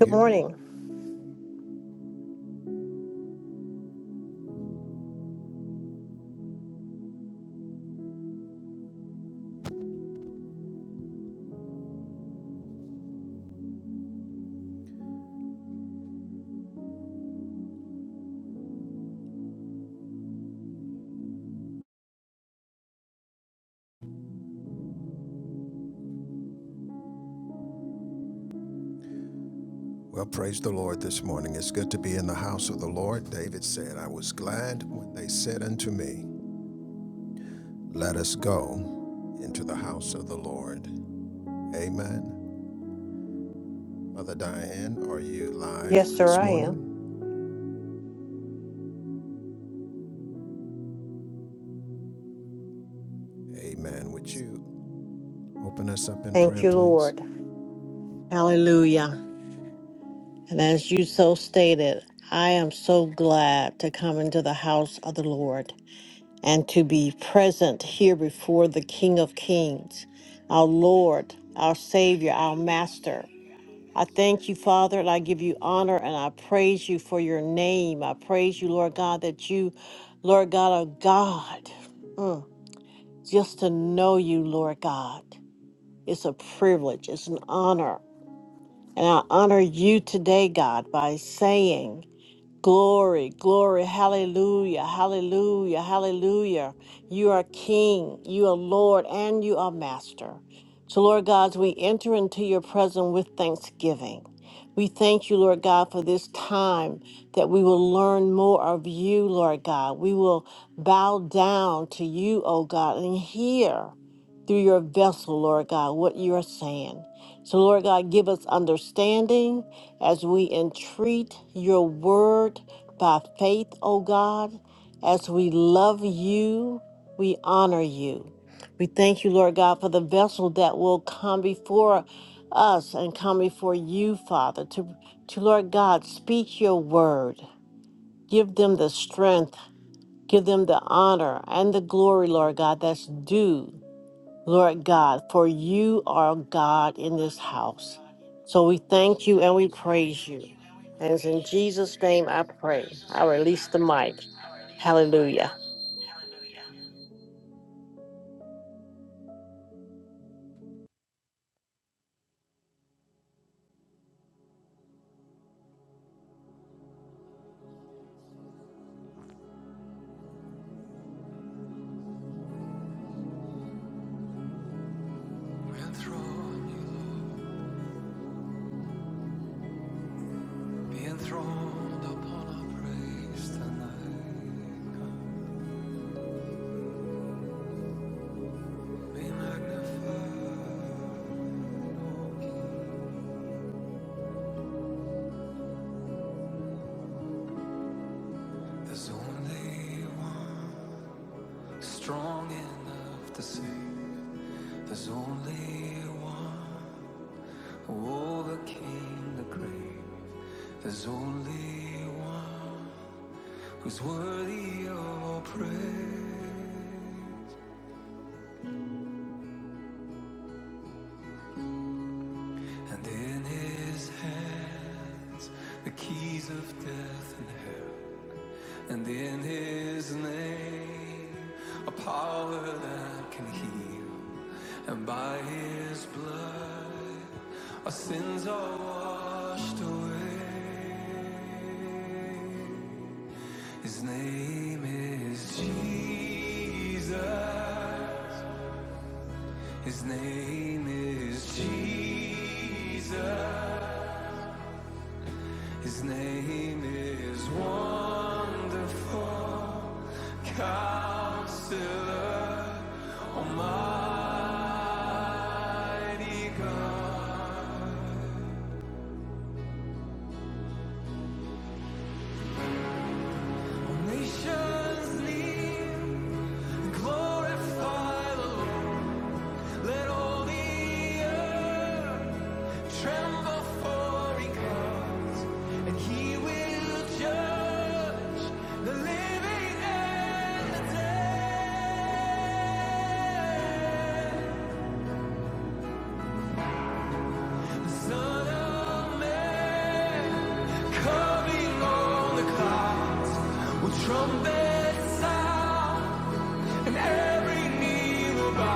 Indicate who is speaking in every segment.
Speaker 1: Good morning. Yes, sir, I am. Thank you, Lord. Hallelujah. And as you so stated, I am so glad to come into the house of the Lord and to be present here before the King of Kings, our Lord, our Savior, our Master. I thank you, Father, and I give you honor and I praise you for your name. I praise you, Lord God, that you, Lord God, are God. Mm. Just to know you, Lord God. It's a privilege, it's an honor. And I honor you today, God, by saying, Glory, glory, hallelujah, hallelujah, hallelujah. You are King, you are Lord, and you are Master. So, Lord God, as we enter into your presence with thanksgiving, we thank you, Lord God, for this time that we will learn more of you, Lord God. We will bow down to you, O God, and hear through your vessel, Lord God, what you are saying. So, Lord God, give us understanding as we entreat your word by faith, O God. As we love you, we honor you. We thank you, Lord God, for the vessel that will come before us and come before you, Father, to, to Lord God, speak your word. Give them the strength, give them the honor and the glory, Lord God, that's due. Lord God, for you are God in this house. So we thank you and we praise you. And it's in Jesus' name I pray. I release the mic. Hallelujah.
Speaker 2: Be enthroned upon our praise tonight. Be magnified. There's only one strong enough to save. There's only one who overcame the grave. There's only one who's worthy of all praise. And in his hands, the keys of death and hell. And in his name, a power that can heal. And by his blood, our sins are washed away. His name is Jesus. His name is Jesus. His name is Wonderful Counselor. Almighty God. Nations kneel, glorify the Lord. Let all the earth tremble for He comes, and He will judge the living and the dead. The Son of Man coming on the cloud will trumpet sound, and every knee will bow.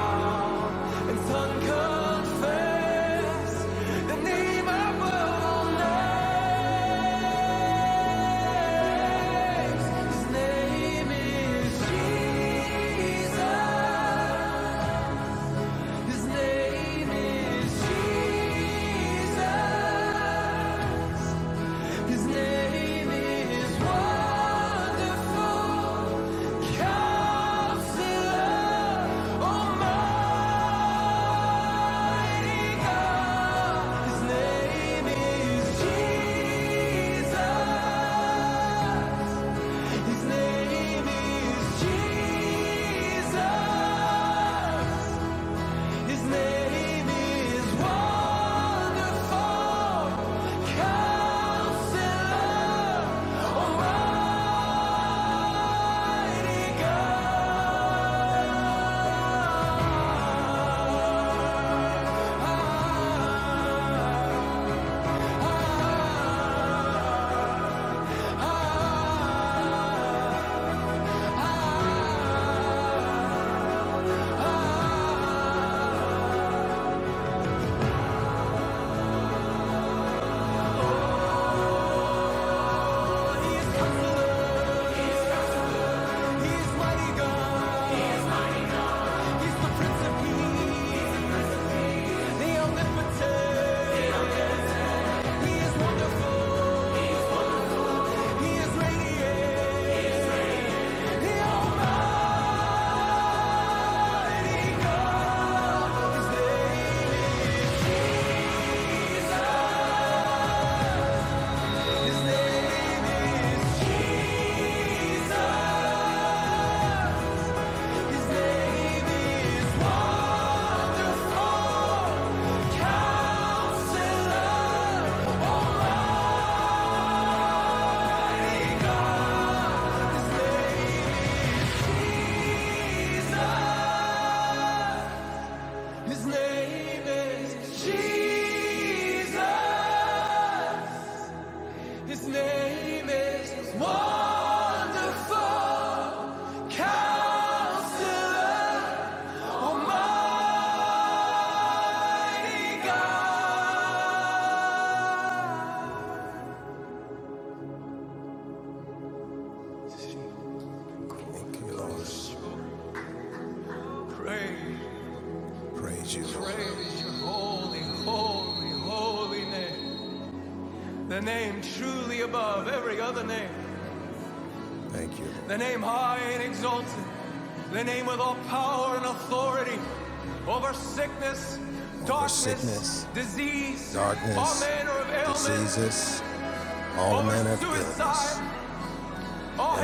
Speaker 2: His name is Jesus. His name is Wonderful Counselor. Oh my praise your holy, holy, holy name. The name truly above every other name. The name high and exalted. The name with all power and authority over sickness, disease, sinner of every all,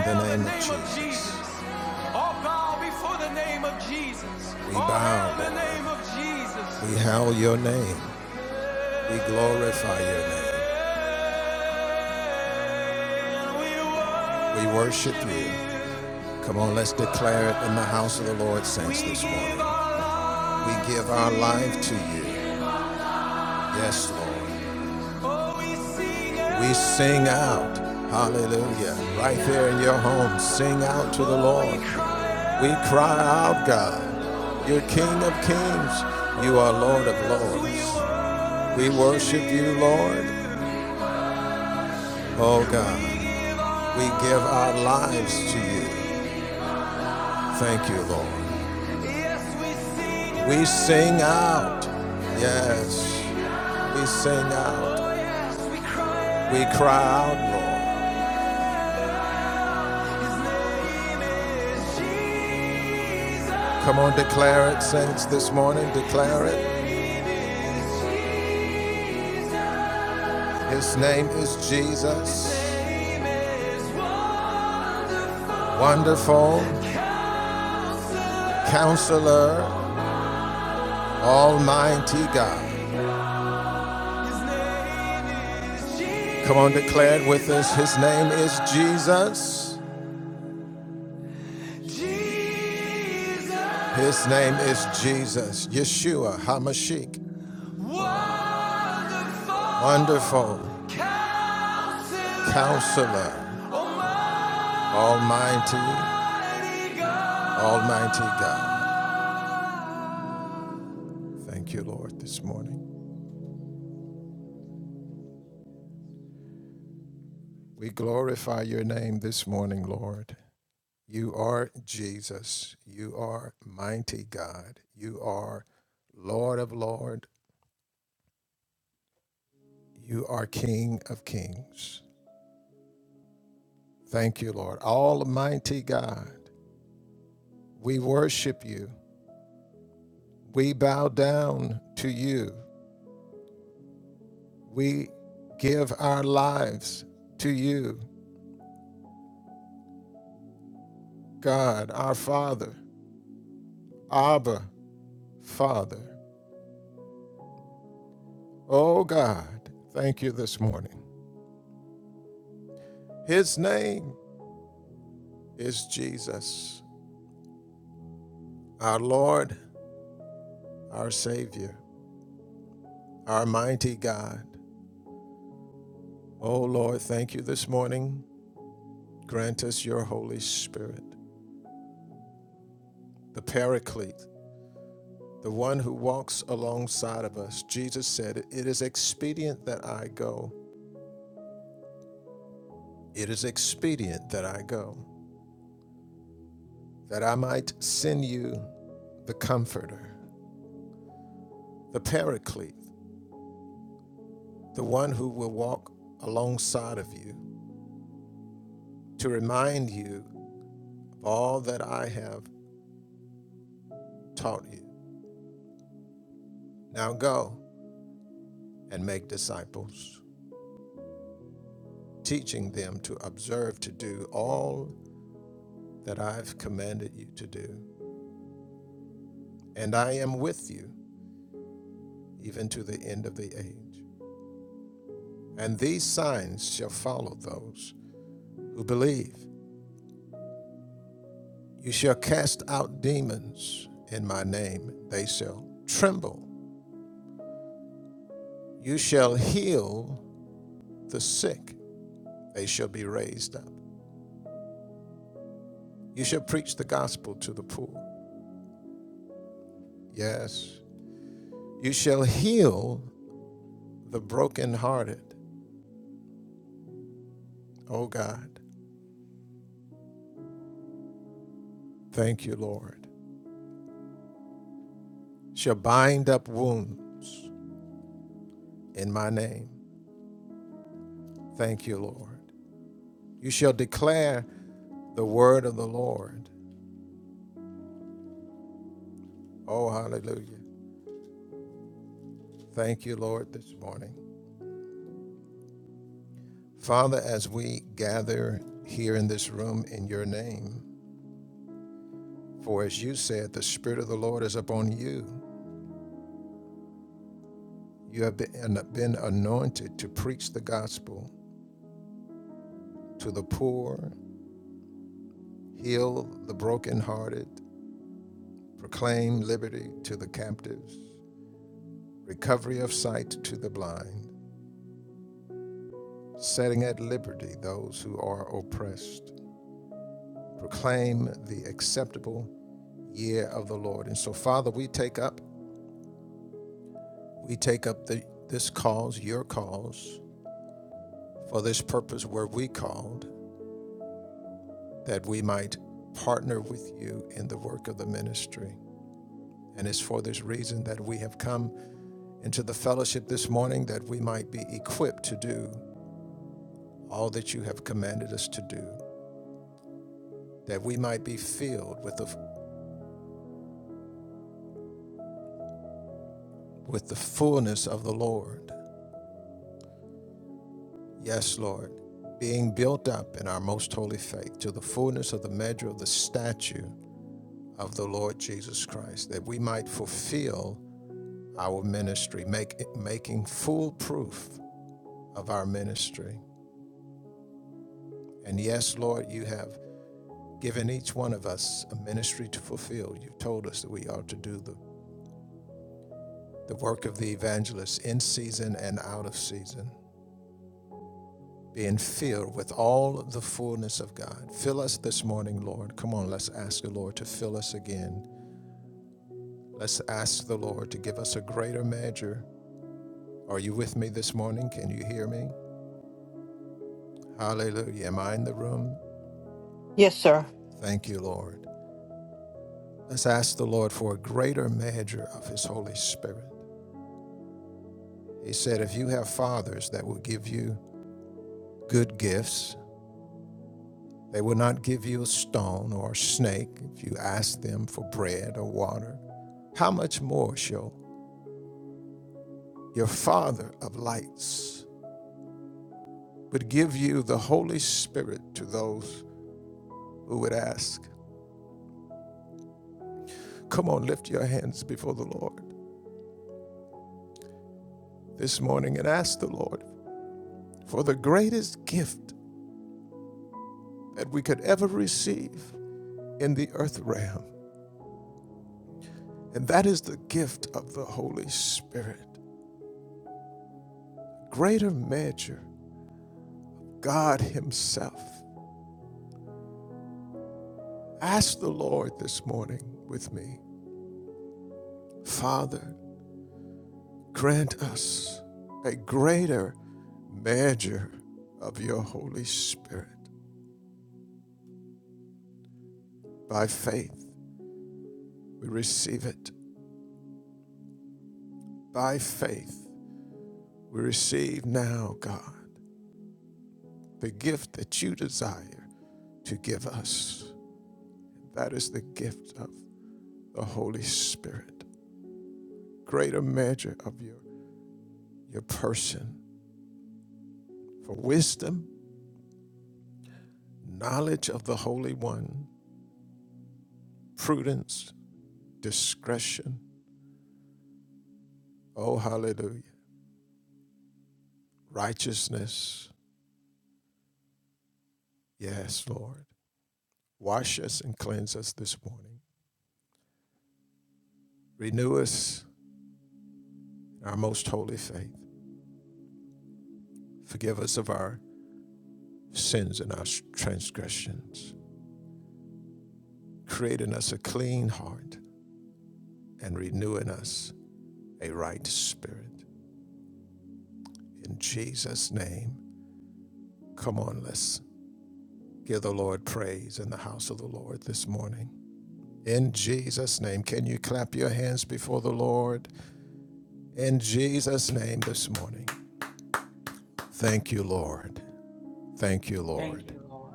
Speaker 2: all bow before the name of Jesus. Of Jesus. Oh, we sing Jesus.
Speaker 1: Yes, sir.
Speaker 3: Thank you, Lord.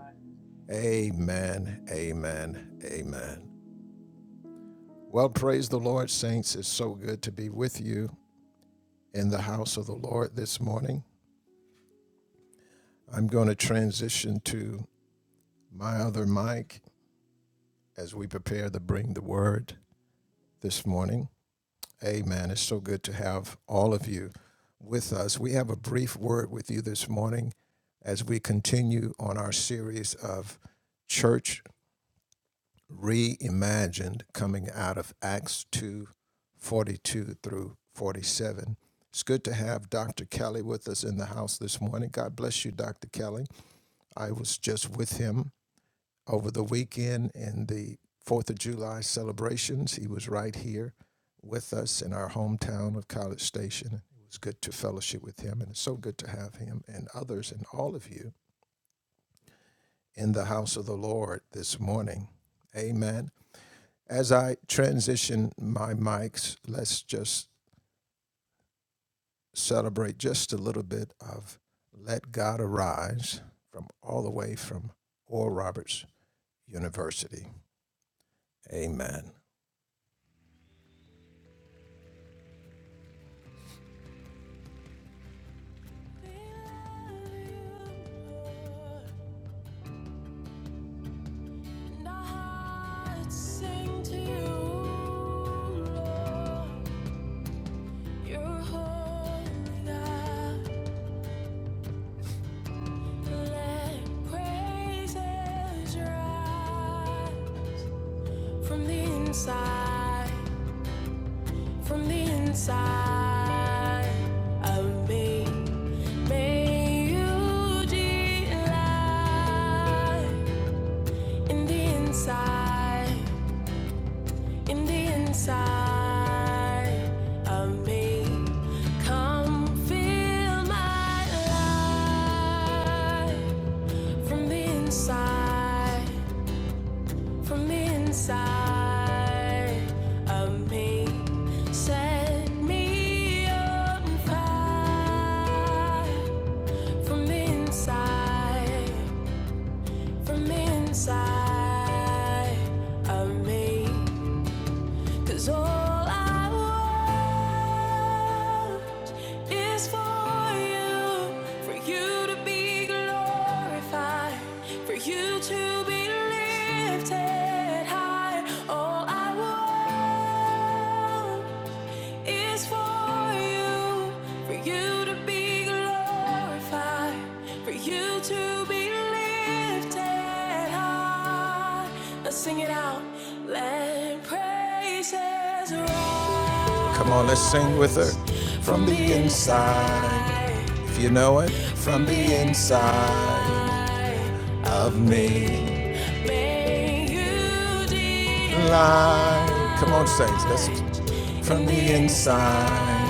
Speaker 2: From the inside, from the inside of me, may you delight. in the inside, in the inside of me. Come feel my life from the inside, from the inside of me. Set me on fire from the inside, from the inside of me. Cause all I want is for you, for you to be glorified, for you to be lifted high. All I want is for you, for you to be glorified, for you to be lifted high. Let's sing it out. Let praises rise. Come on, let's sing with her from the inside. May you delight. Come on, saints,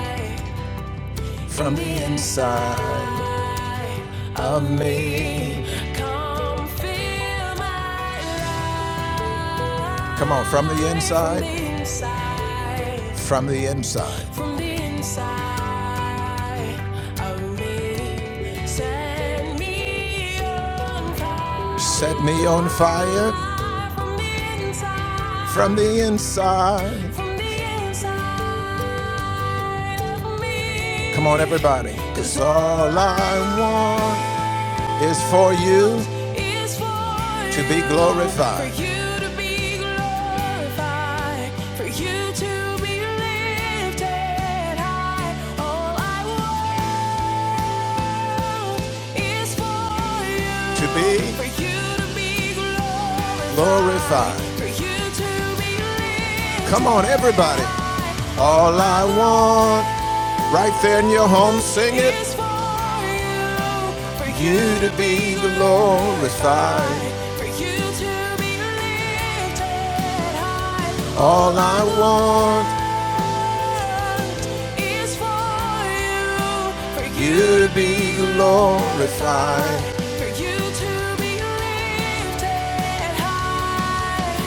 Speaker 2: let's. Come from the inside of me, set me on fire, from the inside. from the is for you for you to be glorified, for you to be lifted high. All I want is for you to for you to be glorified, for you to be lifted. is for you, for to glorified. for you to be lifted high. Earth for you, for you to be glorified, for you to be lifted high.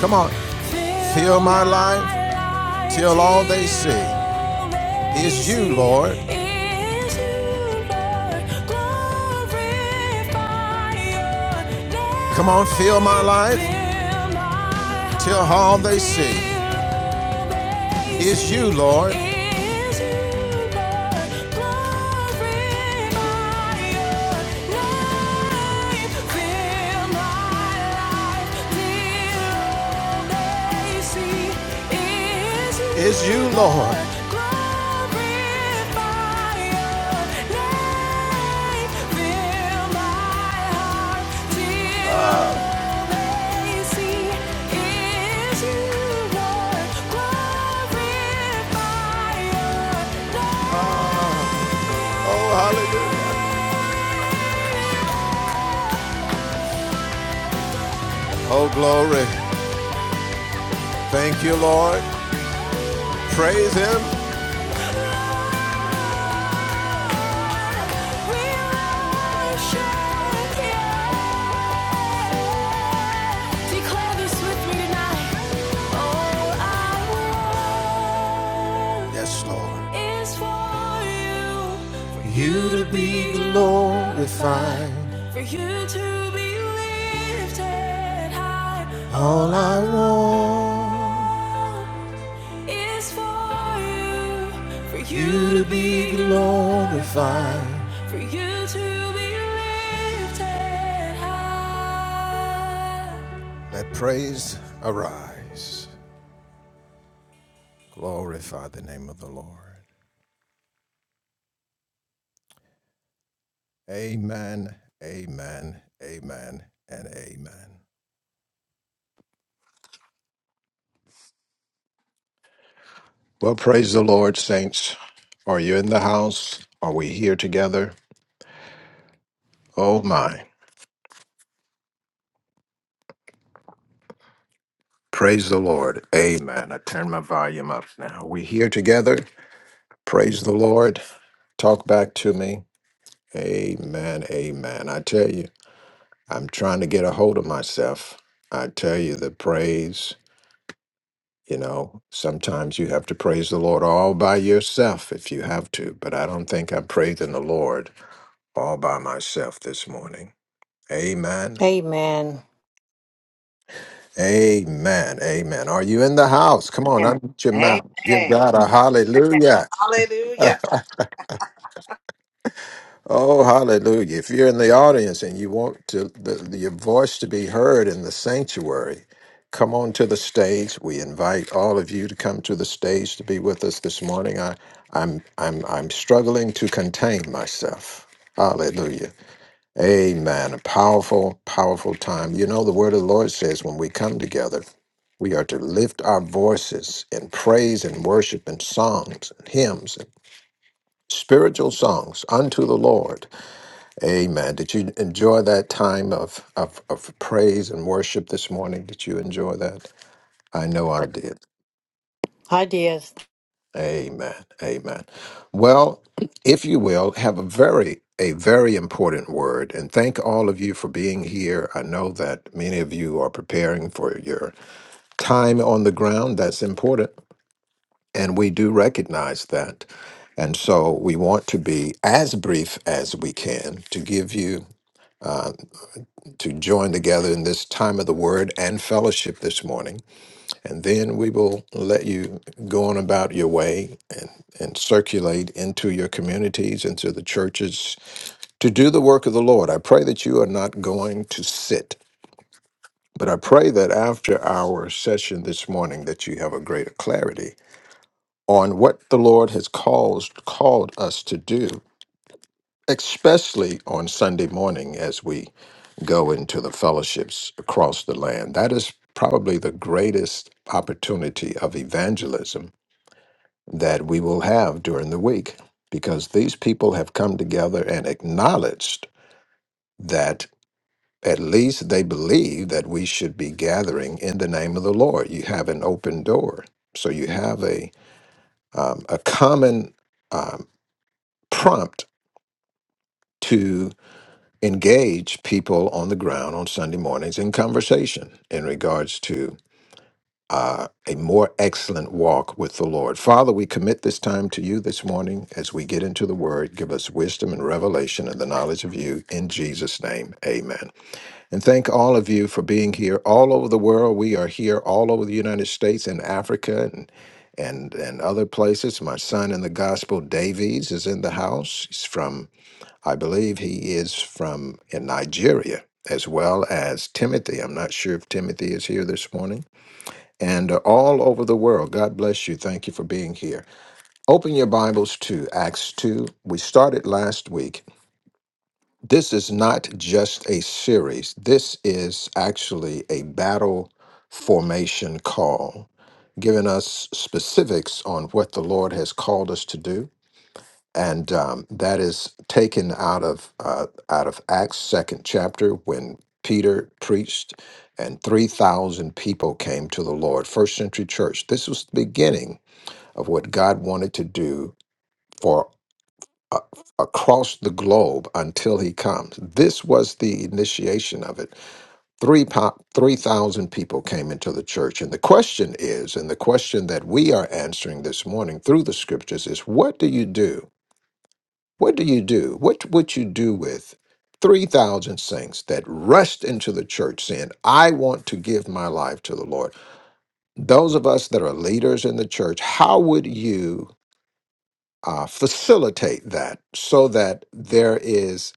Speaker 2: is for you to be lifted high is for you, for for you to be lifted high.
Speaker 4: Well, praise the Lord, saints. Are you in the house? Are we here together? Oh, my. Praise the Lord. Amen. I turn my volume up now. we here together? Praise the Lord. Talk back to me. Amen. Amen. I tell you, I'm trying to get a hold of myself. I tell you, the praise, you know, sometimes you have to praise the Lord all by yourself if you have to, but I don't think I'm praising the Lord all by myself this morning. Amen.
Speaker 1: Amen.
Speaker 4: Amen. Amen. Are you in the house? Come on,
Speaker 5: Amen.
Speaker 4: unmute your mouth. Give
Speaker 5: Amen.
Speaker 4: God a hallelujah.
Speaker 5: Hallelujah.
Speaker 4: Oh, hallelujah. If you're in the audience and you want to the, your voice to be heard in the sanctuary, come on to the stage. We invite all of you to come to the stage to be with us this morning. I, I'm I'm I'm struggling to contain myself. Hallelujah. Amen. A powerful, powerful time. You know, the word of the Lord says when we come together, we are to lift our voices in praise and worship and songs and hymns and spiritual songs unto the Lord. Amen. Did you enjoy that time of, of, of praise and worship this morning? Did you enjoy that? I know I did.
Speaker 1: Ideas.
Speaker 4: Amen. Amen. Well, if you will, have a very a very important word and thank all of you for being here. I know that many of you are preparing for your time on the ground. That's important and we do recognize that. And so we want to be as brief as we can to give you to join together in this time of the word and fellowship this morning. and then we will let you go on about your way and, and circulate into your communities, into the churches to do the work of the Lord. I pray that you are not going to sit, but I pray that after our session this morning that you have a greater clarity on what the Lord has caused, called us to do, especially on Sunday morning as we go into the fellowships across the land. That is probably the greatest opportunity of evangelism that we will have during the week because these people have come together and acknowledged that at least they believe that we should be gathering in the name of the Lord. You have an open door. So you have a, um, a common um, prompt to engage people on the ground on Sunday mornings in conversation in regards to uh, a more excellent walk with the Lord. Father, we commit this time to you this morning as we get into the word. Give us wisdom and revelation and the knowledge of you in Jesus' name. Amen. And thank all of you for being here all over the world. We are here all over the United States and Africa and and and other places. My son in the gospel, Davies, is in the house. He's from, I believe he is from in Nigeria, as well as Timothy. I'm not sure if Timothy is here this morning and are all over the world. God bless you. Thank you for being here. Open your Bibles to Acts 2. We started last week. This is not just a series, this is actually a battle formation call, giving us specifics on what the Lord has called us to do and um, that is taken out of uh, out of Acts second chapter when Peter preached, and three thousand people came to the Lord. First century church. This was the beginning of what God wanted to do for uh, across the globe until He comes. This was the initiation of it. Three po- three thousand people came into the church, and the question is, and the question that we are answering this morning through the scriptures is, what do you do? What do you do? What would you do with 3,000 saints that rushed into the church saying, I want to give my life to the Lord? Those of us that are leaders in the church, how would you uh, facilitate that so that there is?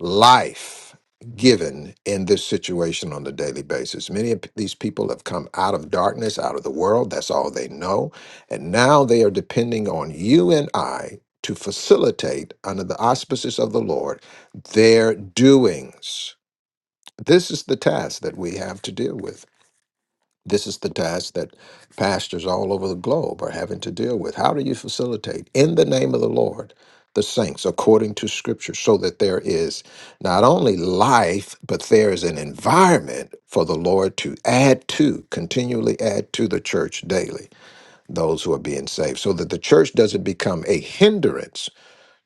Speaker 4: life given in this situation on a daily basis. Many of these people have come out of darkness, out of the world. That's all they know. And now they are depending on you and I to facilitate, under the auspices of the Lord, their doings. This is the task that we have to deal with. This is the task that pastors all over the globe are having to deal with. How do you facilitate in the name of the Lord the saints according to scripture so that there is not only life, but there is an environment for the Lord to add to, continually add to the church daily, those who are being saved, so that the church doesn't become a hindrance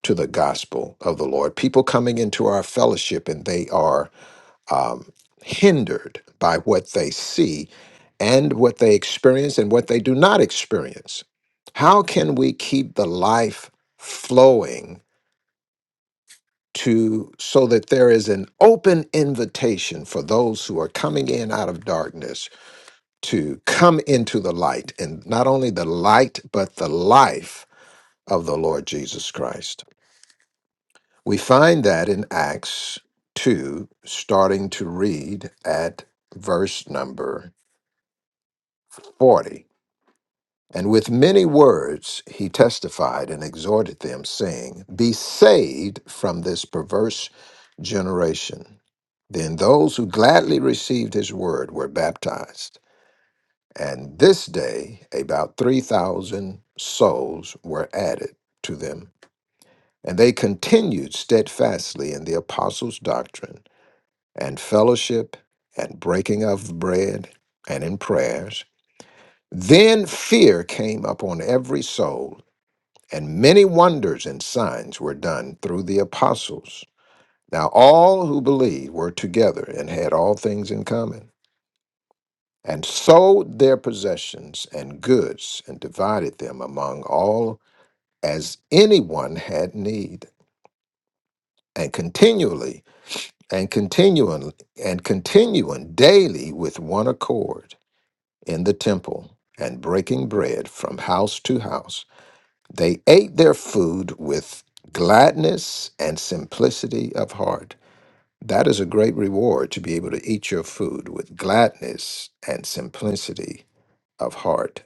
Speaker 4: to the gospel of the Lord. People coming into our fellowship and they are um, hindered by what they see and what they experience and what they do not experience. How can we keep the life flowing to so that there is an open invitation for those who are coming in out of darkness to come into the light and not only the light but the life of the Lord Jesus Christ. We find that in Acts 2 starting to read at verse number 40. And with many words he testified and exhorted them, saying, Be saved from this perverse generation. Then those who gladly received his word were baptized. And this day about 3,000 souls were added to them. And they continued steadfastly in the apostles' doctrine and fellowship and breaking of bread and in prayers. Then fear came upon every soul, and many wonders and signs were done through the apostles. Now all who believed were together and had all things in common, and sold their possessions and goods, and divided them among all as anyone had need. And continually, and continuing, and continuing daily with one accord in the temple, and breaking bread from house to house They ate their food with gladness and simplicity of heart. That is a great reward to be able to eat your food with gladness and simplicity of heart.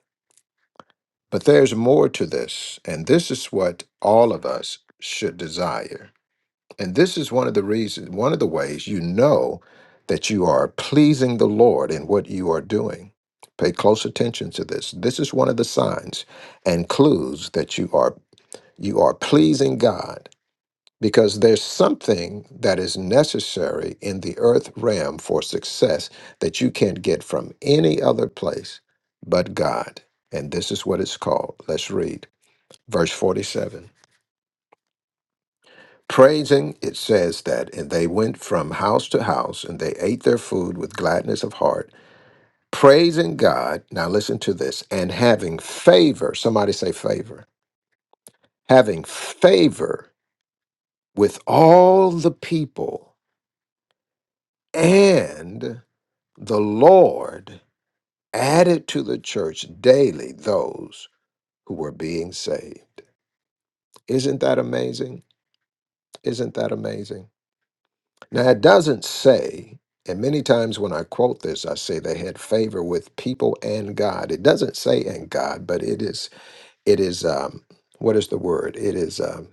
Speaker 4: But there's more to this, and this is what all of us should desire. And this is one of the reasons, one of the ways you know that you are pleasing the Lord in what you are doing. Pay close attention to this. This is one of the signs and clues that you are you are pleasing God because there's something that is necessary in the earth realm for success that you can't get from any other place but God. And this is what it's called. Let's read verse 47. Praising, it says that, and they went from house to house and they ate their food with gladness of heart, praising God. Now listen to this and having favor. Somebody say favor. Having favor with all the people. And the Lord added to the church daily those who were being saved. Isn't that amazing? Isn't that amazing? Now, it doesn't say, and many times when I quote this, I say they had favor with people and God. It doesn't say and God, but it is, it is, um, what is the word? It is, um,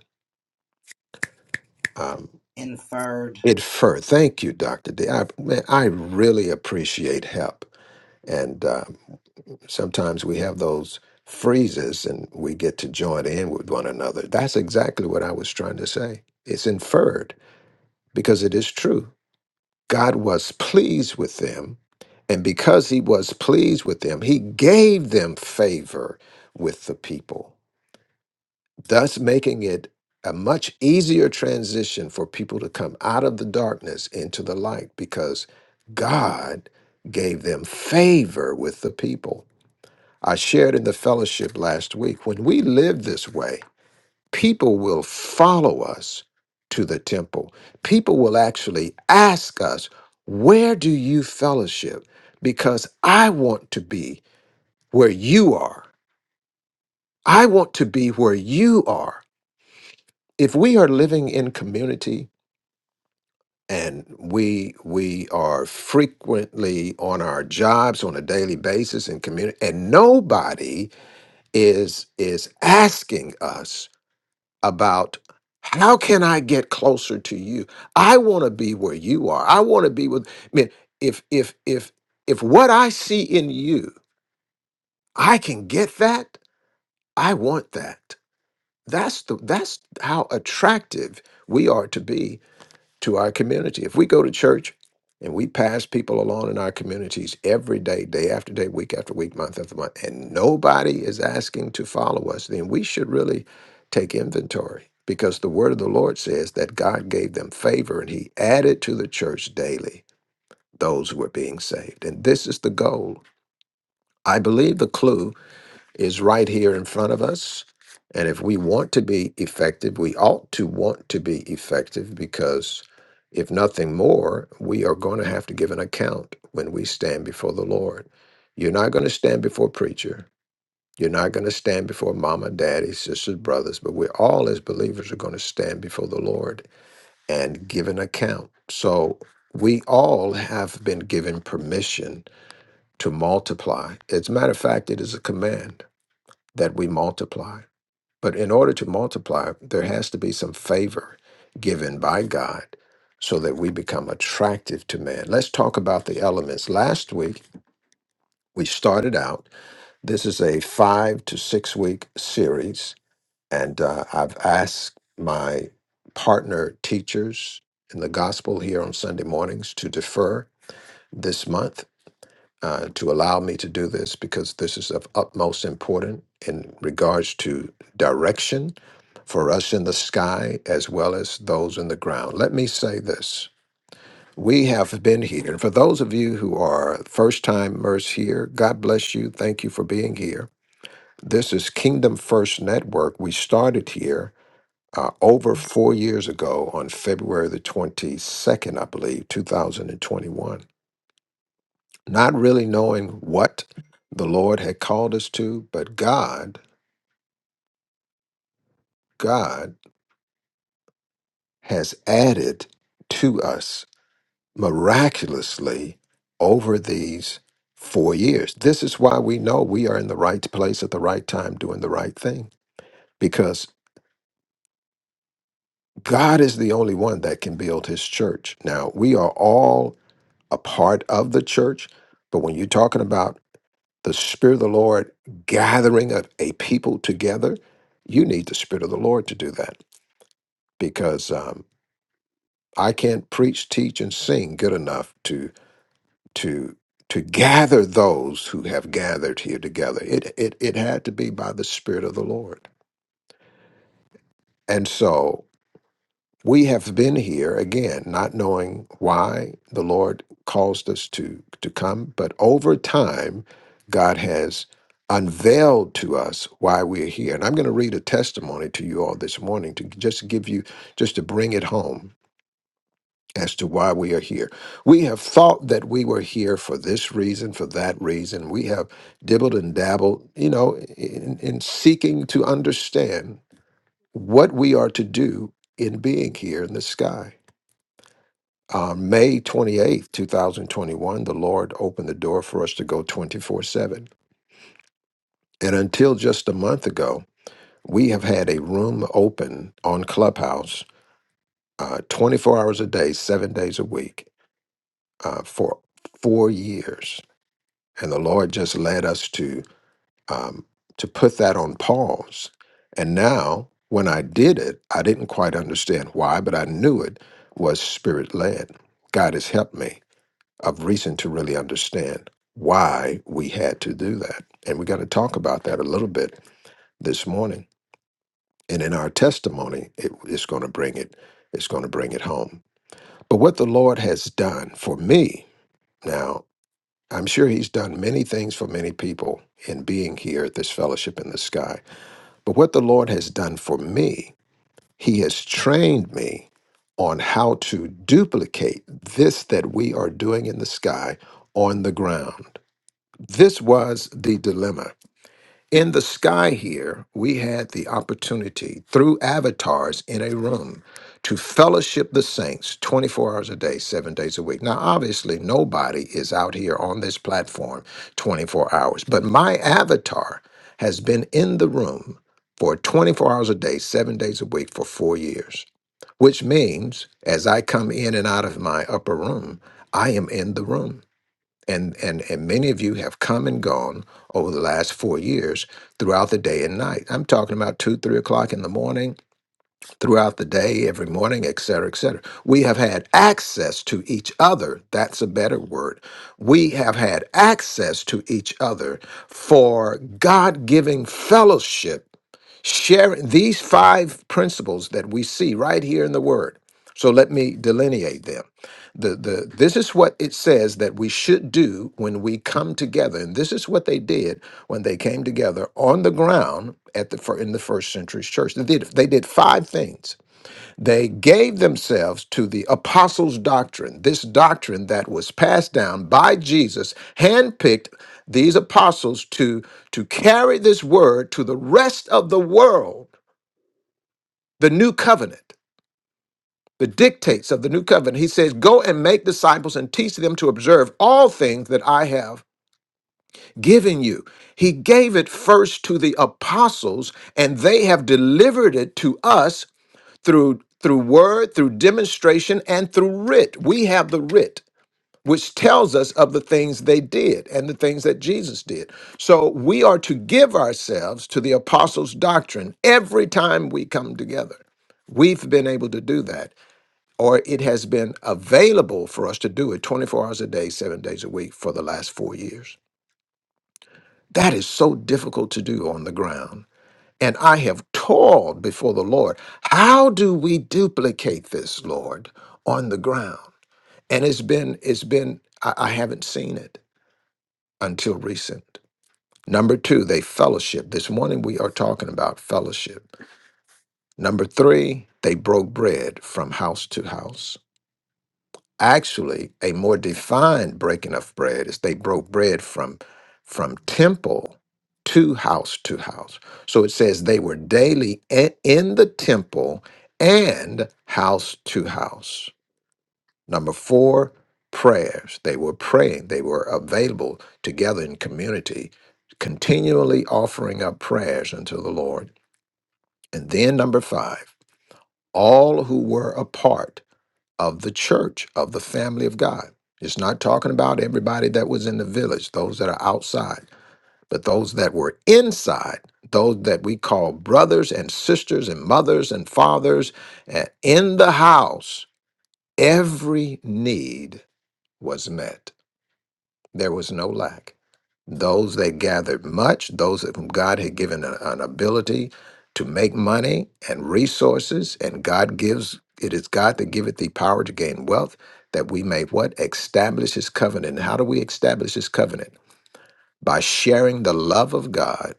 Speaker 4: um,
Speaker 5: Inferred.
Speaker 4: infer. Thank you, Dr. D. I, man, I really appreciate help. And um, sometimes we have those freezes and we get to join in with one another. That's exactly what I was trying to say. It's inferred because it is true. God was pleased with them, and because he was pleased with them, he gave them favor with the people, thus making it a much easier transition for people to come out of the darkness into the light because God gave them favor with the people. I shared in the fellowship last week. When we live this way, people will follow us to the temple. People will actually ask us, Where do you fellowship? Because I want to be where you are. I want to be where you are. If we are living in community, and we we are frequently on our jobs on a daily basis in community and nobody is is asking us about how can I get closer to you? I want to be where you are. I want to be with I mean, if if if if what I see in you, I can get that, I want that. That's the that's how attractive we are to be to our community. If we go to church and we pass people along in our communities every day, day after day, week after week, month after month, and nobody is asking to follow us, then we should really take inventory because the word of the Lord says that God gave them favor and he added to the church daily those who were being saved. And this is the goal. I believe the clue is right here in front of us. And if we want to be effective, we ought to want to be effective because if nothing more, we are going to have to give an account when we stand before the Lord. You're not going to stand before preacher. You're not going to stand before mama, daddy, sisters, brothers, but we all as believers are going to stand before the Lord and give an account. So we all have been given permission to multiply. As a matter of fact, it is a command that we multiply. But in order to multiply, there has to be some favor given by God so that we become attractive to man. Let's talk about the elements. Last week, we started out, this is a five to six week series, and uh, I've asked my partner teachers in the gospel here on Sunday mornings to defer this month. Uh, to allow me to do this because this is of utmost importance in regards to direction for us in the sky as well as those in the ground. Let me say this. We have been here. And for those of you who are first timers here, God bless you. Thank you for being here. This is Kingdom First Network. We started here uh, over four years ago on February the 22nd, I believe, 2021. Not really knowing what the Lord had called us to, but God, God has added to us miraculously over these four years. This is why we know we are in the right place at the right time doing the right thing because God is the only one that can build his church. Now, we are all a part of the church, but when you're talking about the Spirit of the Lord gathering a, a people together, you need the Spirit of the Lord to do that because um, I can't preach, teach, and sing good enough to to gather those who have gathered here together. It it it had to be by the Spirit of the Lord. And so we have been here again, not knowing why the Lord caused us to to come, but over time God has unveiled to us why we're here. And I'm going to read a testimony to you all this morning to just give you just to bring it home as to why we are here. We have thought that we were here for this reason, for that reason. We have dibbled and dabbled, you know, in, in seeking to understand what we are to do in being here in the sky. On May 28th, 2021, the Lord opened the door for us to go 24 7. And until just a month ago, we have had a room open on Clubhouse uh, 24 hours a day, seven days a week uh, for four years and the Lord just led us to um, to put that on pause. And now, when I did it, I didn't quite understand why, but I knew it was spirit led. God has helped me of reason to really understand why we had to do that, and we're going to talk about that a little bit this morning. And in our testimony, it, it's going to bring it. It's going to bring it home. But what the Lord has done for me now I'm sure he's done many things for many people in being here at this fellowship in the sky. But what the Lord has done for me, he has trained me on how to duplicate this that we are doing in the sky on the ground. This was the dilemma in the sky here, we had the opportunity through avatars in a room to fellowship the saints 24 hours a day, seven days a week. Now, obviously, nobody is out here on this platform 24 hours, but my avatar has been in the room for 24 hours a day, seven days a week for four years, which means as I come in and out of my upper room, I am in the room and and and many of you have come and gone over the last four years throughout the day and night i'm talking about two three o'clock in the morning throughout the day every morning et cetera et cetera we have had access to each other that's a better word we have had access to each other for god-giving fellowship Sharing these five principles that we see right here in the Word. So let me delineate them. The, the, this is what it says that we should do when we come together. And this is what they did when they came together on the ground at the, fir- in the first century church. They did, they did five things they gave themselves to the apostles' doctrine, this doctrine that was passed down by Jesus, handpicked these apostles to, to carry this word to the rest of the world, the new covenant, the dictates of the new covenant. He says, Go and make disciples and teach them to observe all things that I have given you. He gave it first to the apostles, and they have delivered it to us through through word, through demonstration, and through writ. We have the writ, which tells us of the things they did and the things that Jesus did. So we are to give ourselves to the apostles' doctrine every time we come together. We've been able to do that, or it has been available for us to do it 24 hours a day, seven days a week for the last four years. That is so difficult to do on the ground and I have toiled before the Lord. How do we duplicate this, Lord, on the ground? And it's been, it's been, I, I haven't seen it until recent. Number two, they fellowship. This morning we are talking about fellowship. Number three, they broke bread from house to house. Actually, a more defined breaking of bread is they broke bread from from temple to house to house. So it says they were daily i- in the temple and house to house. Number 4, prayers. They were praying, they were available together in community, continually offering up prayers unto the Lord. And then number 5, all who were apart of the church, of the family of God. It's not talking about everybody that was in the village, those that are outside, but those that were inside, those that we call brothers and sisters and mothers and fathers. And in the house, every need was met. There was no lack. Those that gathered much, those of whom God had given a- an ability to make money and resources, and God gives, it is God that giveth thee power to gain wealth, that we may what? Establish his covenant. And how do we establish his covenant? By sharing the love of God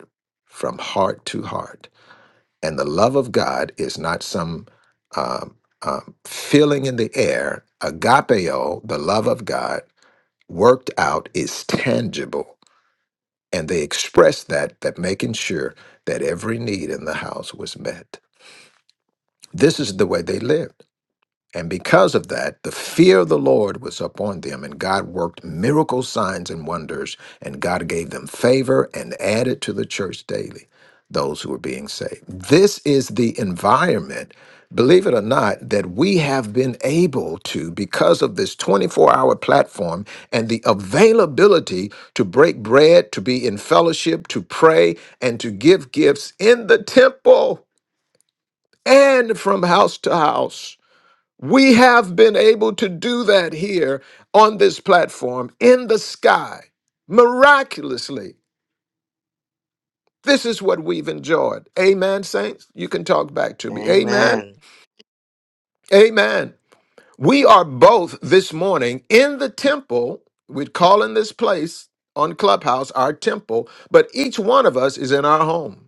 Speaker 4: from heart to heart. And the love of God is not some um, um, feeling in the air. Agapeo, the love of God, worked out is tangible and they expressed that that making sure that every need in the house was met this is the way they lived and because of that, the fear of the Lord was upon them, and God worked miracle signs and wonders, and God gave them favor and added to the church daily those who were being saved. This is the environment, believe it or not, that we have been able to, because of this 24 hour platform and the availability to break bread, to be in fellowship, to pray, and to give gifts in the temple and from house to house. We have been able to do that here on this platform in the sky miraculously. This is what we've enjoyed. Amen, saints. You can talk back to me. Amen.
Speaker 5: Amen.
Speaker 4: Amen. We are both this morning in the temple. We're calling this place on Clubhouse our temple, but each one of us is in our home.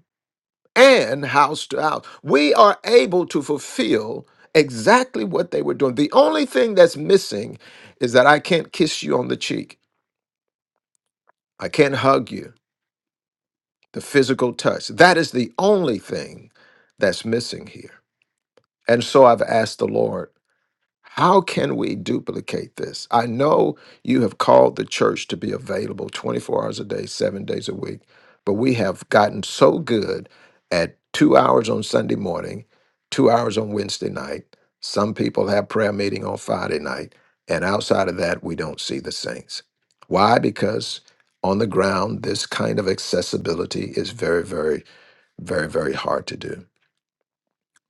Speaker 4: and house to house. We are able to fulfill exactly what they were doing. The only thing that's missing is that I can't kiss you on the cheek, I can't hug you, the physical touch. That is the only thing that's missing here. And so I've asked the Lord. How can we duplicate this? I know you have called the church to be available 24 hours a day, seven days a week, but we have gotten so good at two hours on Sunday morning, two hours on Wednesday night. Some people have prayer meeting on Friday night, and outside of that, we don't see the saints. Why? Because on the ground, this kind of accessibility is very, very, very, very hard to do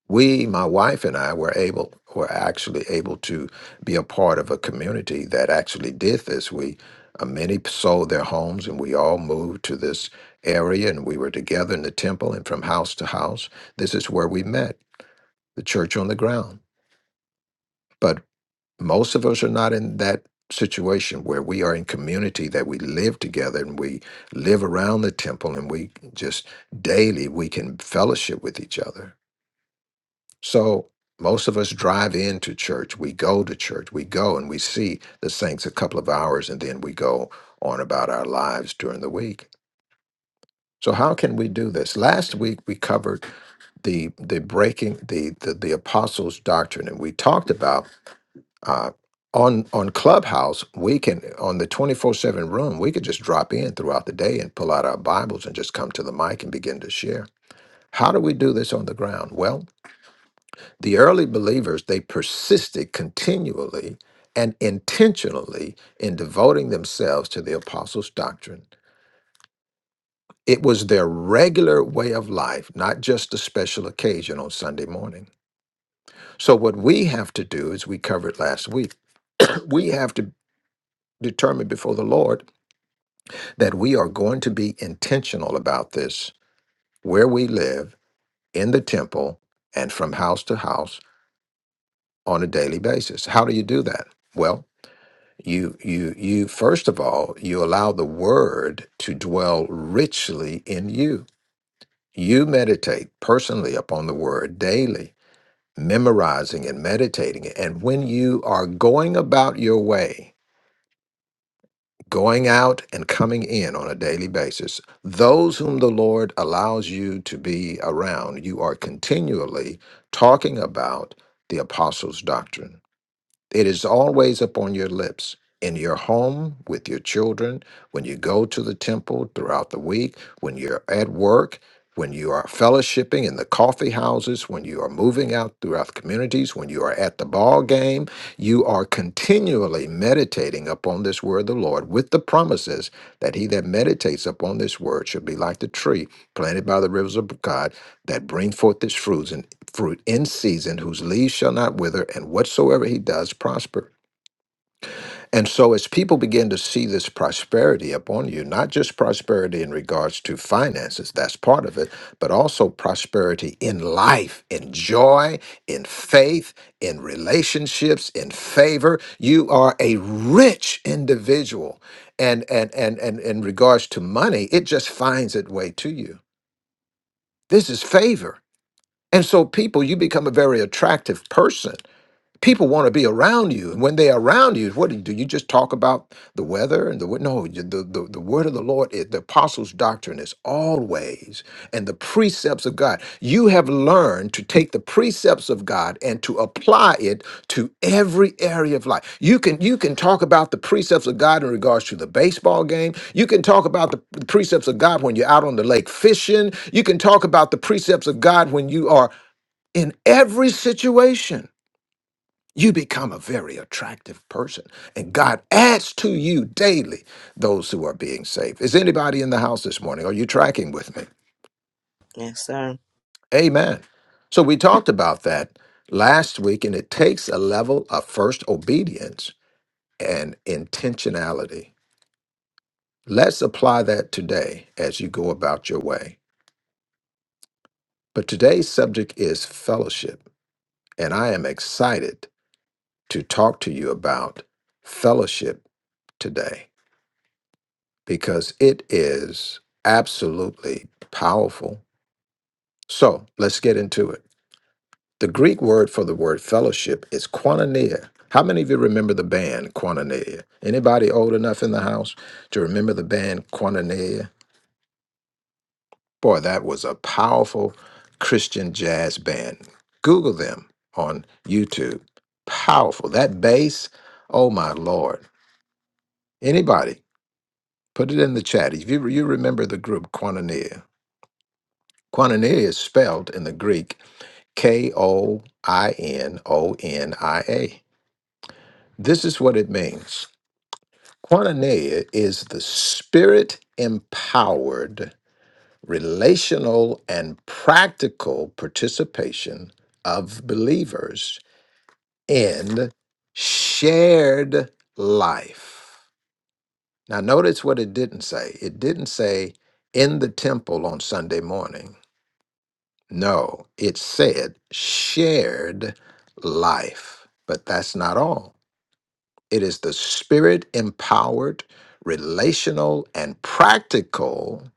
Speaker 4: we, my wife and I, were able were actually able to be a part of a community that actually did this. We uh, many sold their homes, and we all moved to this area, and we were together in the temple and from house to house. This is where we met, the church on the ground. But most of us are not in that situation where we are in community that we live together and we live around the temple and we just daily we can fellowship with each other So most of us drive into church. We go to church. We go and we see the saints a couple of hours and then we go on about our lives during the week. So how can we do this? Last week we covered the the breaking the the, the apostles' doctrine and we talked about uh on on Clubhouse, we can on the 24/7 room, we could just drop in throughout the day and pull out our Bibles and just come to the mic and begin to share. How do we do this on the ground? Well, The early believers, they persisted continually and intentionally in devoting themselves to the apostles' doctrine. It was their regular way of life, not just a special occasion on Sunday morning. So, what we have to do, as we covered last week, we have to determine before the Lord that we are going to be intentional about this where we live, in the temple, and from house to house on a daily basis. How do you do that? Well. You, you, you, first of all, you allow the word to dwell richly in you. You meditate personally upon the word daily, memorizing and meditating it. And when you are going about your way, going out and coming in on a daily basis, those whom the Lord allows you to be around, you are continually talking about the apostles' doctrine It is always upon your lips, in your home, with your children, when you go to the temple throughout the week, when you're at work, when you are fellowshipping in the coffee houses, when you are moving out throughout the communities, when you are at the ball game, you are continually meditating upon this word of the Lord with the promises that he that meditates upon this word shall be like the tree planted by the rivers of God that bring forth its fruits in fruit in season, whose leaves shall not wither, and whatsoever he does prosper. And so, as people begin to see this prosperity upon you, not just prosperity in regards to finances, that's part of it, but also prosperity in life, in joy, in faith, in relationships, in favor. You are a rich individual. And, and, and, and in regards to money, it just finds its way to you. This is favor. And so, people, you become a very attractive person people want to be around you and when they're around you what do you do you just talk about the weather and the wi- no you- the, the, the word of the lord is the apostles doctrine is always and the precepts of god you have learned to take the precepts of god and to apply it to every area of life you can you can talk about the precepts of god in regards to the baseball game you can talk about the the precepts of god when you're out on the lake fishing you can talk about the precepts of god when you are in every situation you become a very attractive person. And God adds to you daily those who are being saved. Is anybody in the house this morning? Are you tracking with me?
Speaker 5: Yes, sir.
Speaker 4: Amen. So we talked about that last week, and it takes a level of first obedience and intentionality. Let's apply that today as you go about your way. But today's subject is fellowship, and I am excited to talk to you about fellowship today. because it is absolutely powerful. So let's get into it. The Greek word for the word fellowship is koinonia. How many of you remember the band Koinonia? Anybody old enough in the house to remember the band Koinonia? Boy, that was a powerful Christian jazz band. Google them on YouTube. Powerful. That bass, oh my Lord. Anybody, put it in the chat. If you, you remember the group Koinonia, Koinonia is spelled in the Greek K O I N O N I A. This is what it means Koinonia is the spirit empowered, relational, and practical participation of believers in shared life. Now, notice what it didn't say. It didn't say in the temple on Sunday morning No, it said shared life. But that's not all. It is the spirit empowered, relational, and practical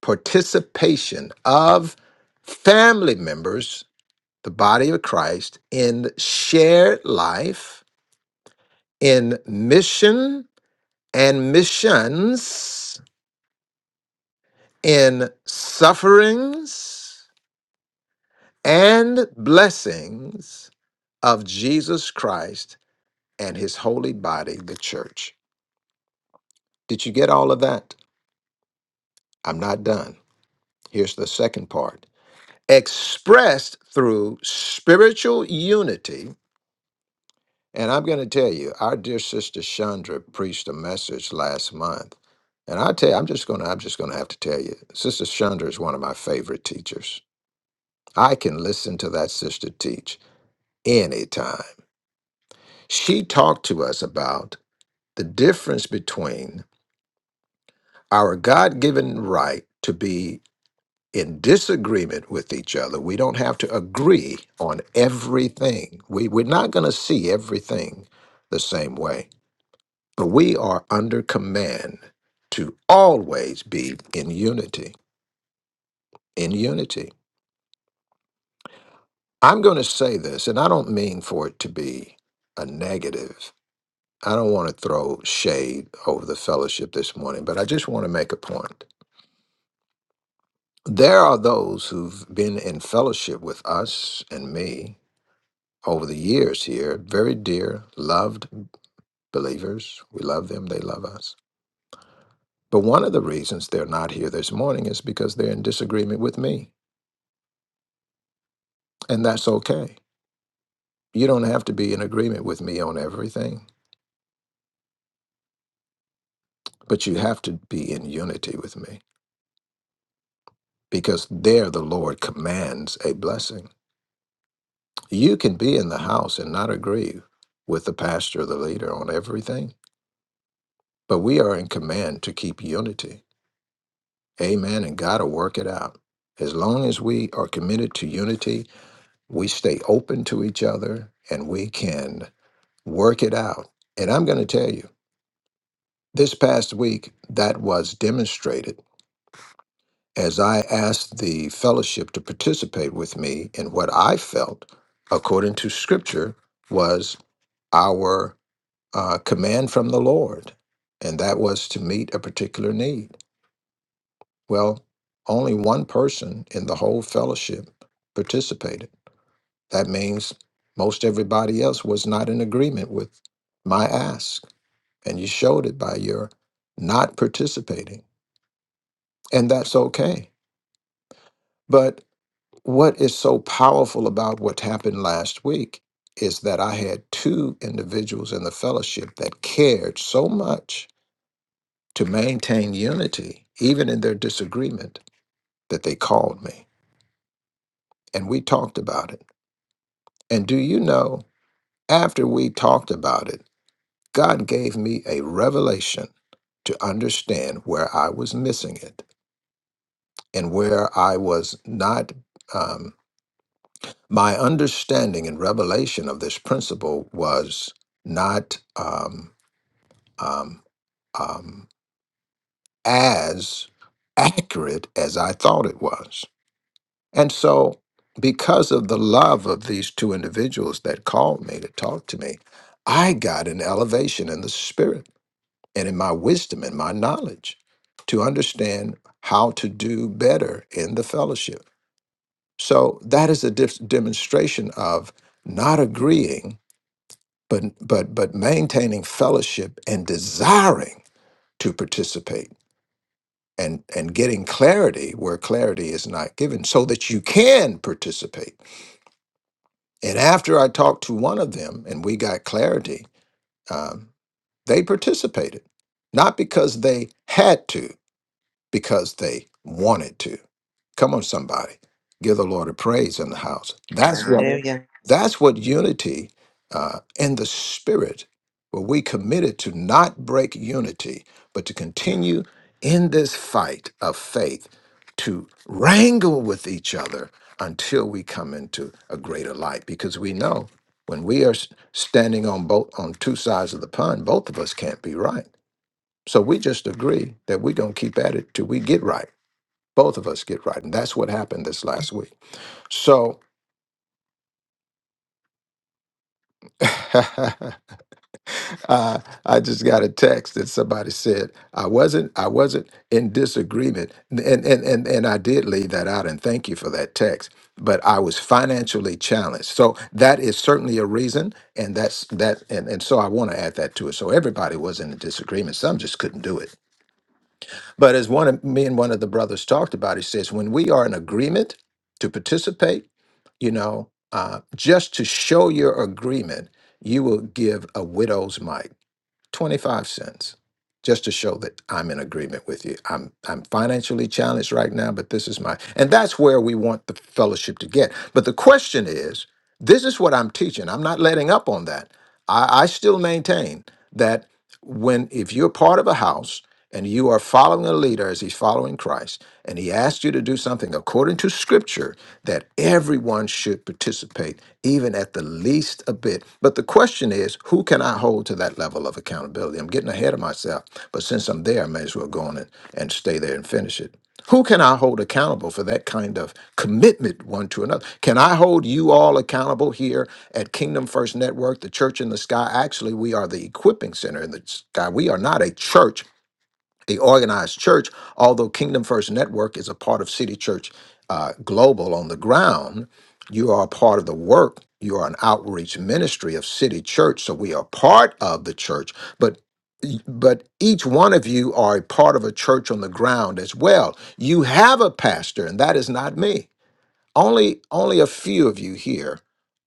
Speaker 4: participation of family members, the body of Christ, in shared life, in mission and missions, in sufferings and blessings of Jesus Christ and his holy body, the church. Did you get all of that? I'm not done. Here's the second part expressed through spiritual unity. And I'm going to tell you, our dear sister Chandra preached a message last month. And I tell you, I'm just going to, I'm just going to have to tell you, Sister Chandra is one of my favorite teachers. I can listen to that sister teach anytime. She talked to us about the difference between our God given right to be in disagreement with each other. We don't have to agree on everything. We, we're not going to see everything the same way, but we are under command to always be in unity. In unity. I'm going to say this, and I don't mean for it to be a negative. I don't want to throw shade over the fellowship this morning, but I just want to make a point. There are those who've been in fellowship with us and me over the years here, very dear, loved believers. We love them, they love us. But one of the reasons they're not here this morning is because they're in disagreement with me. And that's okay. You don't have to be in agreement with me on everything, but you have to be in unity with me because there the Lord commands a blessing. You can be in the house and not agree with the pastor or the leader on everything, but we are in command to keep unity Amen. And God will work it out. As long as we are committed to unity, we stay open to each other and we can work it out. And I'm going to tell you, this past week, that was demonstrated as I asked the fellowship to participate with me in what I felt, according to scripture, was our uh, command from the Lord. And that was to meet a particular need. Well, only one person in the whole fellowship participated. That means most everybody else was not in agreement with my ask. And you showed it by your not participating. And that's okay. But what is so powerful about what happened last week is that I had two individuals in the fellowship that cared so much to maintain unity, even in their disagreement, that they called me. And we talked about it And do you know, after we talked about it, God gave me a revelation to understand where I was missing it and where I was not. Um, my understanding and revelation of this principle was not um, um, um, as accurate as I thought it was. And so, because of the love of these two individuals that called me to talk to me, I got an elevation in the spirit. and in my wisdom and my knowledge to understand how to do better in the fellowship. So that is a dif- demonstration of not agreeing, but but but maintaining fellowship and desiring to participate and and getting clarity where clarity is not given, so that you can participate. And after I talked to one of them and we got clarity, um, they participated, not because they had to. because they wanted to. Come on, somebody, give the Lord a praise in the house. That's what Amen.
Speaker 5: Hallelujah.
Speaker 4: that's what unity uh, in the spirit. Where we committed to not break unity, but to continue in this fight of faith, to wrangle with each other until we come into a greater light. Because we know when we are s- standing on both on two sides of the pond, both of us can't be right so we just agree that we're going to keep at it till we get right. Both of us get right. And that's what happened this last week. So uh, I just got a text that somebody said, I wasn't, I wasn't in disagreement. And, and, and, and I did leave that out and thank you for that text, but I was financially challenged. So that is certainly a reason. And that's that. And, and so I want to add that to it. So everybody was in a disagreement. Some just couldn't do it But as one of me and one of the brothers talked about, he says, when we are in agreement to participate, you know, uh, just to show your agreement, you will give a widow's mite, 25 cents, just to show that I'm in agreement with you. I'm I'm financially challenged right now, but this is my and that's where we want the fellowship to get. But the question is, this is what I'm teaching. I'm not letting up on that. I, I still maintain that when if you're part of a house and you are following a leader as he's following Christ, and he asks you to do something according to scripture that everyone should participate, even at the least a bit. But the question is, who can I hold to that level of accountability? I'm getting ahead of myself, but since I'm there, I may as well go on and, and stay there and finish it. Who can I hold accountable for that kind of commitment one to another? Can I hold you all accountable here at Kingdom First Network, the Church in the Sky? Actually, we are the equipping center in the sky. We are not a church the organized church, although Kingdom First Network is a part of City Church uh, Global on the ground, you are a part of the work. You are an outreach ministry of City Church, so we are part of the church, but but each one of you are a part of a church on the ground as well. You have a pastor, and that is not me. Only only a few of you here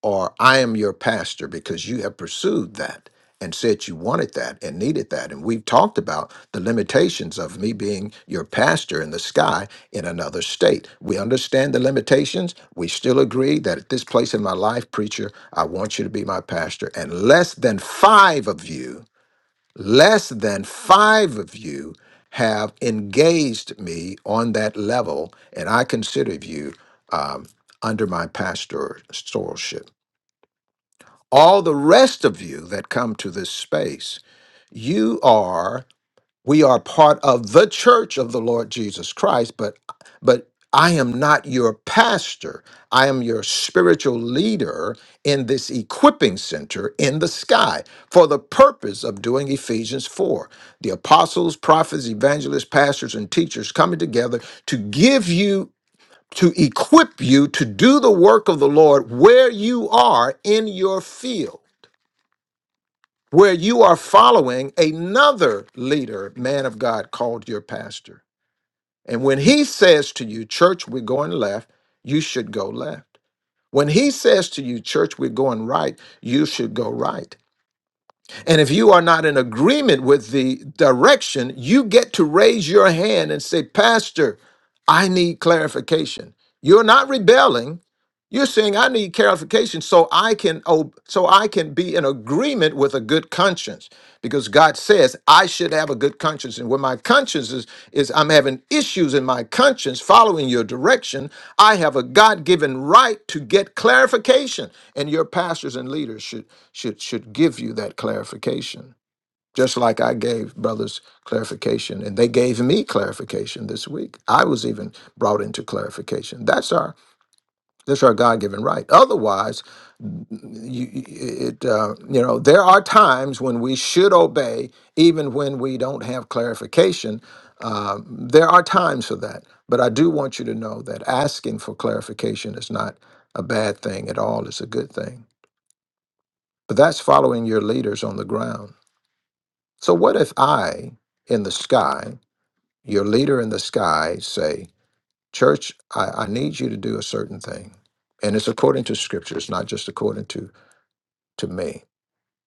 Speaker 4: are I am your pastor because you have pursued that and said you wanted that and needed that. And we've talked about the limitations of me being your pastor in the sky in another state. We understand the limitations. We still agree that at this place in my life, preacher, I want you to be my pastor. And less than five of you Less than five of you have engaged me on that level, and I consider you um, under my pastoralship. All the rest of you that come to this space, you are we are part of the church of the Lord Jesus Christ, but but I am not your pastor. I am your spiritual leader in this equipping center in the sky for the purpose of doing Ephesians 4. The apostles, prophets, evangelists, pastors, and teachers coming together to give you, to equip you to do the work of the Lord where you are in your field where you are following another leader, man of God, called your pastor. And when he says to you, church, we're going left, you should go left. When he says to you, church, we're going right, you should go right. And if you are not in agreement with the direction, you get to raise your hand and say, Pastor, I need clarification. You're not rebelling, you're saying I need clarification so I can ob- so I can be in agreement with a good conscience because God says I should have a good conscience and when my conscience is is I'm having issues in my conscience following your direction, I have a God-given right to get clarification and your pastors and leaders should should should give you that clarification. Just like I gave brothers clarification and they gave me clarification this week. I was even brought into clarification. That's our that's our God-given right. Otherwise, you, it uh, you know there are times when we should obey, even when we don't have clarification. Uh, there are times for that. But I do want you to know that asking for clarification is not a bad thing at all. It's a good thing. But that's following your leaders on the ground. So what if I, in the sky, your leader in the sky, say? Church, I, I need you to do a certain thing. And it's according to scripture, it's not just according to, to me.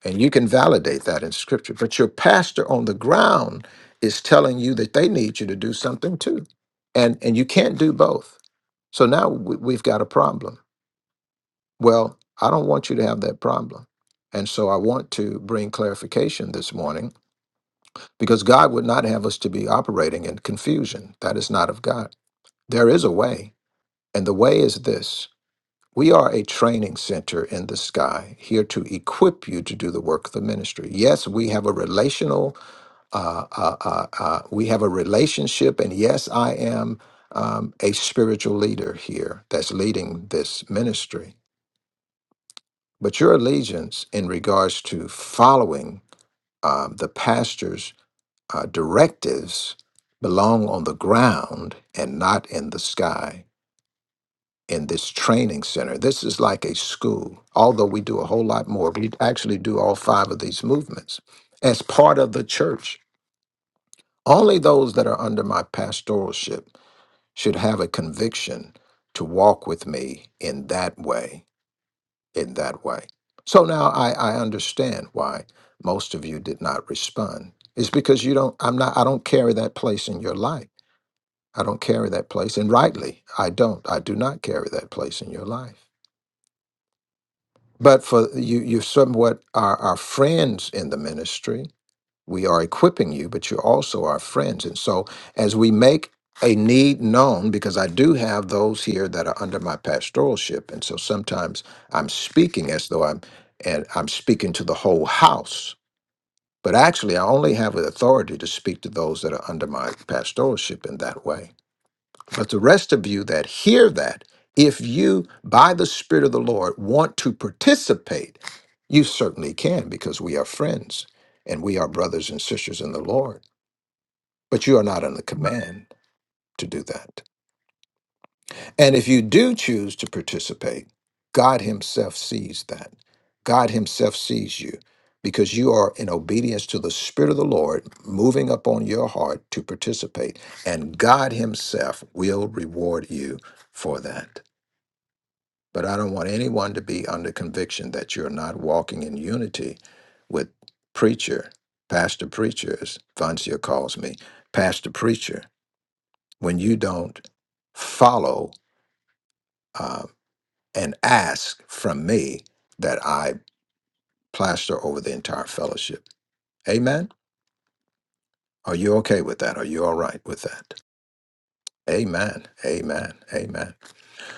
Speaker 4: And you can validate that in scripture. But your pastor on the ground is telling you that they need you to do something too. And and you can't do both. So now we, we've got a problem. Well, I don't want you to have that problem. And so I want to bring clarification this morning because God would not have us to be operating in confusion. That is not of God. There is a way, and the way is this. We are a training center in the sky, here to equip you to do the work of the ministry. Yes, we have a relational, uh, uh, uh, uh, we have a relationship, and yes, I am um, a spiritual leader here that's leading this ministry. But your allegiance in regards to following um, the pastor's uh, directives belong on the ground and not in the sky. in this training center. This is like a school, although we do a whole lot more. We actually do all five of these movements as part of the church. Only those that are under my pastoralship should have a conviction to walk with me in that way, in that way. So now I, I understand why most of you did not respond. It's because you don't, I'm not, I don't carry that place in your life. I don't carry that place. And rightly, I don't. I do not carry that place in your life. But for you, you somewhat are our friends in the ministry. We are equipping you, but you're also our friends. And so, as we make a need known, because I do have those here that are under my pastoralship, and so sometimes I'm speaking as though I'm and I'm speaking to the whole house. But actually, I only have the authority to speak to those that are under my pastoralship in that way. But the rest of you that hear that, if you, by the Spirit of the Lord, want to participate, you certainly can because we are friends and we are brothers and sisters in the Lord. But you are not under command to do that. And if you do choose to participate, God Himself sees that. God Himself sees you because you are in obedience to the Spirit of the Lord moving upon your heart to participate. And God Himself will reward you for that. But I don't want anyone to be under conviction that you're not walking in unity with preacher, pastor preacher, as Vancia calls me, pastor preacher, when you don't follow uh, and ask from me that I plaster over the entire fellowship. Amen. Are you okay with that? Are you all right with that? Amen. Amen. Amen.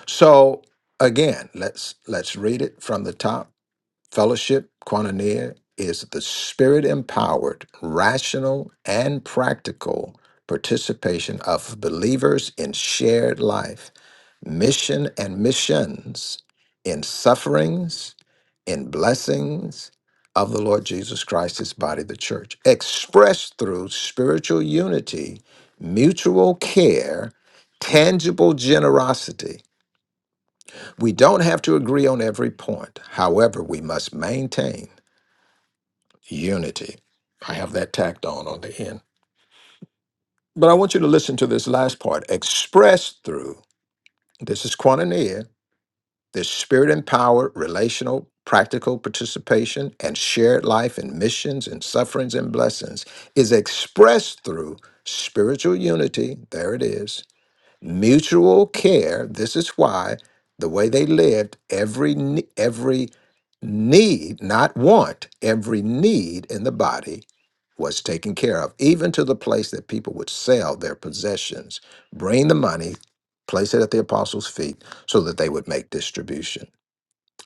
Speaker 4: So again, let's let's read it from the top Fellowship, koinonia, is the spirit empowered, rational, and practical participation of believers in shared life, mission and missions, in sufferings, in blessings of the Lord Jesus Christ, his body, the church, expressed through spiritual unity, mutual care, tangible generosity. We don't have to agree on every point. However, we must maintain unity. I have that tacked on on the end. But I want you to listen to this last part expressed through, this is quantania, this spirit empowered, relational, practical participation, and shared life in missions and sufferings and blessings is expressed through spiritual unity. There it is. Mutual care. This is why the way they lived, every, ne- every need, not want, every need in the body was taken care of, even to the place that people would sell their possessions, bring the money, place it at the apostles' feet so that they would make distribution.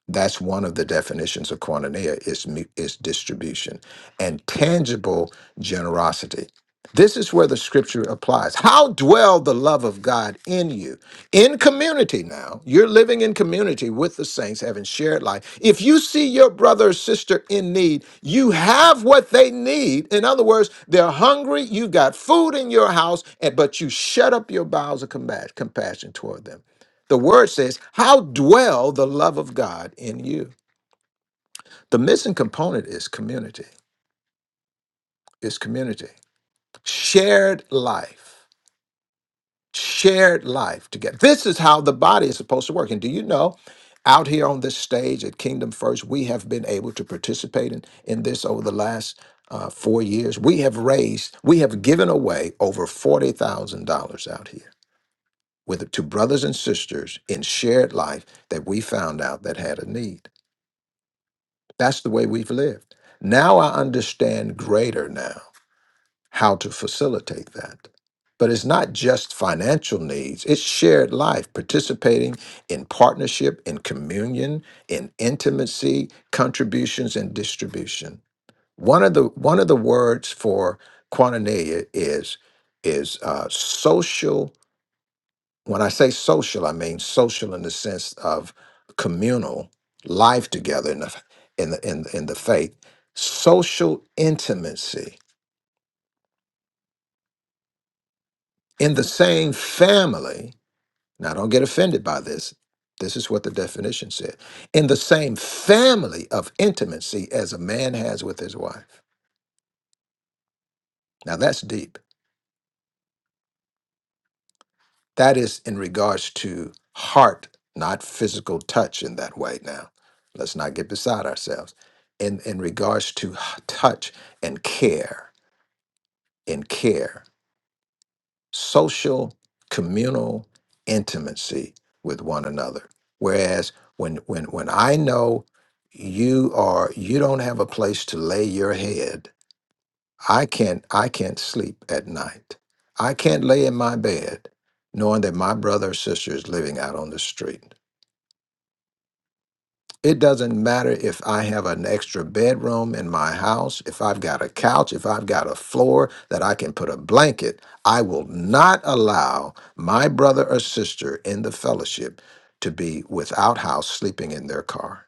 Speaker 4: That's one of the definitions of koinonia is mu- is distribution and tangible generosity. This is where the scripture applies. How dwell the love of God in you? In community now. You're living in community with the saints, having shared life. If you see your brother or sister in need, you have what they need. In other words, they're hungry, you got food in your house, and but you shut up your bowels of compa- compassion toward them. The word says, How dwell the love of God in you? The missing component is community, is community. Shared life, shared life together. This is how the body is supposed to work. And do you know, out here on this stage at Kingdom First, we have been able to participate in, in this over the last uh, four years. We have raised, we have given away over $40,000 out here with to brothers and sisters in shared life that we found out that had a need. That's the way we've lived. Now I understand greater now how to facilitate that. But it's not just financial needs, it's shared life, participating in partnership, in communion, in intimacy, contributions, and distribution. One of the one of the words for quaternaria is is uh, social when I say social, I mean social in the sense of communal life together in the in the in, the- in the faith, social intimacy in the same family. Now, don't get offended by this. This is what the definition said. In the same family of intimacy as a man has with his wife. Now, that's deep. That is in regards to heart, not physical touch in that way. Now, let's not get beside ourselves. In, in regards to h- touch and care, and care, social, communal intimacy with one another. Whereas when, when, when I know you are, you don't have a place to lay your head, I can't I can't sleep at night. I can't lay in my bed knowing that my brother or sister is living out on the street. It doesn't matter if I have an extra bedroom in my house, if I've got a couch, if I've got a floor that I can put a blanket, I will not allow my brother or sister in the fellowship to be without house sleeping in their car.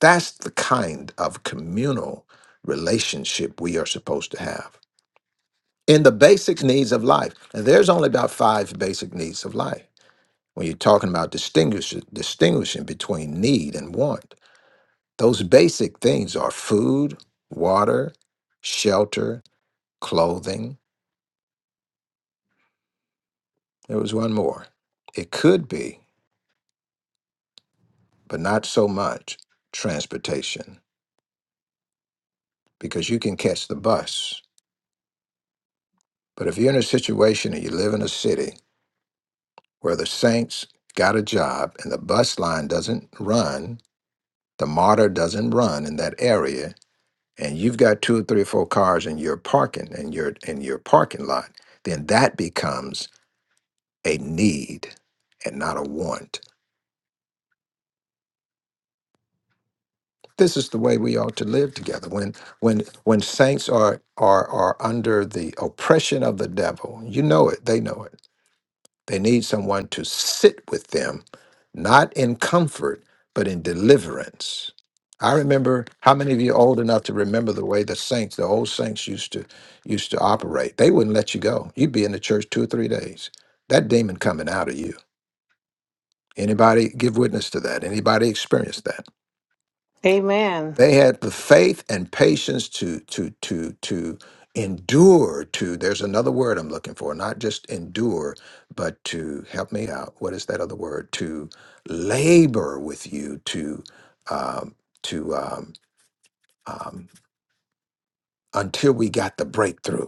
Speaker 4: That's the kind of communal relationship we are supposed to have. in the basic needs of life. And there's only about five basic needs of life. When you're talking about distinguish, distinguishing between need and want, those basic things are food, water, shelter, clothing. There was one more. It could be, but not so much, transportation, because you can catch the bus. But if you're in a situation and you live in a city where the Saints got a job and the bus line doesn't run, The martyr doesn't run in that area, and you've got two or three or four cars in your parking and your in your parking lot, then that becomes a need and not a want. This is the way we ought to live together. When when when saints are are are under the oppression of the devil, you know it, they know it They need someone to sit with them, not in comfort, but in deliverance. I remember how many of you are old enough to remember the way the saints, the old saints used to used to operate. They wouldn't let you go. You'd be in the church two or three days. That demon coming out of you. Anybody give witness to that? Anybody experience that?
Speaker 1: Amen.
Speaker 4: They had the faith and patience to to to to endure to there's another word I'm looking for, not just endure, but to help me out. What is that other word? To labor with you to um to um, um until we got the breakthrough.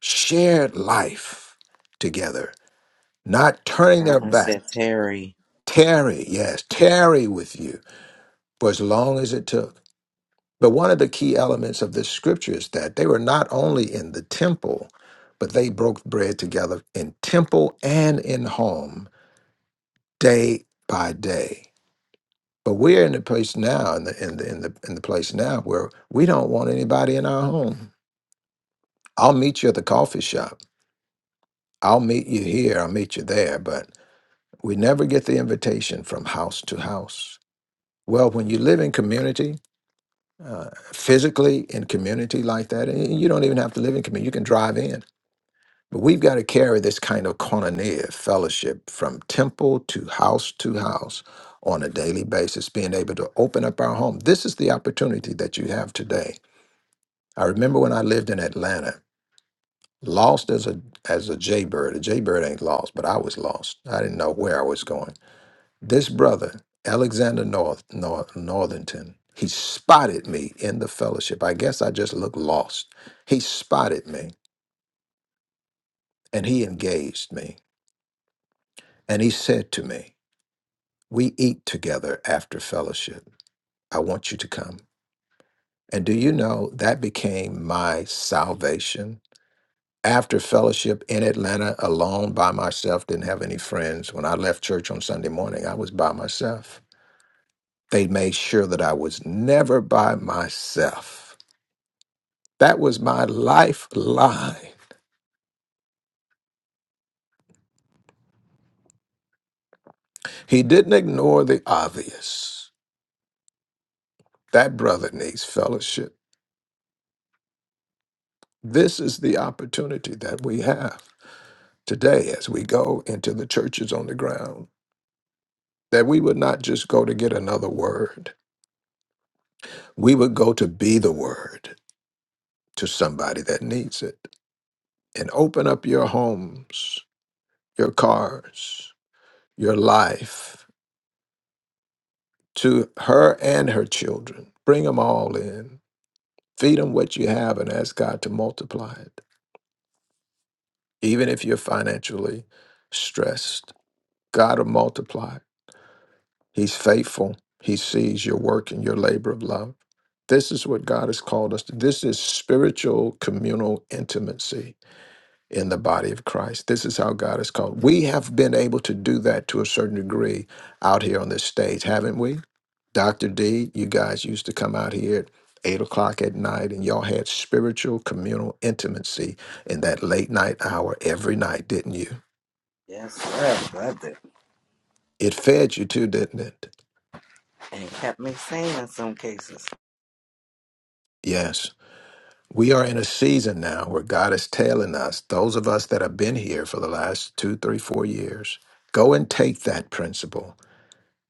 Speaker 4: Shared life together, not turning their
Speaker 5: Carolyn
Speaker 4: back.
Speaker 5: said Terry
Speaker 4: Tarry, yes, tarry with you for as long as it took. But one of the key elements of this scripture is that they were not only in the temple, but they broke bread together in temple and in home day by day. But we're in the place now, in the in the in the in the place now where we don't want anybody in our home. I'll meet you at the coffee shop. I'll meet you here. I'll meet you there. But we never get the invitation from house to house. Well, when you live in community, uh, physically in community like that, and you don't even have to live in community. You can drive in But we've got to carry this kind of koinonia fellowship from temple to house to house on a daily basis, being able to open up our home. This is the opportunity that you have today. I remember when I lived in Atlanta, lost as a as a jaybird. A jaybird ain't lost, but I was lost. I didn't know where I was going. This brother, Alexander North, North Northington, he spotted me in the fellowship. I guess I just looked lost. He spotted me and he engaged me and he said to me, We eat together after fellowship. I want you to come. And do you know that became my salvation? After fellowship in Atlanta, alone by myself, didn't have any friends. When I left church on Sunday morning, I was by myself. They made sure that I was never by myself. That was my lifeline. He didn't ignore the obvious. That brother needs fellowship. This is the opportunity that we have. today as we go into the churches on the ground, that we would not just go to get another word. We would go to be the word to somebody that needs it and open up your homes, your cars, your life to her and her children. Bring them all in. Feed them what you have and ask God to multiply it. Even if you're financially stressed, God will multiply He's faithful. He sees your work and your labor of love. This is what God has called us to. This is spiritual communal intimacy in the body of Christ. This is how God has called. We have been able to do that to a certain degree out here on this stage, haven't we? Dr. D, you guys used to come out here at eight o'clock at night and y'all had spiritual communal intimacy in that late night hour every night, didn't you?
Speaker 5: Yes, sir. Brother.
Speaker 4: It fed you too, didn't it?
Speaker 5: and it kept me sane in some cases.
Speaker 4: Yes. We are in a season now where God is telling us, those of us that have been here for the last two, three, four years, go and take that principle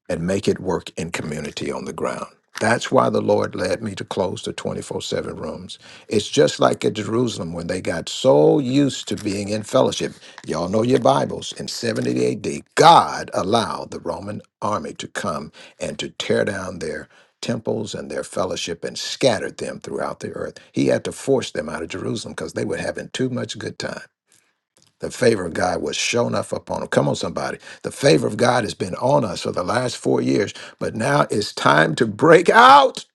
Speaker 4: and make it work in community on the ground. That's why the Lord led me to close the 24 7 rooms. It's just like at Jerusalem when they got so used to being in fellowship. Y'all know your Bibles. In 70 AD, God allowed the Roman army to come and to tear down their temples and their fellowship and scattered them throughout the earth. He had to force them out of Jerusalem because they were having too much good time. The favor of God was shown up upon him. Come on, somebody. The favor of God has been on us for the last four years, but now it's time to break out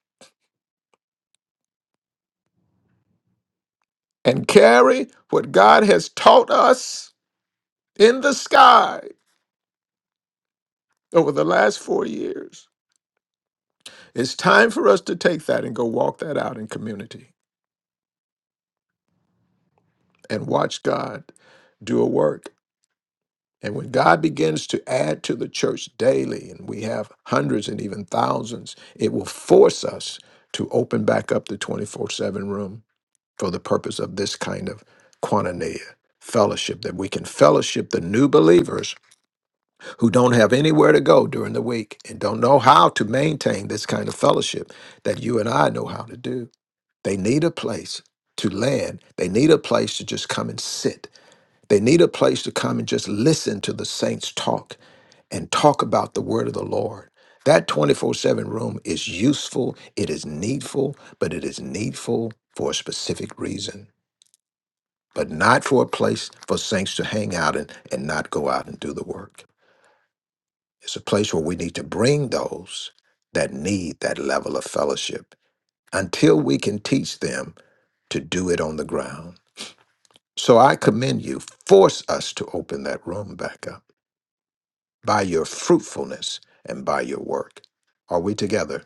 Speaker 4: and carry what God has taught us in the sky over the last four years. It's time for us to take that and go walk that out in community and watch God do a work. And when God begins to add to the church daily, and we have hundreds and even thousands, it will force us to open back up the 24 7 room for the purpose of this kind of koinonia fellowship that we can fellowship the new believers who don't have anywhere to go during the week and don't know how to maintain this kind of fellowship that you and I know how to do. They need a place to land. They need a place to just come and sit. They need a place to come and just listen to the saints talk and talk about the word of the Lord. That 24 7 room is useful, it is needful, but it is needful for a specific reason but not for a place for saints to hang out in and not go out and do the work. It's a place where we need to bring those that need that level of fellowship until we can teach them to do it on the ground. So I commend you. Force us to open that room back up by your fruitfulness and by your work. Are we together?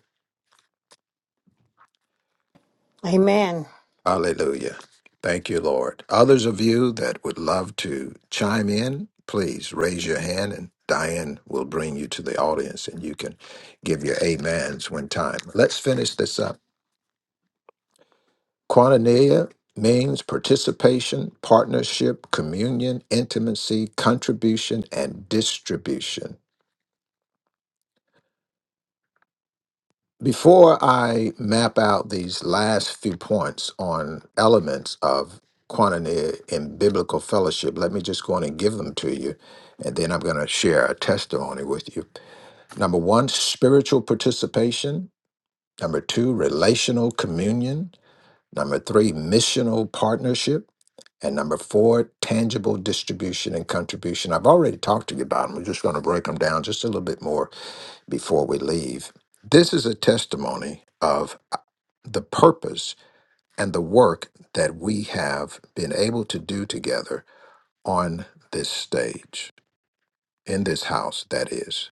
Speaker 1: Amen.
Speaker 4: Hallelujah. Thank you, Lord. Others of you that would love to chime in, please raise your hand and Diane will bring you to the audience and you can give your amens when time. Let's finish this up. Quantania means participation, partnership, communion, intimacy, contribution, and distribution. Before I map out these last few points on elements of quantity in biblical fellowship, let me just go on and give them to you, and then I'm going to share a testimony with you. Number one, spiritual participation. Number two, relational communion. Number three, missional partnership. And number four, tangible distribution and contribution. I've already talked to you about them. We're just going to break them down just a little bit more before we leave. This is a testimony of uh, the purpose and the work that we have been able to do together on this stage, in this house, that is,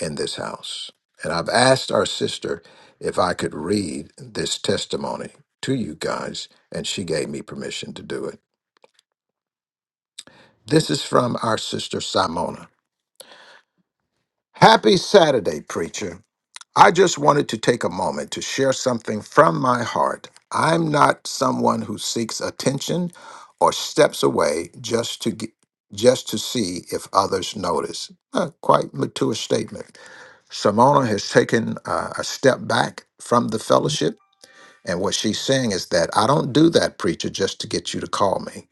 Speaker 4: in this house. And I've asked our sister if I could read this testimony to you guys, and she gave me permission to do it. This is from our sister Simona. Happy Saturday, preacher. I just wanted to take a moment to share something from my heart. I'm not someone who seeks attention or steps away just to get, just to see if others notice. A quite mature statement. Simona has taken uh, a step back from the fellowship, and what she's saying is that I don't do that, preacher, just to get you to call me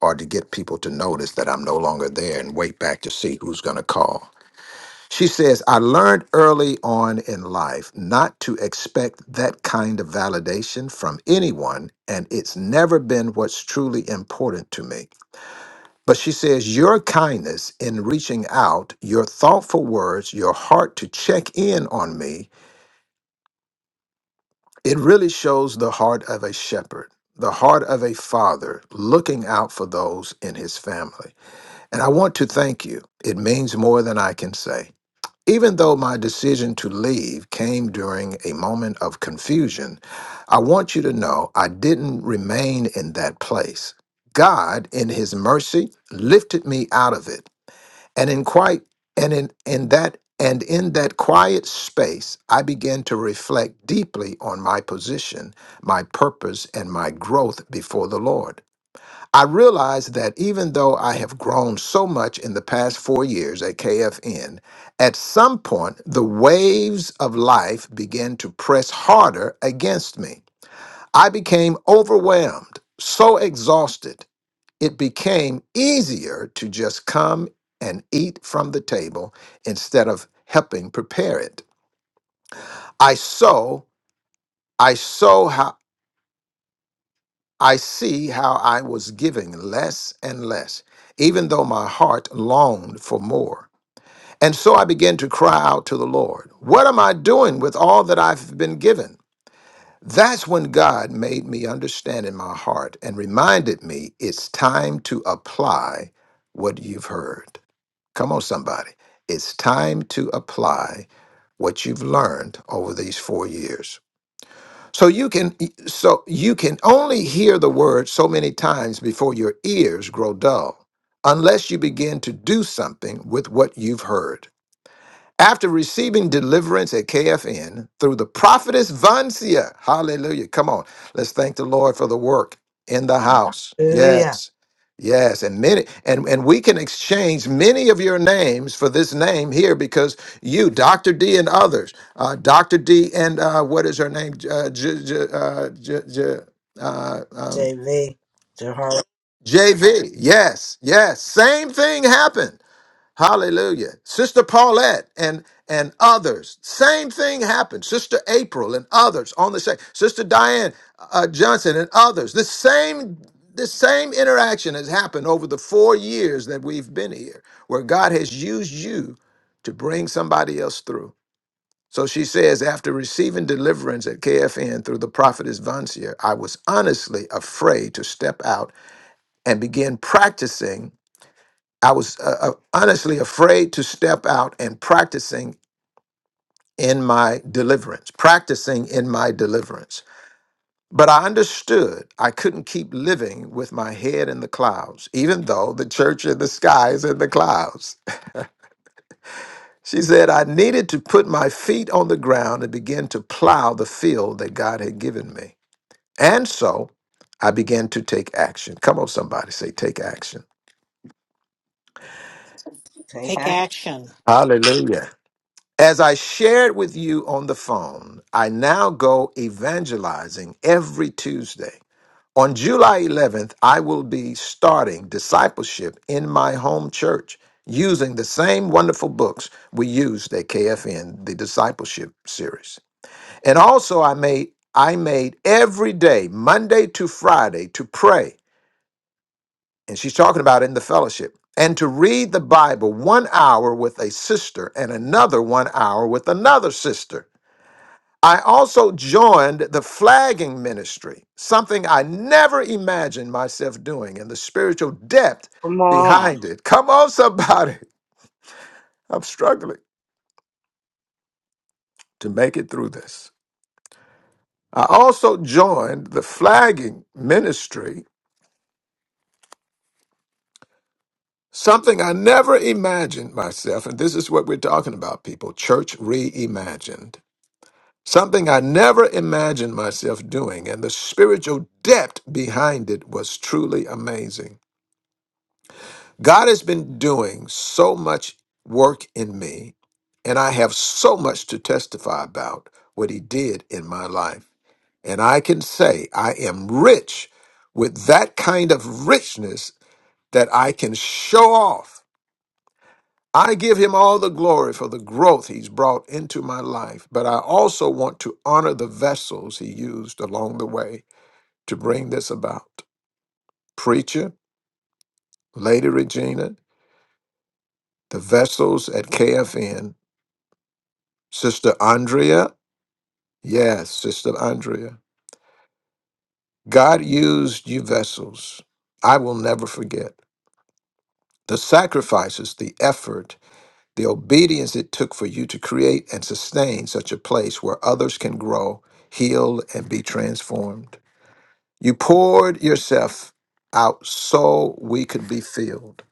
Speaker 4: or to get people to notice that I'm no longer there and wait back to see who's going to call. She says, I learned early on in life not to expect that kind of validation from anyone, and it's never been what's truly important to me. But she says, Your kindness in reaching out, your thoughtful words, your heart to check in on me, it really shows the heart of a shepherd, the heart of a father looking out for those in his family. And I want to thank you. It means more than I can say. Even though my decision to leave came during a moment of confusion, I want you to know I didn't remain in that place. God, in his mercy, lifted me out of it. And in quite and in, in that and in that quiet space, I began to reflect deeply on my position, my purpose, and my growth before the Lord. I realized that even though I have grown so much in the past four years at KFN, at some point the waves of life began to press harder against me. I became overwhelmed, so exhausted, it became easier to just come and eat from the table instead of helping prepare it. I sow, I sow I see how I was giving less and less, even though my heart longed for more. And so I began to cry out to the Lord, What am I doing with all that I've been given? That's when God made me understand in my heart and reminded me it's time to apply what you've heard. Come on, somebody. It's time to apply what you've learned over these four years. So you can so you can only hear the word so many times before your ears grow dull unless you begin to do something with what you've heard. After receiving deliverance at KFN through the prophetess Vancia, hallelujah. Come on, let's thank the Lord for the work in the house. Yeah.
Speaker 5: Hallelujah.
Speaker 4: Yes. Yes, and many and, and we can exchange many of your names for this name here because you, Dr. D and others, uh, Dr. D and uh, what is her name? Uh, J, J, uh, J, J, uh, um,
Speaker 5: JV. Jehovah.
Speaker 4: JV. Yes, yes. Same thing happened. Hallelujah. Sister Paulette and and others. Same thing happened. Sister April and others on the same. Sister Diane uh, uh, Johnson and others. The same the same interaction has happened over the 4 years that we've been here where God has used you to bring somebody else through. So she says after receiving deliverance at KFN through the prophetess Vancia, I was honestly afraid to step out and begin practicing I was uh, uh, honestly afraid to step out and practicing in my deliverance, practicing in my deliverance. But I understood I couldn't keep living with my head in the clouds, even though the church in the sky is in the clouds. She said I needed to put my feet on the ground and begin to plow the field that God had given me. And so I began to take action. Come on, somebody say, take action.
Speaker 5: Take
Speaker 1: Take
Speaker 5: out
Speaker 1: action.
Speaker 4: Hallelujah. As I shared with you on the phone, I now go evangelizing every Tuesday. On July 11th, I will be starting discipleship in my home church using the same wonderful books we used at KFN, the discipleship series. And also I made I made every day, Monday to Friday, to pray. And she's talking about in the fellowship. And to read the Bible one hour with a sister and another one hour with another sister. I also joined the flagging ministry, something I never imagined myself doing, and the spiritual depth
Speaker 5: from on.
Speaker 4: behind it. Come on, somebody. I'm struggling to make it through this. I also joined the flagging ministry, something I never imagined myself. And this is what we're talking about, people church reimagined. Something I never imagined myself doing, and the spiritual depth behind it was truly amazing. God has been doing so much work in me, and I have so much to testify about what He did in my life. And I can say I am rich with that kind of richness that I can show off. I give Him all the glory for the growth He's brought into my life, but I also want to honor the vessels He used along the way to bring this about. Preacher, Lady Regina, the vessels at KFN Sister Andrea. Yes, Sister Andrea. God used you vessels. I will never forget the sacrifices, the effort, the obedience it took for you to create and sustain such a place where others can grow, heal, and be transformed. You poured yourself out so we could be filled.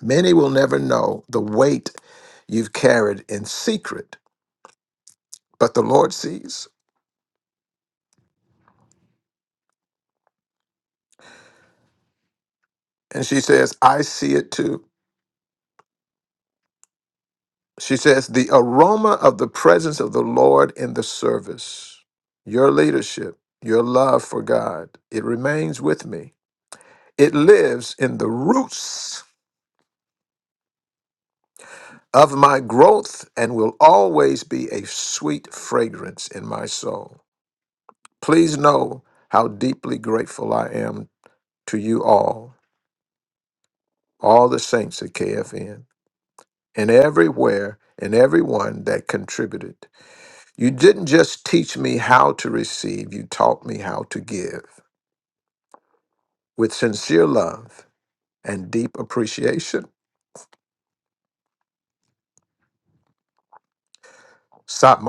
Speaker 4: Many will never know the weight you've carried in secret, but the Lord sees. And she says, I see it too. She says, the aroma of the presence of the Lord in the service, your leadership, your love for God, it remains with me. It lives in the roots of my growth and will always be a sweet fragrance in my soul. Please know how deeply grateful I am to you all, all the saints at KFN, and everywhere and everyone that contributed. You didn't just teach me how to receive, you taught me how to give with sincere love and deep appreciation. Stop,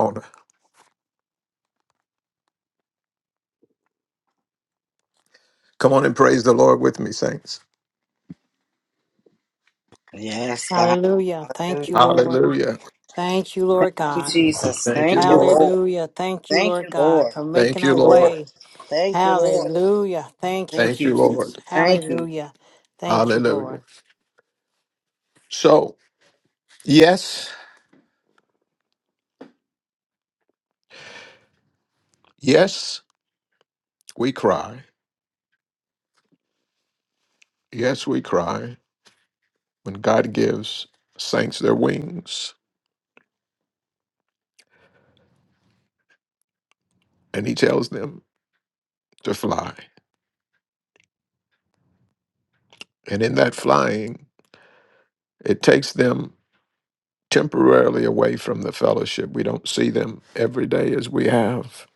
Speaker 4: Come on and praise the Lord with me, saints.
Speaker 5: Yes, God.
Speaker 1: Hallelujah. Thank you,
Speaker 5: Hallelujah.
Speaker 1: Lord.
Speaker 4: Hallelujah.
Speaker 1: Thank you,
Speaker 5: Thank
Speaker 1: Lord
Speaker 5: you,
Speaker 1: God.
Speaker 5: Jesus.
Speaker 4: Thank
Speaker 5: Thank
Speaker 4: you,
Speaker 5: you,
Speaker 4: Lord.
Speaker 5: Lord.
Speaker 1: Hallelujah. Thank you,
Speaker 5: Thank you,
Speaker 1: Lord God,
Speaker 5: Lord.
Speaker 1: for
Speaker 4: Thank
Speaker 1: making
Speaker 5: Thank
Speaker 1: a
Speaker 4: you,
Speaker 5: you, Lord.
Speaker 4: Lord.
Speaker 1: way.
Speaker 5: Thank you, Lord.
Speaker 1: Hallelujah. Thank you,
Speaker 5: Thank
Speaker 4: Thank
Speaker 5: you,
Speaker 4: you,
Speaker 5: Jesus.
Speaker 1: Jesus.
Speaker 4: Lord.
Speaker 5: Thank you.
Speaker 1: Hallelujah. Thank you,
Speaker 4: Hallelujah.
Speaker 1: Lord.
Speaker 4: So, yes, yes, we cry. Yes, we cry when God gives saints their wings and he tells them to fly. And in that flying, it takes them temporarily away from the fellowship. We don't see them every day as we have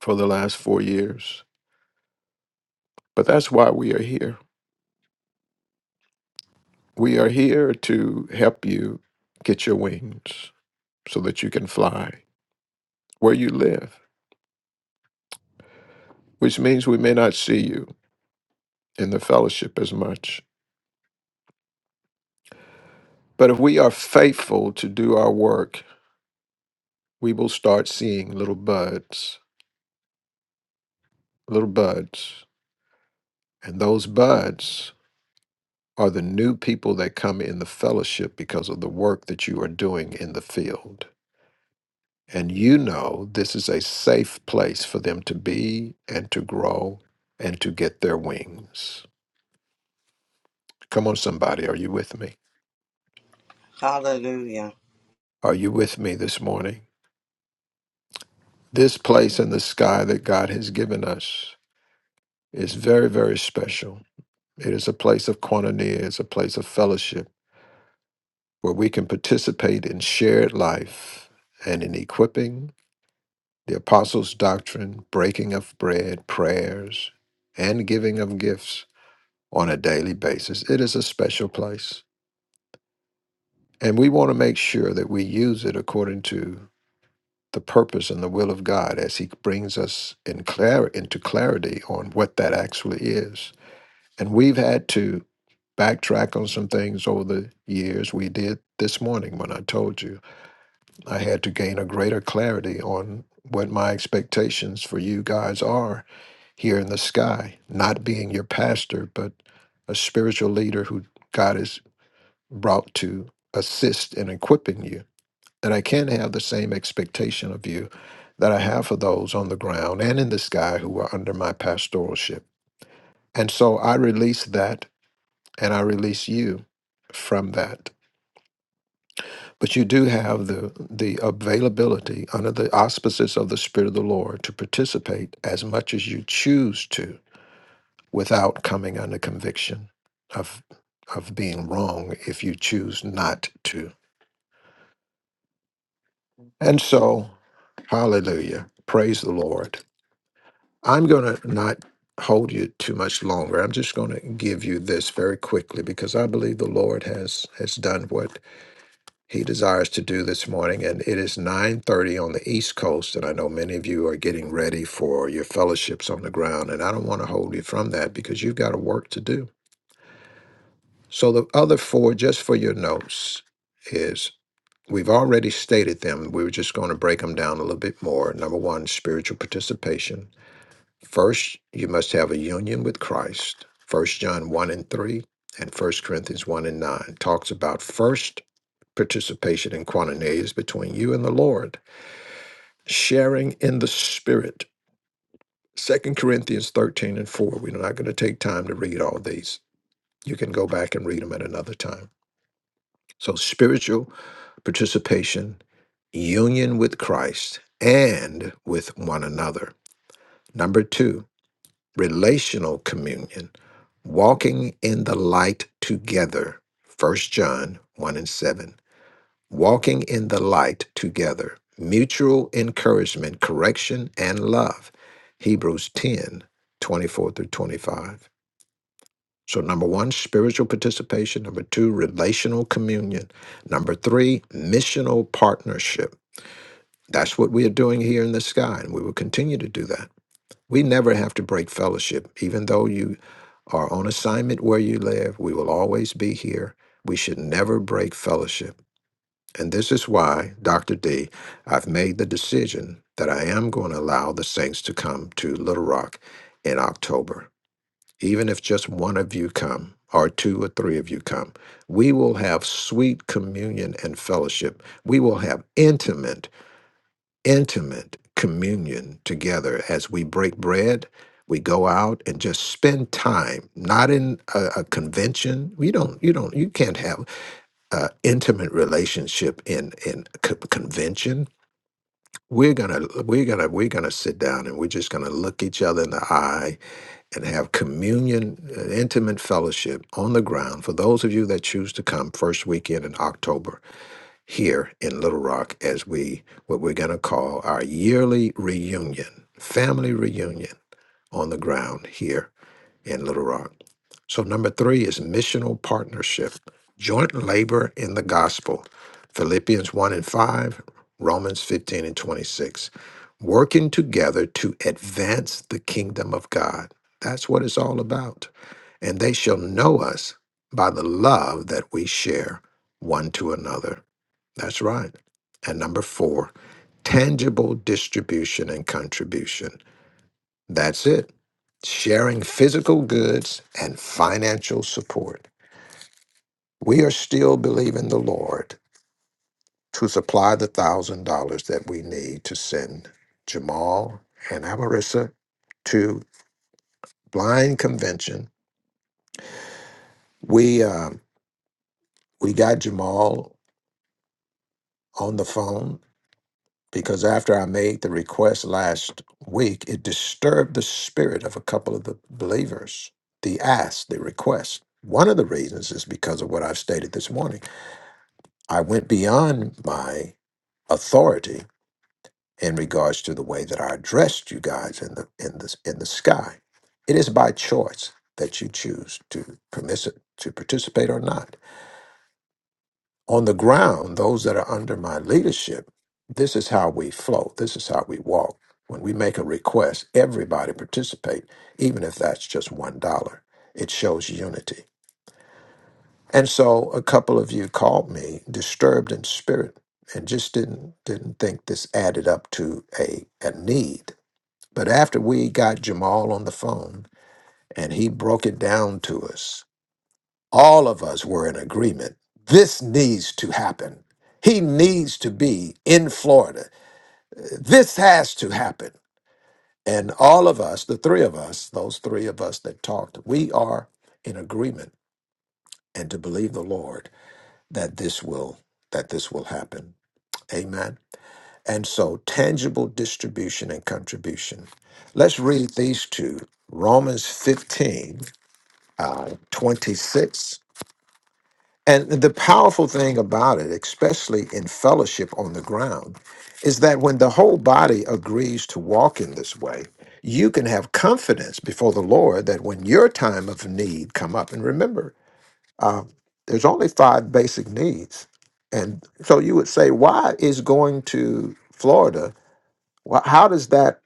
Speaker 4: for the last four years. But that's why we are here. We are here to help you get your wings so that you can fly where you live, which means we may not see you in the fellowship as much. But if we are faithful to do our work, we will start seeing little buds, little buds. And those buds are the new people that come in the fellowship because of the work that you are doing in the field. And you know this is a safe place for them to be and to grow and to get their wings. Come on, somebody, are you with me?
Speaker 5: Hallelujah.
Speaker 4: Are you with me this morning? This place in the sky that God has given us is very, very special. It is a place of koinonia, it's a place of fellowship where we can participate in shared life and in equipping the apostles' doctrine, breaking of bread, prayers, and giving of gifts on a daily basis. It is a special place. And we want to make sure that we use it according to the purpose and the will of God as He brings us in clar- into clarity on what that actually is. And we've had to backtrack on some things over the years. We did this morning when I told you I had to gain a greater clarity on what my expectations for you guys are here in the sky, not being your pastor, but a spiritual leader who God has brought to assist in equipping you. That I can have the same expectation of you that I have for those on the ground and in the sky who are under my pastoralship. And so I release that and I release you from that. But you do have the, the availability under the auspices of the Spirit of the Lord to participate as much as you choose to without coming under conviction of of being wrong if you choose not to. And so, hallelujah. Praise the Lord. I'm going to not hold you too much longer. I'm just going to give you this very quickly because I believe the Lord has has done what he desires to do this morning and it is 9:30 on the East Coast and I know many of you are getting ready for your fellowships on the ground and I don't want to hold you from that because you've got a work to do. So the other four, just for your notes, is we've already stated them. We were just going to break them down a little bit more. Number one, spiritual participation. First, you must have a union with Christ. First John one and three and First Corinthians one and nine talks about first participation in quaternaries between you and the Lord, sharing in the Spirit. Second Corinthians thirteen and four. We're not going to take time to read all these. You can go back and read them at another time. So spiritual participation, union with Christ, and with one another. Number two, relational communion, walking in the light together. First John 1 and 7. Walking in the light together, mutual encouragement, correction, and love. Hebrews 10 24 through 25. So, number one, spiritual participation. Number two, relational communion. Number three, missional partnership. That's what we are doing here in the sky, and we will continue to do that. We never have to break fellowship. Even though you are on assignment where you live, we will always be here. We should never break fellowship. And this is why, Dr. D, I've made the decision that I am going to allow the saints to come to Little Rock in October. Even if just one of you come, or two or three of you come, we will have sweet communion and fellowship. We will have intimate intimate communion together as we break bread. We go out and just spend time, not in a, a convention. You don't, you don't, you can't have an intimate relationship in in co- convention. We're gonna, we're gonna, we're gonna sit down and we're just gonna look each other in the eye and have communion, uh, intimate fellowship on the ground. For those of you that choose to come, first weekend in October, here in Little Rock as we what we're going to call our yearly reunion, family reunion on the ground here in Little Rock. So number 3 is missional partnership, joint labor in the gospel. Philippians 1 and 5, Romans 15 and 26. Working together to advance the kingdom of God. That's what it's all about and they shall know us by the love that we share one to another. That's right. And number four, tangible distribution and contribution. That's it. Sharing physical goods and financial support. We are still believing the Lord to supply the thousand dollars that we need to send Jamal and Amarissa to blind convention. We um, we got Jamal on the phone because after I made the request last week, it disturbed the spirit of a couple of the believers, the ask, the request. One of the reasons is because of what I've stated this morning. I went beyond my authority in regards to the way that I addressed you guys in the in the in the sky. It is by choice that you choose to permiss to participate or not. on the ground, those that are under my leadership, this is how we flow. This is how we walk. When we make a request, everybody participate, even if that's just one dollar. It shows unity. And so a couple of you called me disturbed in spirit and just didn't didn't think this added up to a, a need. But after we got Jamal on the phone and he broke it down to us, all of us were in agreement. This needs to happen. He needs to be in Florida. This has to happen. And all of us, the three of us, those three of us that talked, we are in agreement and to believe the Lord that this will that this will happen. Amen. And so tangible distribution and contribution. Let's read these two. Romans 15, uh, 26 And the powerful thing about it, especially in fellowship on the ground, is that when the whole body agrees to walk in this way, you can have confidence before the Lord that when your time of need come up, and remember, uh, there's only five basic needs, and so you would say, why is going to Florida? wh- How does that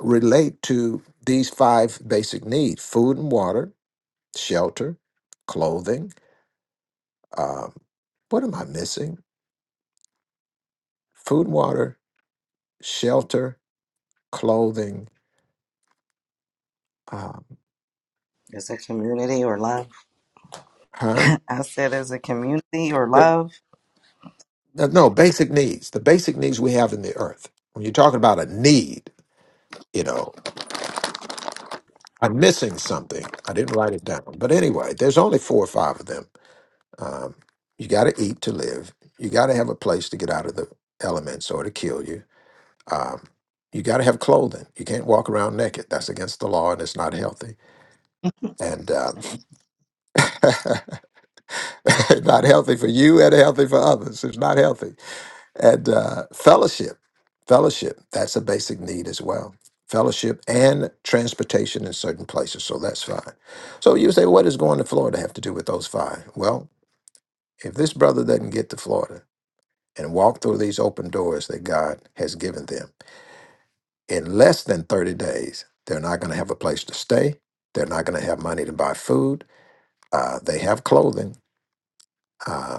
Speaker 4: relate to these five basic needs: food and water, shelter, clothing? Um, what am I missing? food, water, shelter, clothing, um,
Speaker 5: It's a community or life.
Speaker 4: harm.
Speaker 5: I said as a community or love.
Speaker 4: No, no, basic needs. The basic needs we have in the earth. When you're talking about a need, you know, I'm missing something. I didn't write it down. But anyway, there's only four or five of them. Um, you got to eat to live. You got to have a place to get out of the elements or to kill you. Um, you got to have clothing. You can't walk around naked. That's against the law and it's not healthy. And uh, not healthy for you and healthy for others. It's not healthy. And uh, fellowship, fellowship, that's a basic need as well. Fellowship and transportation in certain places. So that's fine. So you say, what does going to Florida have to do with those five? Well, if this brother doesn't get to Florida and walk through these open doors that God has given them in less than 30 days, they're not going to have a place to stay. They're not going to have money to buy food. Uh, they have clothing. Uh,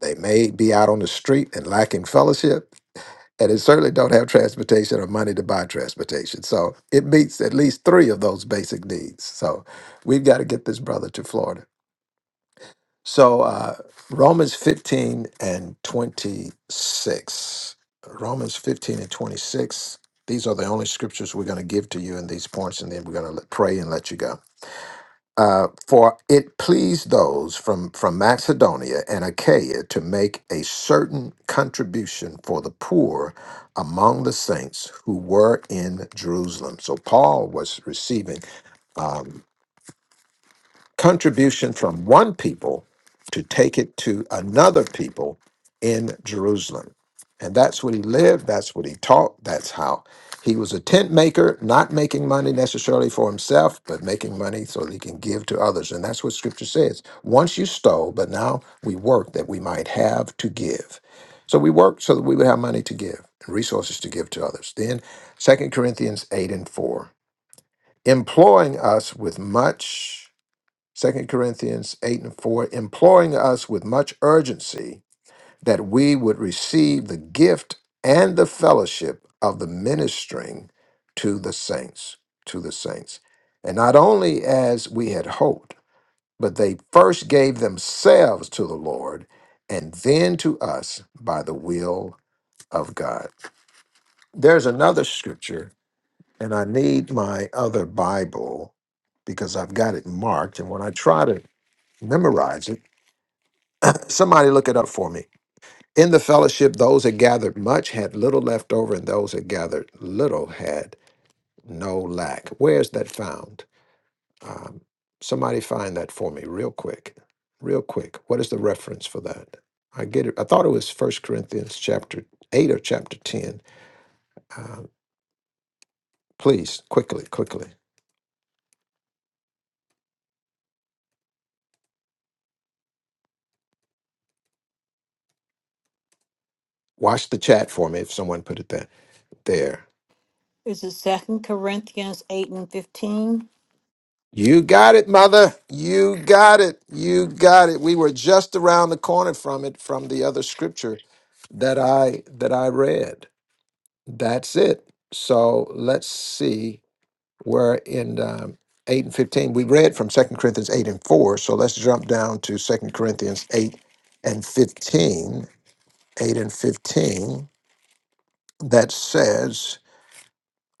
Speaker 4: They may be out on the street and lacking fellowship, and they certainly don't have transportation or money to buy transportation. So it meets at least three of those basic needs. So we've got to get this brother to Florida. So uh, Romans 15 and 26. Romans 15 and 26. These are the only scriptures we're going to give to you in these points, and then we're going to pray and let you go uh, for it pleased those from, from Macedonia and Achaia to make a certain contribution for the poor among the saints who were in Jerusalem. So Paul was receiving uh, contribution from one people to take it to another people in Jerusalem. And that's what he lived, that's what he taught, that's how he was a tent maker, not making money necessarily for himself, but making money so that he can give to others. And that's what scripture says. Once you stole, but now we work that we might have to give. So we work so that we would have money to give and resources to give to others. Then Second Corinthians 8 and 4, employing us with much Second Corinthians 8 and 4, imploring us with much urgency that we would receive the gift and the fellowship of the ministering to the saints, to the saints. And not only as we had hoped, but they first gave themselves to the Lord and then to us by the will of God. There's another scripture, and I need my other Bible because I've got it marked. And when I try to memorize it, Somebody look it up for me. In the fellowship, those that gathered much had little left over, and those that gathered little had no lack. Where's that found? Um, somebody find that for me, real quick, real quick. What is the reference for that? I get it. I thought it was First Corinthians chapter eight or chapter ten. Um, please, quickly, quickly. Watch the chat for me if someone put it there. There.
Speaker 1: Is it Second Corinthians eight and fifteen?
Speaker 4: You got it, mother. You got it. You got it. We were just around the corner from it from the other scripture that I that I read. That's it. So let's see. We're in um, eight and fifteen. We read from Second Corinthians eight and four. So let's jump down to Second Corinthians eight and fifteen. Eight and fifteen. That says.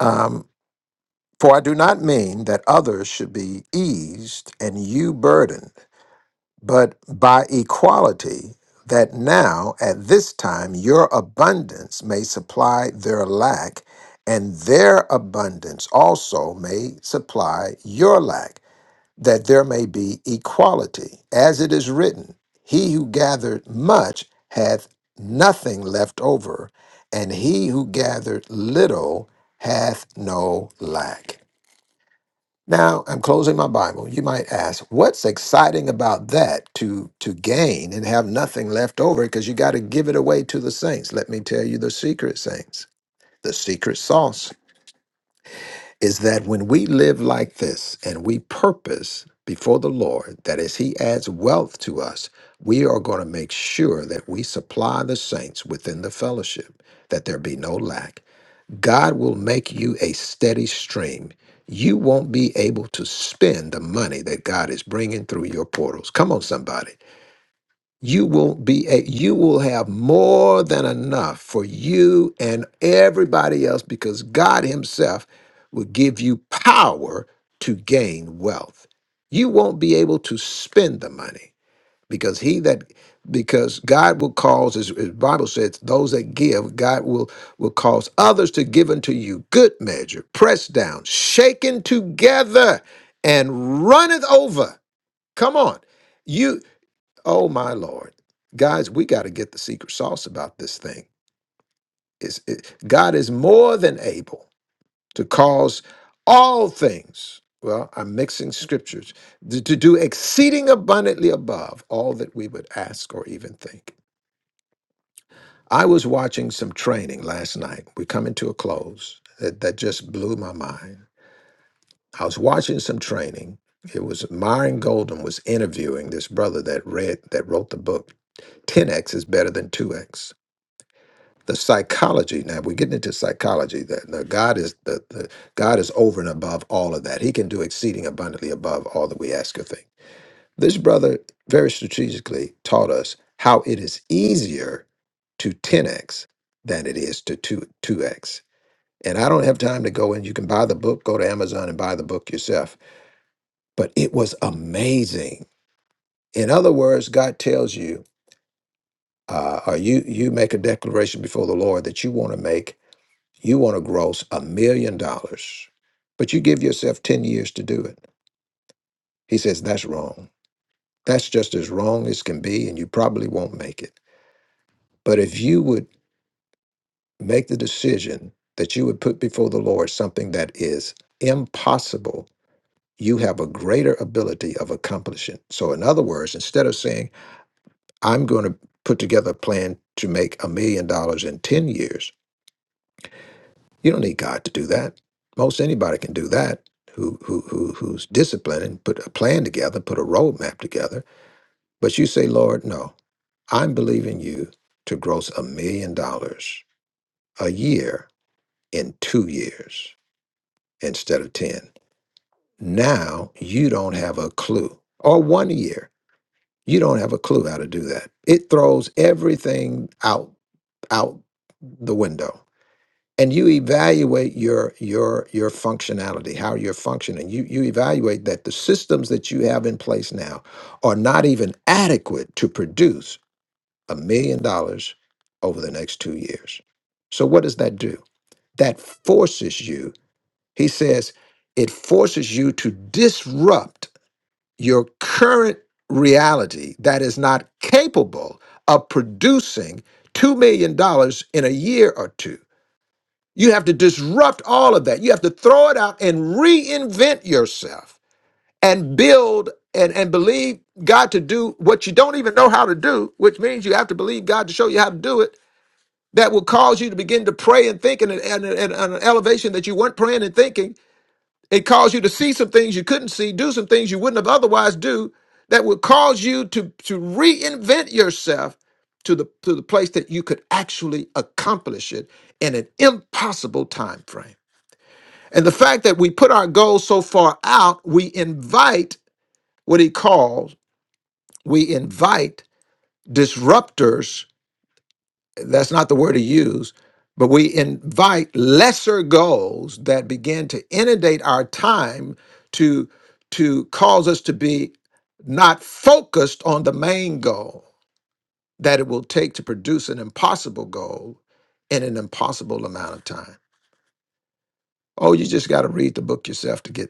Speaker 4: Um, for I do not mean that others should be eased and you burdened but by equality, that now at this time your abundance may supply their lack, and their abundance also may supply your lack, that there may be equality. As it is written, He who gathered much hath nothing left over, and he who gathered little hath no lack. Now I'm closing my Bible. You might ask, what's exciting about that to to gain and have nothing left over because you got to give it away to the saints. Let me tell you the secret saints. The secret sauce is that when we live like this and we purpose before the Lord that as he adds wealth to us, we are going to make sure that we supply the saints within the fellowship that there be no lack. God will make you a steady stream. You won't be able to spend the money that God is bringing through your portals. Come on, somebody. You will be a, you will have more than enough for you and everybody else because God himself will give you power to gain wealth. You won't be able to spend the money because he that because God will cause as as Bible says those that give God will will cause others to give unto you good measure pressed down shaken together and runneth over come on you oh my lord guys we got to get the secret sauce about this thing is it, God is more than able to cause all things, well, I'm mixing scriptures, to, to do exceeding abundantly above all that we would ask or even think. I was watching some training last night. We're coming to a close. That, that just blew my mind. I was watching some training. It was Myron Golden was interviewing this brother that read that wrote the book 10x is better than 2x. the psychology now we're getting into psychology that now god is the, the god is over and above all of that he can do exceeding abundantly above all that we ask or think this brother very strategically taught us how it is easier to 10x than it is to 2, 2x and i don't have time to go in you can buy the book go to amazon and buy the book yourself but it was amazing in other words god tells you uh, or you you make a declaration before the lord that you want to make You want to gross a million dollars, but you give yourself 10 years to do it. He says, that's wrong. That's just as wrong as can be, and you probably won't make it. But if you would make the decision that you would put before the Lord something that is impossible, you have a greater ability of accomplishing. So, in other words, instead of saying, I'm going to put together a plan to make a million dollars in 10 years, You don't need God to do that. Most anybody can do that who, who, who, who's disciplined and put a plan together, put a roadmap together. But you say, Lord, no, I'm believing you to gross a million dollars a year in two years instead of 10. Now you don't have a clue, or one year. You don't have a clue how to do that. It throws everything out, out the window and you evaluate your your your functionality how you're functioning you you evaluate that the systems that you have in place now are not even adequate to produce a million dollars over the next 2 years so what does that do that forces you he says it forces you to disrupt your current reality that is not capable of producing $2 million dollars in a year or two you have to disrupt all of that. You have to throw it out and reinvent yourself and build and, and believe God to do what you don't even know how to do, which means you have to believe God to show you how to do it. That will cause you to begin to pray and think in an, in an, in an elevation that you weren't praying and thinking. It caused you to see some things you couldn't see, do some things you wouldn't have otherwise do. That will cause you to to reinvent yourself to the to the place that you could actually accomplish it in an impossible time frame. And the fact that we put our goals so far out, we invite what he calls, we invite disruptors. That's not the word he used, but we invite lesser goals that begin to inundate our time to, to cause us to be not focused on the main goal that it will take to produce an impossible goal in an impossible amount of time. Oh, you just got to read the book yourself to get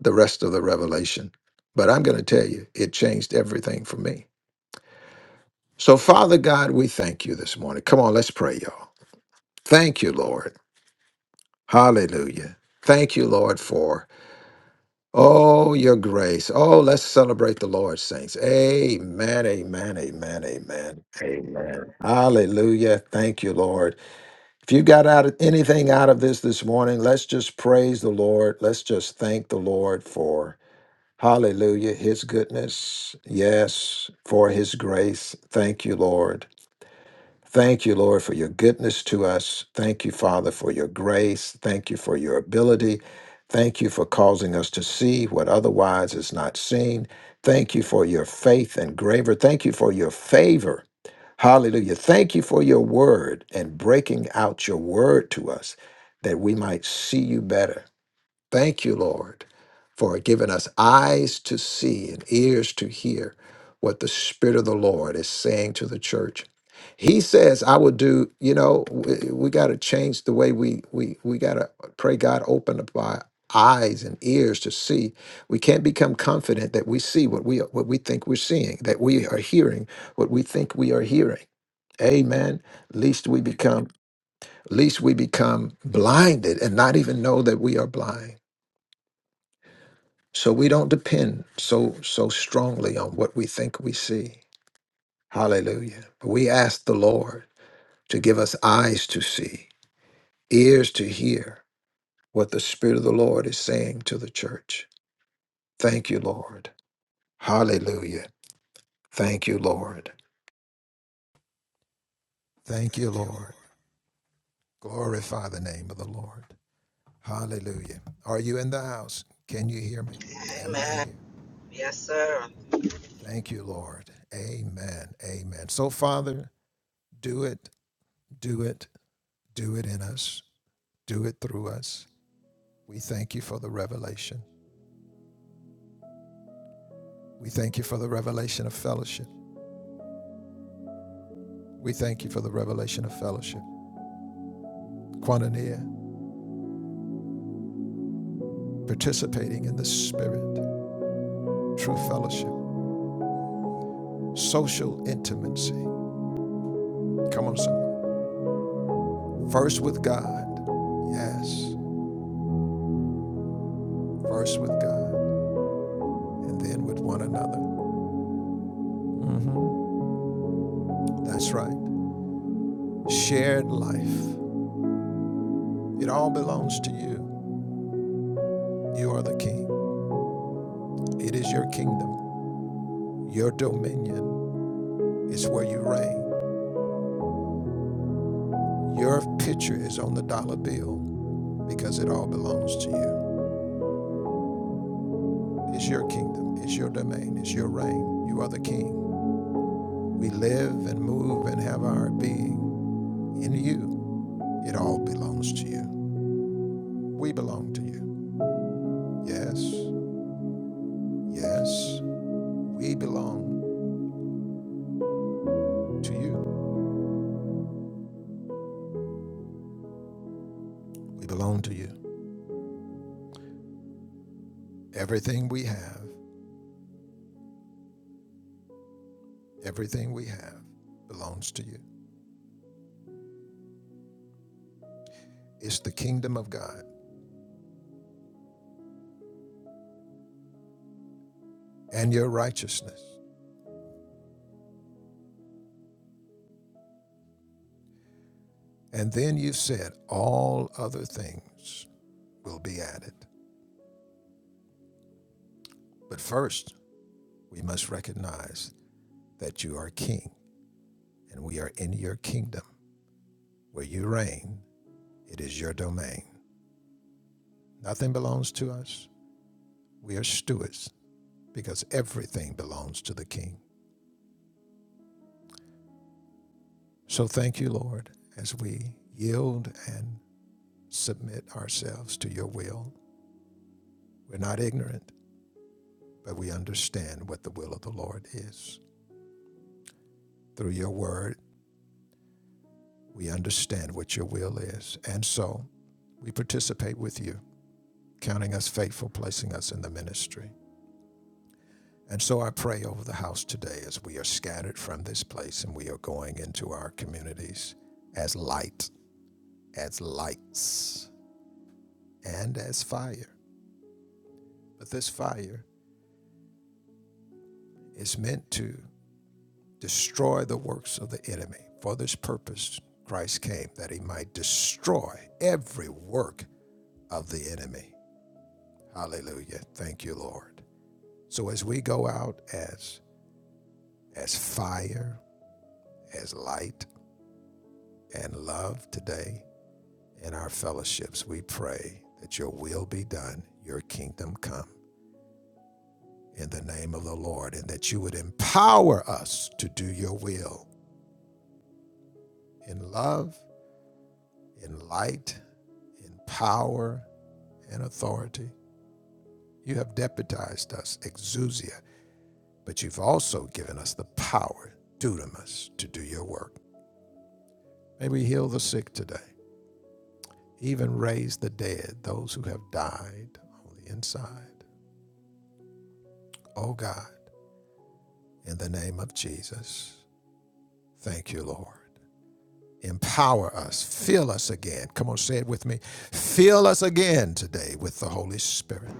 Speaker 4: the rest of the revelation. But I'm going to tell you, it changed everything for me. So, Father God, we thank you this morning. Come on, let's pray, y'all. Thank you, Lord. Hallelujah. Thank you, Lord, for oh your grace. Oh, let's celebrate the Lord, saints. Amen, amen, amen, amen. Hallelujah. Thank you, Lord. If you got out anything out of this this morning, let's just praise the Lord. Let's just thank the Lord for Hallelujah. His goodness. Yes, for his grace. Thank you, Lord. Thank you, Lord, for your goodness to us. Thank you, Father, for your grace. Thank you for your ability. Thank you for causing us to see what otherwise is not seen. Thank you for your faith and graver. Thank you for your favor. Hallelujah. Thank you for your word and breaking out your word to us that we might see you better Thank you, Lord, for giving us eyes to see and ears to hear what the Spirit of the Lord is saying to the church. He says, I will do, you know, we, we got to change the way we, we, we got to pray God open up our eyes and ears to see. We can't become confident that we see what we, what we think we're seeing, that we are hearing what we think we are hearing. Amen. Least we become, least we become blinded and not even know that we are blind. So we don't depend so so strongly on what we think we see. Hallelujah. But we ask the Lord to give us eyes to see, ears to hear what the Spirit of the Lord is saying to the church. Thank you, Lord. Hallelujah. Thank you, Lord.
Speaker 5: Amen. Yes, sir.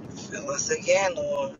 Speaker 5: Fill us again, Lord.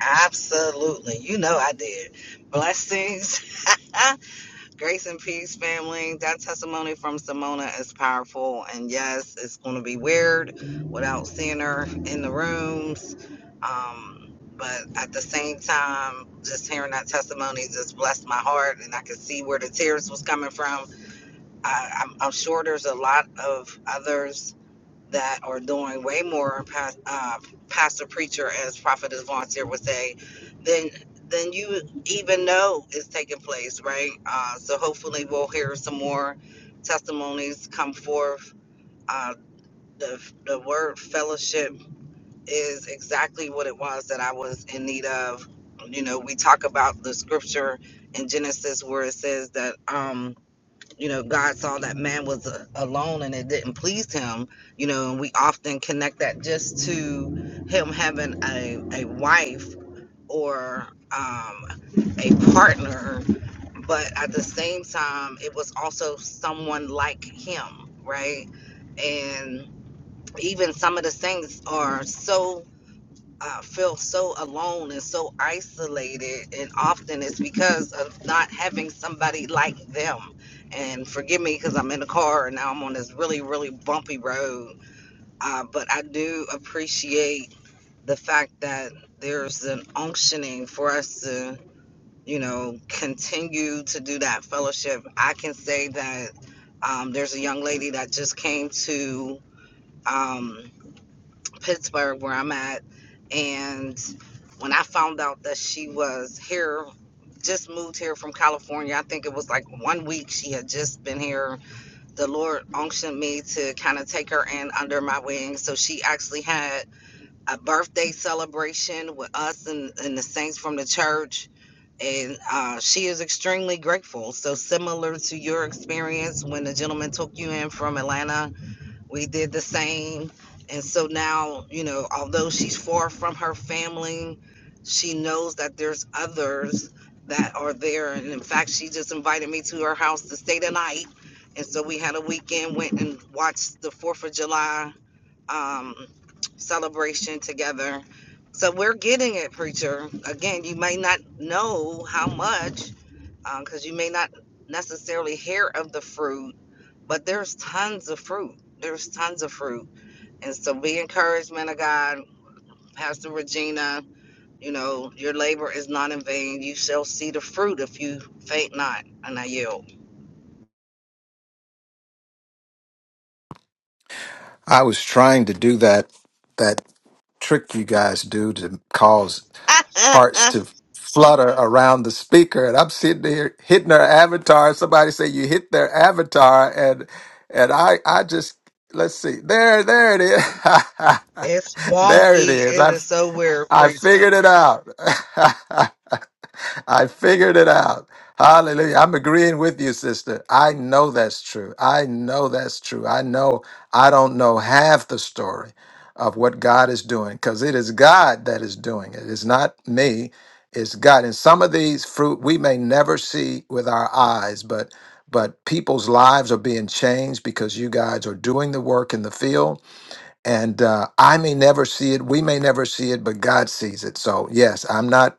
Speaker 5: Absolutely. You know I did. Blessings. Grace and peace, family. That testimony from Simona is powerful. And yes, it's going to be weird without seeing her in the rooms. Um, but at the same time, just hearing that testimony just blessed my heart. And I could see where the tears was coming from. I, I'm, I'm sure there's a lot of others that are doing way more, pas- uh, pastor preacher, as prophetess volunteer would say, than than you even know is taking place, right? Uh, so hopefully we'll hear some more testimonies come forth. Uh, the the word fellowship is exactly what it was that I was in need of. You know, we talk about the scripture in Genesis where it says that. Um, you know god saw that man was uh, alone and it didn't please him you know and we often connect that just to him having a, a wife or um, a partner but at the same time it was also someone like him right and even some of the things are so I feel so alone and so isolated, and often it's because of not having somebody like them. And forgive me because I'm in the car and now I'm on this really, really bumpy road. Uh, but I do appreciate the fact that there's an unctioning for us to, you know, continue to do that fellowship. I can say that um, there's a young lady that just came to. Um, Pittsburgh, where I'm at. And when I found out that she was here, just moved here from California, I think it was like one week she had just been here. The Lord unctioned me to kind of take her in under my wing. So she actually had a birthday celebration with us and, and the saints from the church. And uh, she is extremely grateful. So, similar to your experience when the gentleman took you in from Atlanta, we did the same and so now you know although she's far from her family she knows that there's others that are there and in fact she just invited me to her house to stay the night and so we had a weekend went and watched the fourth of july um, celebration together so we're getting it preacher again you may not know how much because um, you may not necessarily hear of the fruit but there's tons of fruit. There's tons of fruit. And so be encouraged, man of God, Pastor Regina. You know, your labor is not in vain. You shall see the fruit if you faint not. And I yield.
Speaker 4: I was trying to do that that trick you guys do to cause hearts to flutter around the speaker. And I'm sitting here hitting her avatar. Somebody say you hit their avatar, and and I I just let's see there there it is
Speaker 5: it's
Speaker 4: there it
Speaker 5: wonky.
Speaker 4: is.
Speaker 5: It
Speaker 4: I
Speaker 5: is so weird,
Speaker 4: I
Speaker 5: preach.
Speaker 4: figured it out. I figured it out. Hallelujah. I'm agreeing with you, sister. I know that's true. I know that's true. I know I don't know half the story of what God is doing because it is God that is doing it. It's not me, it's God. And some of these fruit we may never see with our eyes, but but people's lives are being changed because you guys are doing the work in the field. And uh, I may never see it. We may never see it, but God sees it. So, yes, I'm not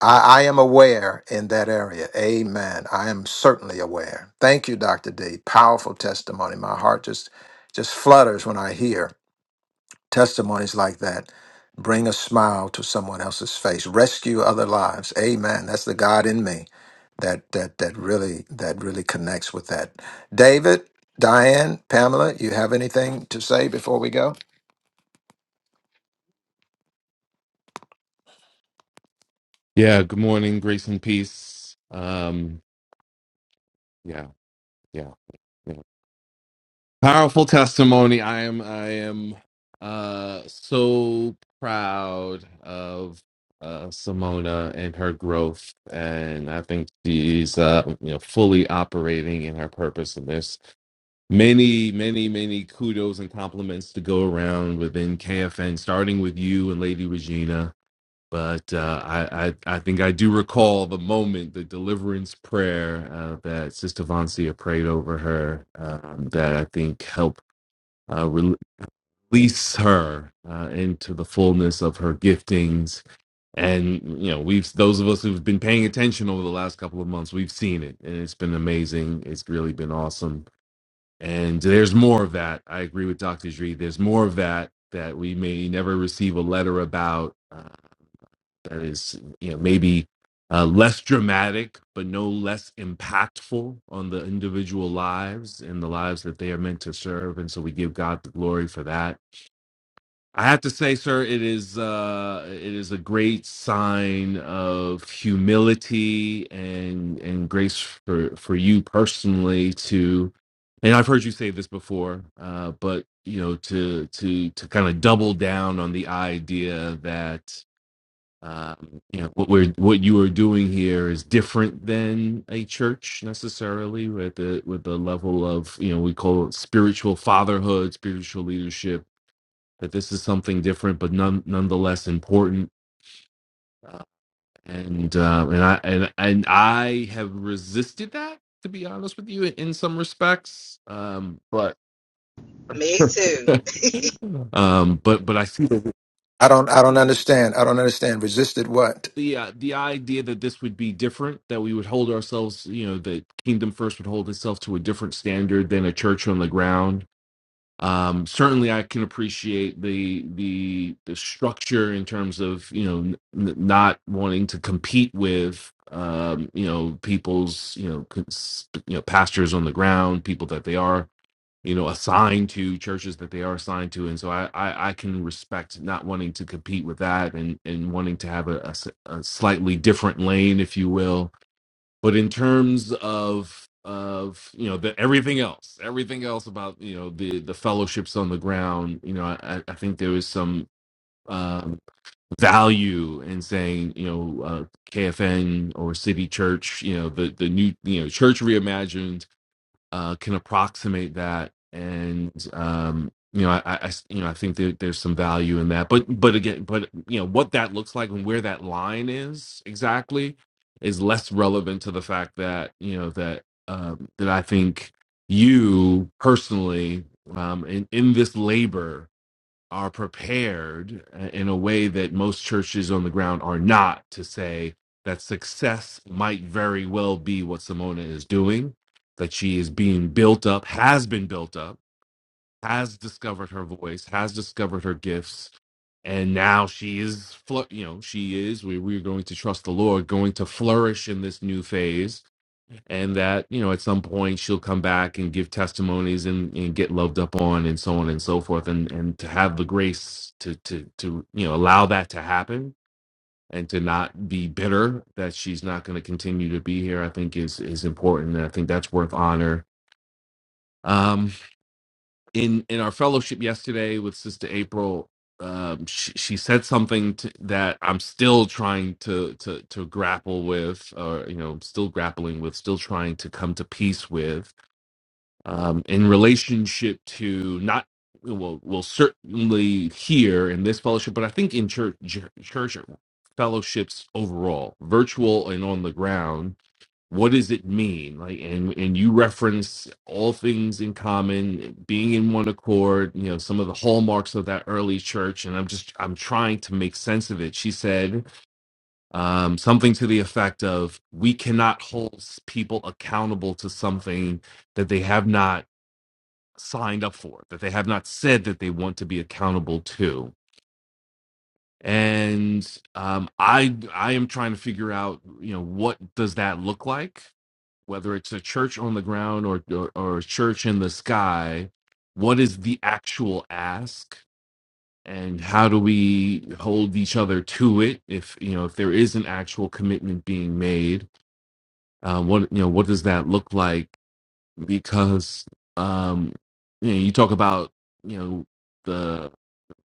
Speaker 4: I, I am aware in that area. Amen. I am certainly aware. Thank you, Dr. D. Powerful testimony. My heart just just flutters when I hear testimonies like that. Bring a smile to someone else's face. Rescue other lives. Amen. That's the God in me that that that really that really connects with that. David, Diane, Pamela, you have anything to say before we go?
Speaker 6: Yeah, good morning, grace and peace. Um, yeah, yeah, yeah. Powerful testimony. I am I am uh so proud of uh Simona and her growth and I think she's uh you know fully operating in her purpose and there's many, many, many kudos and compliments to go around within KFN, starting with you and Lady Regina But uh, I, I, I think I do recall the moment, the deliverance prayer uh, that Sister Vancia prayed over her, um, that I think helped uh, release her uh, into the fullness of her giftings. And you know, we've those of us who've been paying attention over the last couple of months, we've seen it, and it's been amazing. It's really been awesome. And there's more of that. I agree with Dr. Dree. There's more of that that we may never receive a letter about. uh, that is you know maybe uh, less dramatic but no less impactful on the individual lives and the lives that they are meant to serve and so we give god the glory for that i have to say sir it is uh it is a great sign of humility and and grace for for you personally to and i've heard you say this before uh but you know to to to kind of double down on the idea that um, you know what we're what you are doing here is different than a church necessarily with the with the level of you know we call it spiritual fatherhood spiritual leadership that this is something different but none nonetheless important uh, and uh, and I and, and I have resisted that to be honest with you in, in some respects um, but
Speaker 5: Me too.
Speaker 6: um, but but I see the
Speaker 4: I don't I don't understand. I don't understand. Resisted what?
Speaker 6: the uh, the idea that this would be different that we would hold ourselves you know the kingdom first would hold itself to a different standard than a church on the ground um certainly i can appreciate the the the structure in terms of you know n- not wanting to compete with um you know people's you know cons- you know pastors on the ground people that they are you know assigned to churches that they are assigned to and so i i, I can respect not wanting to compete with that and and wanting to have a, a s- a slightly different lane if you will but in terms of of you know the everything else everything else about you know the the fellowships on the ground you know i i think there is some um value in saying you know uh kfn or city church you know the the new you know church reimagined uh, can approximate that, and um, you know, I I, you know, I think there, there's some value in that. But but again, but you know, what that looks like and where that line is exactly is less relevant to the fact that you know that um, that I think you personally um, in in this labor are prepared uh, in a way that most churches on the ground are not to say that success might very well be what Simona is doing, that she is being built up, has been built up, has discovered her voice, has discovered her gifts, and now she is, fl- you know, she is, we, we're going to trust the Lord, going to flourish in this new phase and that you know at some point she'll come back and give testimonies and, and get loved up on and so on and so forth and and to have the grace to to to you know allow that to happen and to not be bitter that she's not going to continue to be here i think is is important and i think that's worth honor um in in our fellowship yesterday with sister april um she, she said something to, that i'm still trying to to to grapple with or you know still grappling with still trying to come to peace with um, in relationship to not well, will certainly hear in this fellowship, but I think in church, church fellowships overall, virtual and on the ground. What does it mean? Like, and and you reference all things in common, being in one accord. You know some of the hallmarks of that early church, and I'm just I'm trying to make sense of it. She said um, something to the effect of, "We cannot hold people accountable to something that they have not." signed up for, that they have not said that they want to be accountable to. And um, I I am trying to figure out, you know, what does that look like? Whether it's a church on the ground or or, or a church in the sky, what is the actual ask? And how do we hold each other to it? If you know, if there is an actual commitment being made, uh, what you know, what does that look like? Because um, you know, you talk about you know the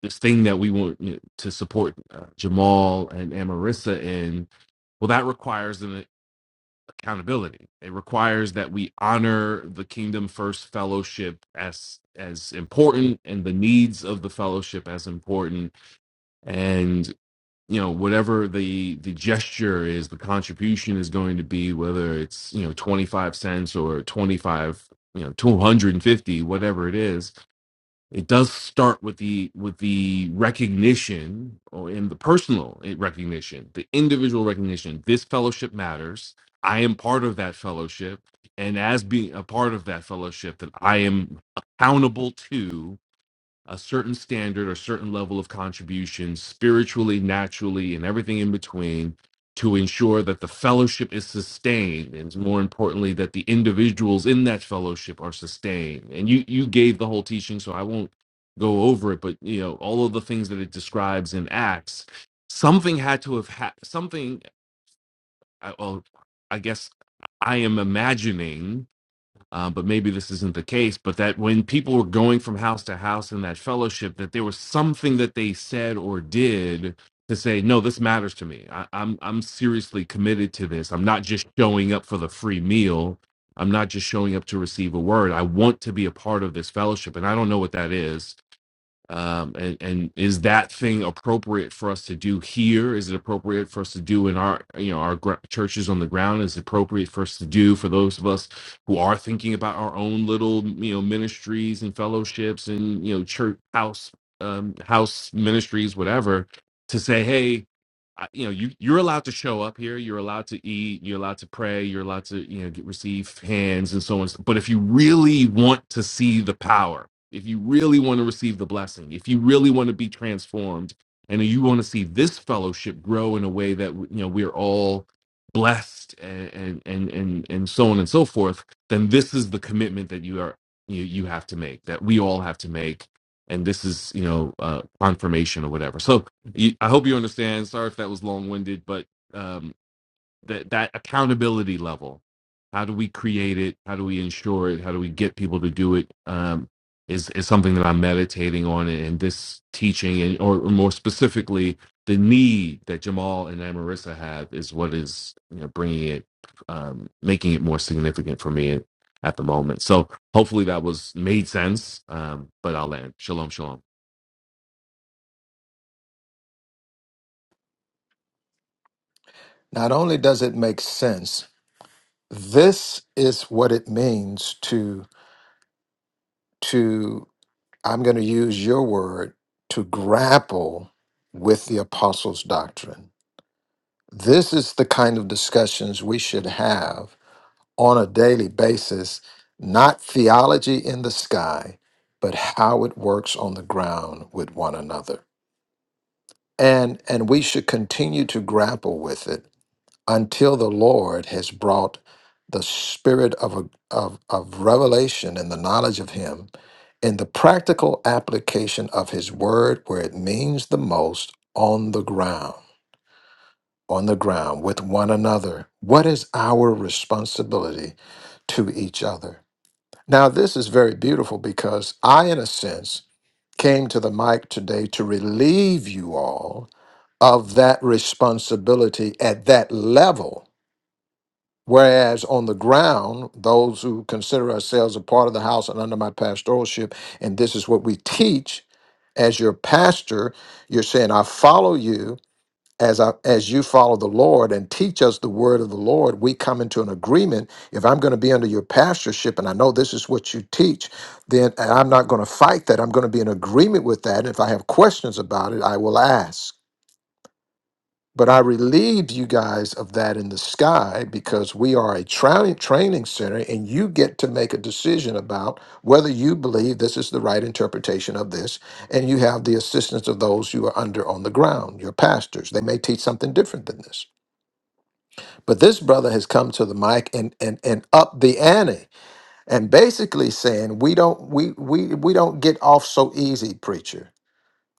Speaker 6: this thing that we want you know, to support uh, Jamal and, and Marissa in, well, that requires an accountability. It requires that we honor the Kingdom First Fellowship as as important and the needs of the fellowship as important. And you know whatever the the gesture is, the contribution is going to be whether it's you know twenty five cents or twenty five you know two hundred and fifty, whatever it is it does start with the with the recognition or in the personal eh, recognition the individual recognition this fellowship matters i am part of that fellowship and as being a part of that fellowship that i am accountable to a certain standard or certain level of contribution spiritually, naturally, and everything in between to ensure that the fellowship is sustained and more importantly that the individuals in that fellowship are sustained. And you you gave the whole teaching so I won't go over it but you know all of the things that it describes in acts something had to have had something I- well I guess I am imagining uh, but maybe this isn't the case, but that when people were going from house to house in that fellowship, that there was something that they said or did to say, no, this matters to me. I, I'm I'm seriously committed to this. I'm not just showing up for the free meal. I'm not just showing up to receive a word. I want to be a part of this fellowship, and I don't know what that is um, and, and is that thing appropriate for us to do here? Is it appropriate for us to do in our you know our gr- churches on the ground? Is it appropriate for us to do for those of us who are thinking about our own little you know ministries and fellowships and you know church house um, house ministries whatever to say hey. I- You know, you you're allowed to show up here. You're allowed to eat. You're allowed to pray. You're allowed to you know get, receive hands and so on. But if you really want to see the power, if you really want to receive the blessing, if you really want to be transformed, and you want to see this fellowship grow in a way that you know we're all blessed and and and and, and so on and so forth, then this is the commitment that you are you you have to make that we all have to make. And this is, you know, uh, confirmation or whatever. So you, I hope you understand. Sorry if that was long-winded, but um, that that accountability level how do we create it how do we ensure it how do we get people to do it um, is is something that i'm meditating on and this teaching and or, more specifically the need that jamal and Marissa have is what is you know bringing it um, making it more significant for me at, at the moment so hopefully that was made sense um, but i'll end shalom shalom
Speaker 4: Not only does it make sense, this is what it means to to i'm going to use your word to grapple with the apostles doctrine this is the kind of discussions we should have on a daily basis not theology in the sky but how it works on the ground with one another and and we should continue to grapple with it until the Lord has brought the spirit of, a, of, of revelation and the knowledge of Him in the practical application of His word where it means the most on the ground, on the ground with one another. What is our responsibility to each other? Now, this is very beautiful because I, in a sense, came to the mic today to relieve you all of that responsibility at that level Whereas on the ground, those who consider ourselves a part of the house and under my pastoralship, and this is what we teach as your pastor, you're saying, I follow you as I as you follow the Lord and teach us the word of the Lord. We come into an agreement. If I'm going to be under your pastorship and I know this is what you teach, then I'm not going to fight that. I'm going to be in agreement with that. And if I have questions about it, I will ask. But I relieved you guys of that in the sky because we are a training training center and you get to make a decision about whether you believe this is the right interpretation of this and you have the assistance of those you are under on the ground, your pastors. They may teach something different than this. But this brother has come to the mic and and and up the ante and basically saying we don't we we we don't get off so easy, preacher.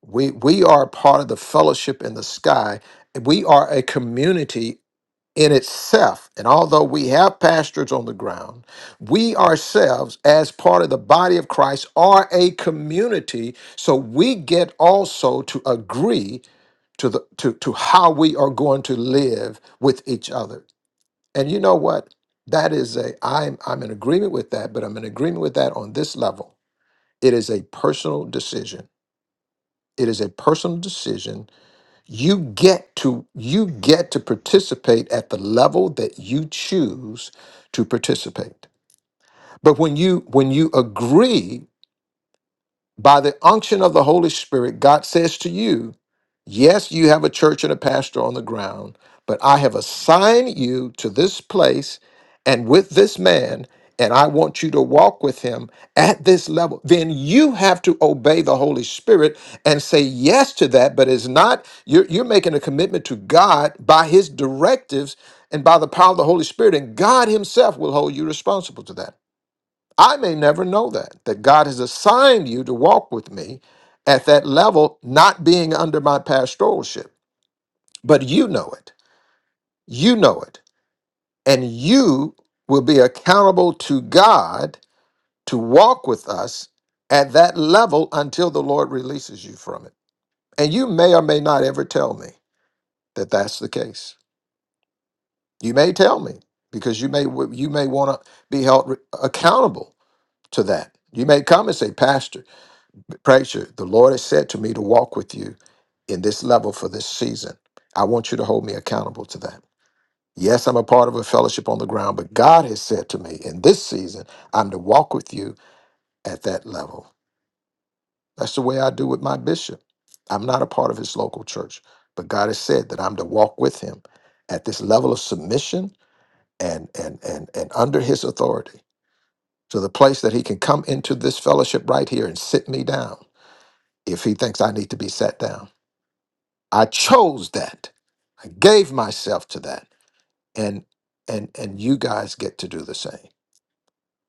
Speaker 4: We we are part of the fellowship in the sky we are a community in itself. And although we have pastors on the ground, we ourselves, as part of the body of Christ, are a community. So we get also to agree to the to, to how we are going to live with each other. And you know what? That is a I'm I'm in agreement with that, but I'm in agreement with that on this level. It is a personal decision. It is a personal decision you get to you get to participate at the level that you choose to participate but when you when you agree by the unction of the Holy Spirit, God says to you, Yes, you have a church and a pastor on the ground, but I have assigned you to this place and with this man, and I want you to walk with him at this level. Then you have to obey the Holy Spirit and say yes to that, but it's not, you're, you're making a commitment to God by his directives and by the power of the Holy Spirit, and God himself will hold you responsible to that. I may never know that, that God has assigned you to walk with me at that level, not being under my pastoralship. But you know it. You know it. And you will be accountable to God to walk with us at that level until the Lord releases you from it. And you may or may not ever tell me that that's the case. You may tell me because you may you may want to be held re- accountable to that. You may come and say, Pastor. Praise you. The Lord has said to me to walk with you in this level for this season. I want you to hold me accountable to that. Yes, I'm a part of a fellowship on the ground, but God has said to me in this season, I'm to walk with you at that level. That's the way I do with my bishop. I'm not a part of his local church, but God has said that I'm to walk with him at this level of submission and and and and under his authority to the place that he can come into this fellowship right here and sit me down if he thinks I need to be sat down I chose that. I gave myself to that. And and and you guys get to do the same.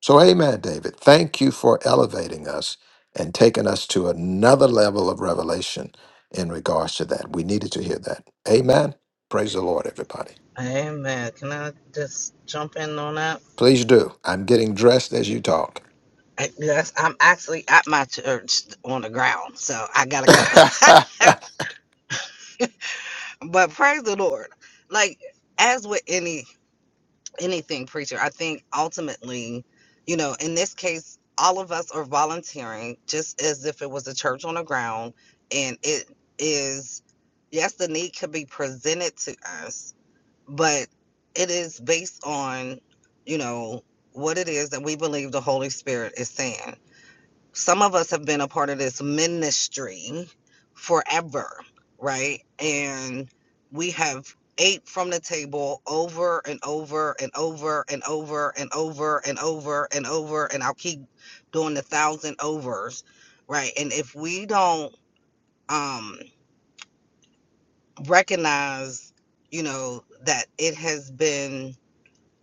Speaker 4: So amen, David. Thank you for elevating us and taking us to another level of revelation in regards to that. We needed to hear that. Amen. Praise the Lord, everybody.
Speaker 5: Amen. Can I just jump in on that?
Speaker 4: Please do. I'm getting dressed as you talk.
Speaker 5: I- Yes, I'm actually at my church on the ground, so I gotta go. but praise the Lord. Like, as with any anything preacher i think ultimately you know in this case all of us are volunteering just as if it was a church on the ground and it is yes the need could be presented to us but it is based on you know what it is that we believe the holy spirit is saying some of us have been a part of this ministry forever, right? And we have ate from the table over and over and over and over and over and over and over, and I'll keep doing the thousand overs, right? And if we don't um, recognize, you know, that it has been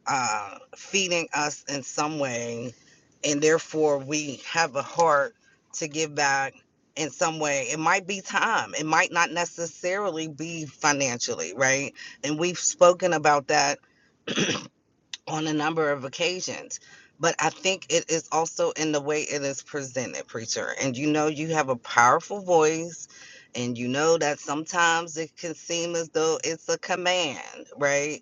Speaker 5: uh, feeding us in some way, and therefore we have a heart to give back in some way. It might be time, it might not necessarily be financially, right? And we've spoken about that on a number of occasions. But I think it is also in the way it is presented, preacher. And you know, you have a powerful voice, and you know that sometimes it can seem as though it's a command, right?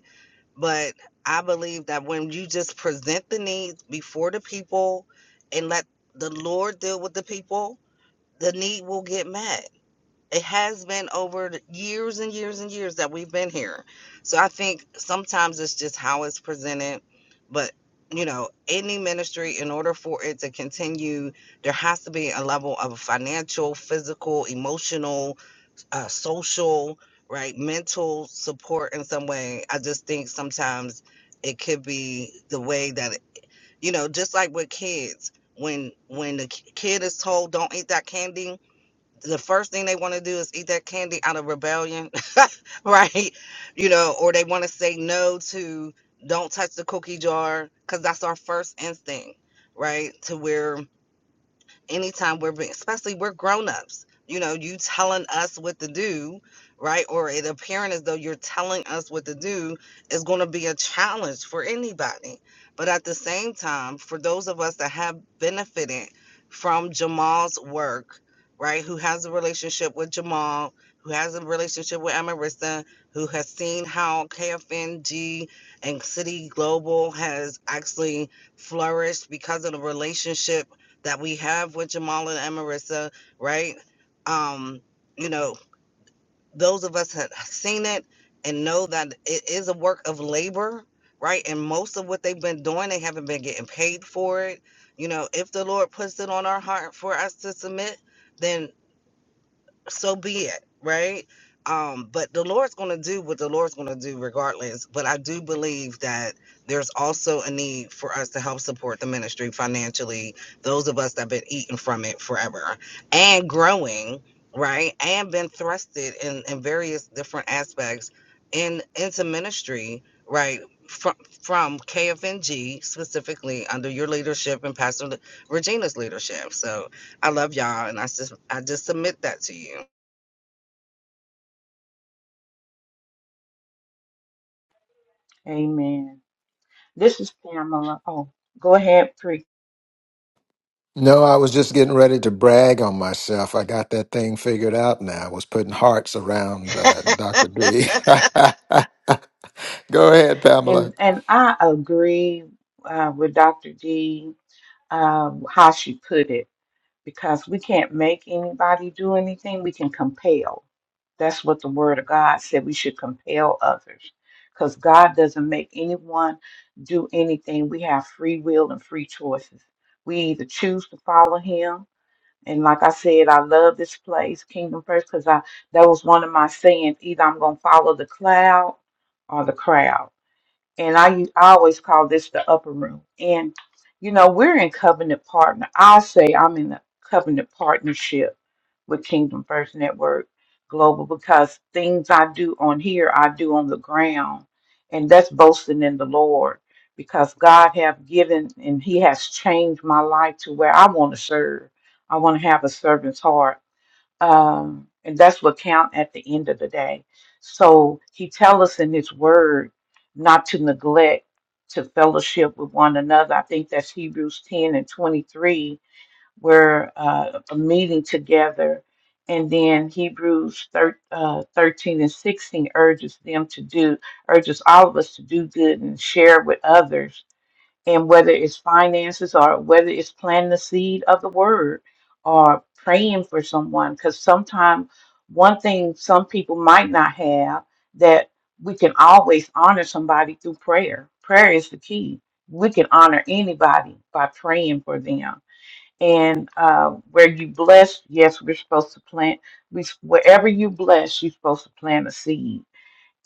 Speaker 5: But I believe that when you just present the needs before the people and let the Lord deal with the people, the need will get met. It has been over years and years and years that we've been here. So I think sometimes it's just how it's presented. But, you know, any ministry, in order for it to continue, there has to be a level of financial, physical, emotional, uh, social, right, mental support in some way. I just think sometimes it could be the way that it, you know, just like with kids, when when the ki- kid is told don't eat that candy, the first thing they want to do is eat that candy out of rebellion, right? You know, or they want to say no to don't touch the cookie jar because that's our first instinct, right? To where anytime we're being, especially we're grown-ups you know you telling us what to do right or it appearing as though you're telling us what to do is going to be a challenge for anybody but at the same time for those of us that have benefited from jamal's work right who has a relationship with jamal who has a relationship with Amarissa, who has seen how KFNG and City Global has actually flourished because of the relationship that we have with Jamala and Marissa, right? Um, you know, those of us have seen it and know that it is a work of labor, right? And most of what they've been doing, they haven't been getting paid for it. You know, if the Lord puts it on our heart for us to submit, then so be it right um but the lord's going to do what the lord's going to do regardless but i do believe that there's also a need for us to help support the ministry financially those of us that have been eating from it forever and growing right and been thrusted in in various different aspects in into ministry right from from KFNG specifically under your leadership and Pastor Regina's leadership. So I love y'all, and I just I just submit that to you.
Speaker 3: Amen. This is Pamela. Oh, go ahead, pre.
Speaker 4: no, I was just getting ready to brag on myself. I got that thing figured out now. I was putting hearts around uh, Dr. B. Go ahead,
Speaker 3: And
Speaker 4: Pamela.
Speaker 3: and I agree uh, with Dr. D uh, how she put it because we can't make anybody do anything. We can compel. That's what the Word of God said. We should compel others because God doesn't make anyone do anything. We have free will and free choices. We either choose to follow Him And like I said, I love this place, Kingdom First, because I that was one of my sayings. Either I'm gonna follow the cloud or the crowd and I, u- I always call this the upper room. And you know, we're in covenant partner. I say I'm in a covenant partnership with Kingdom First Network Global because things I do on here, I do on the ground, and that's boasting in the Lord because God have given and He has changed my life to where I want to serve. I want to have a servant's heart um, and that's what count at the end of the day. So he tell us in his word not to neglect to fellowship with one another. I think that's Hebrews 10 and 23, where uh, a meeting together. And then Hebrews thir- uh, 13 and 16 urges them to do, urges all of us to do good and share with others and whether it's finances or whether it's planting the seed of the word or praying for someone because sometimes one thing some people might not have that we can always honor somebody through prayer prayer is the key we can honor anybody by praying for them and uh, where you bless yes we're supposed to plant we wherever you bless you're supposed to plant a seed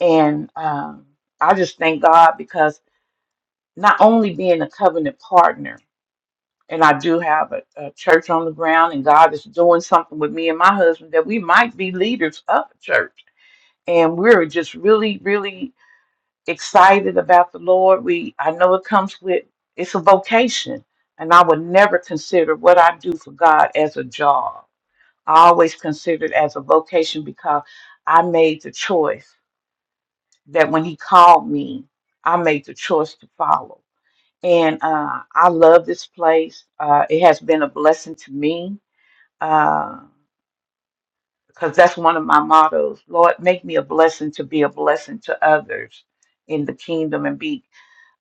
Speaker 3: and um, i just thank god because not only being a covenant partner and I do have a, a church on the ground, and God is doing something with me and my husband that we might be leaders of a church. And we're just really, really excited about the Lord. We I know it comes with it's a vocation, and I would never consider what I do for God as a job. I always consider it as a vocation because I made the choice that when He called me, I made the choice to follow. And uh, I love this place. Uh, it has been a blessing to me because that's one of my mottos. Lord, make me a blessing to be a blessing to others in the kingdom and be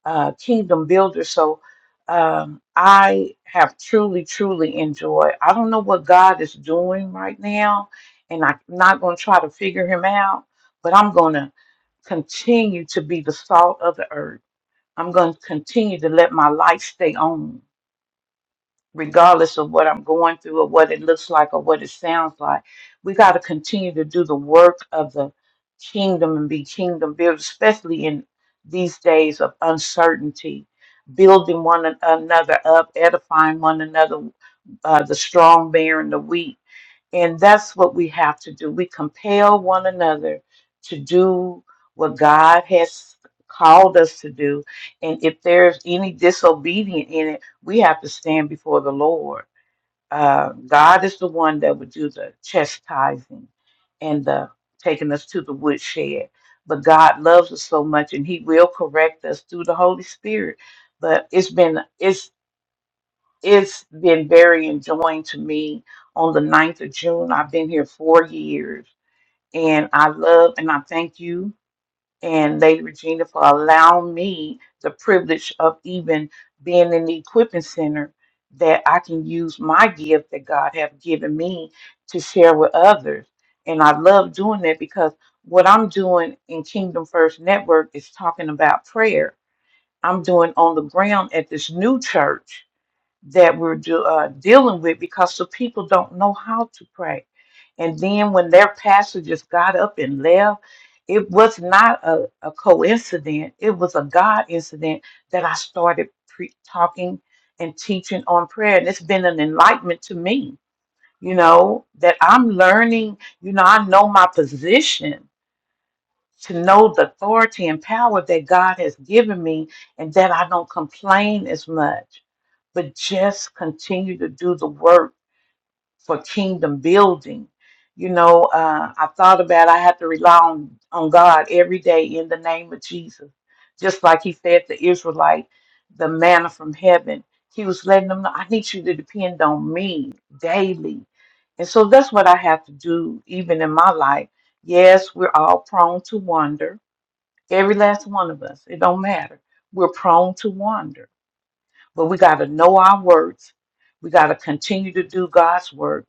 Speaker 3: uh, kingdom builder. So um, I have truly, truly enjoyed. I don't know what God is doing right now, and I'm not going to try to figure Him out, but I'm going to continue to be the salt of the earth. I'm going to continue to let my light stay on regardless of what I'm going through or what it looks like or what it sounds like. We got to continue to do the work of the kingdom and be kingdom builders, especially in these days of uncertainty, building one an- another up, edifying one another, uh, the strong bearing the weak and that's what we have to do. We compel one another to do what God has called us to do. And if there's any disobedient in it, we have to stand before the Lord. Uh, God is the one that would do the chastising and the taking us to the woodshed. But God loves us so much and He will correct us through the Holy Spirit. But it's been it's it's been very enjoying to me on the ninth of June. I've been here four years and I love and I thank you and Lady Regina for allowing me the privilege of even being in the equipping center that I can use my gift that God have given me to share with others. And I love doing that because what I'm doing in Kingdom First Network is talking about prayer. I'm doing on the ground at this new church that we're do, uh, dealing with because the people don't know how to pray. And then when their pastor just got up and left, it was not a, a coincidence. It was a God incident that I started pre- talking and teaching on prayer. And it's been an enlightenment to me, you know, that I'm learning, you know, I know my position to know the authority and power that God has given me and that I don't complain as much but just continue to do the work for kingdom building. You know, uh, I thought about I have to rely on, on God every day in the name of Jesus. Just like he said to Israelite, the manna from heaven. He was letting them know, I need you to depend on me daily. And so that's what I have to do even in my life. Yes, we're all prone to wander. Every last one of us. It don't matter. We're prone to wander but we got to know our words. We got to continue to do God's work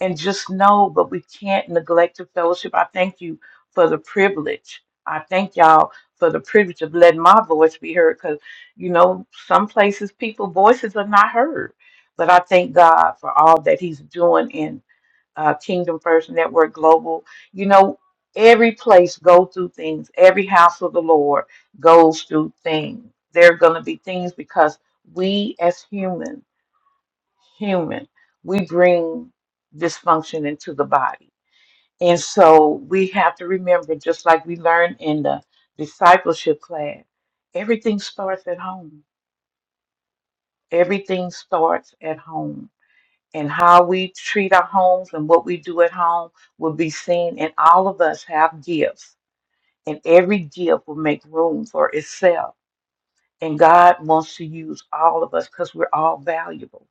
Speaker 3: and just know, but we can't neglect the fellowship. I thank you for the privilege. I thank y'all for the privilege of letting my voice be heard because, you know, some places people voices are not heard. But I thank God for all that He's doing in uh, Kingdom First Network Global. You know, every place go through things. Every house of the Lord goes through things. There are going to be things because we as human, human, we bring dysfunction into the body. And so we have to remember, just like we learned in the discipleship class, everything starts at home. Everything starts at home. and how we treat our homes and what we do at home will be seen and all of us have gifts and every gift will make room for itself and god wants to use all of us because we're all valuable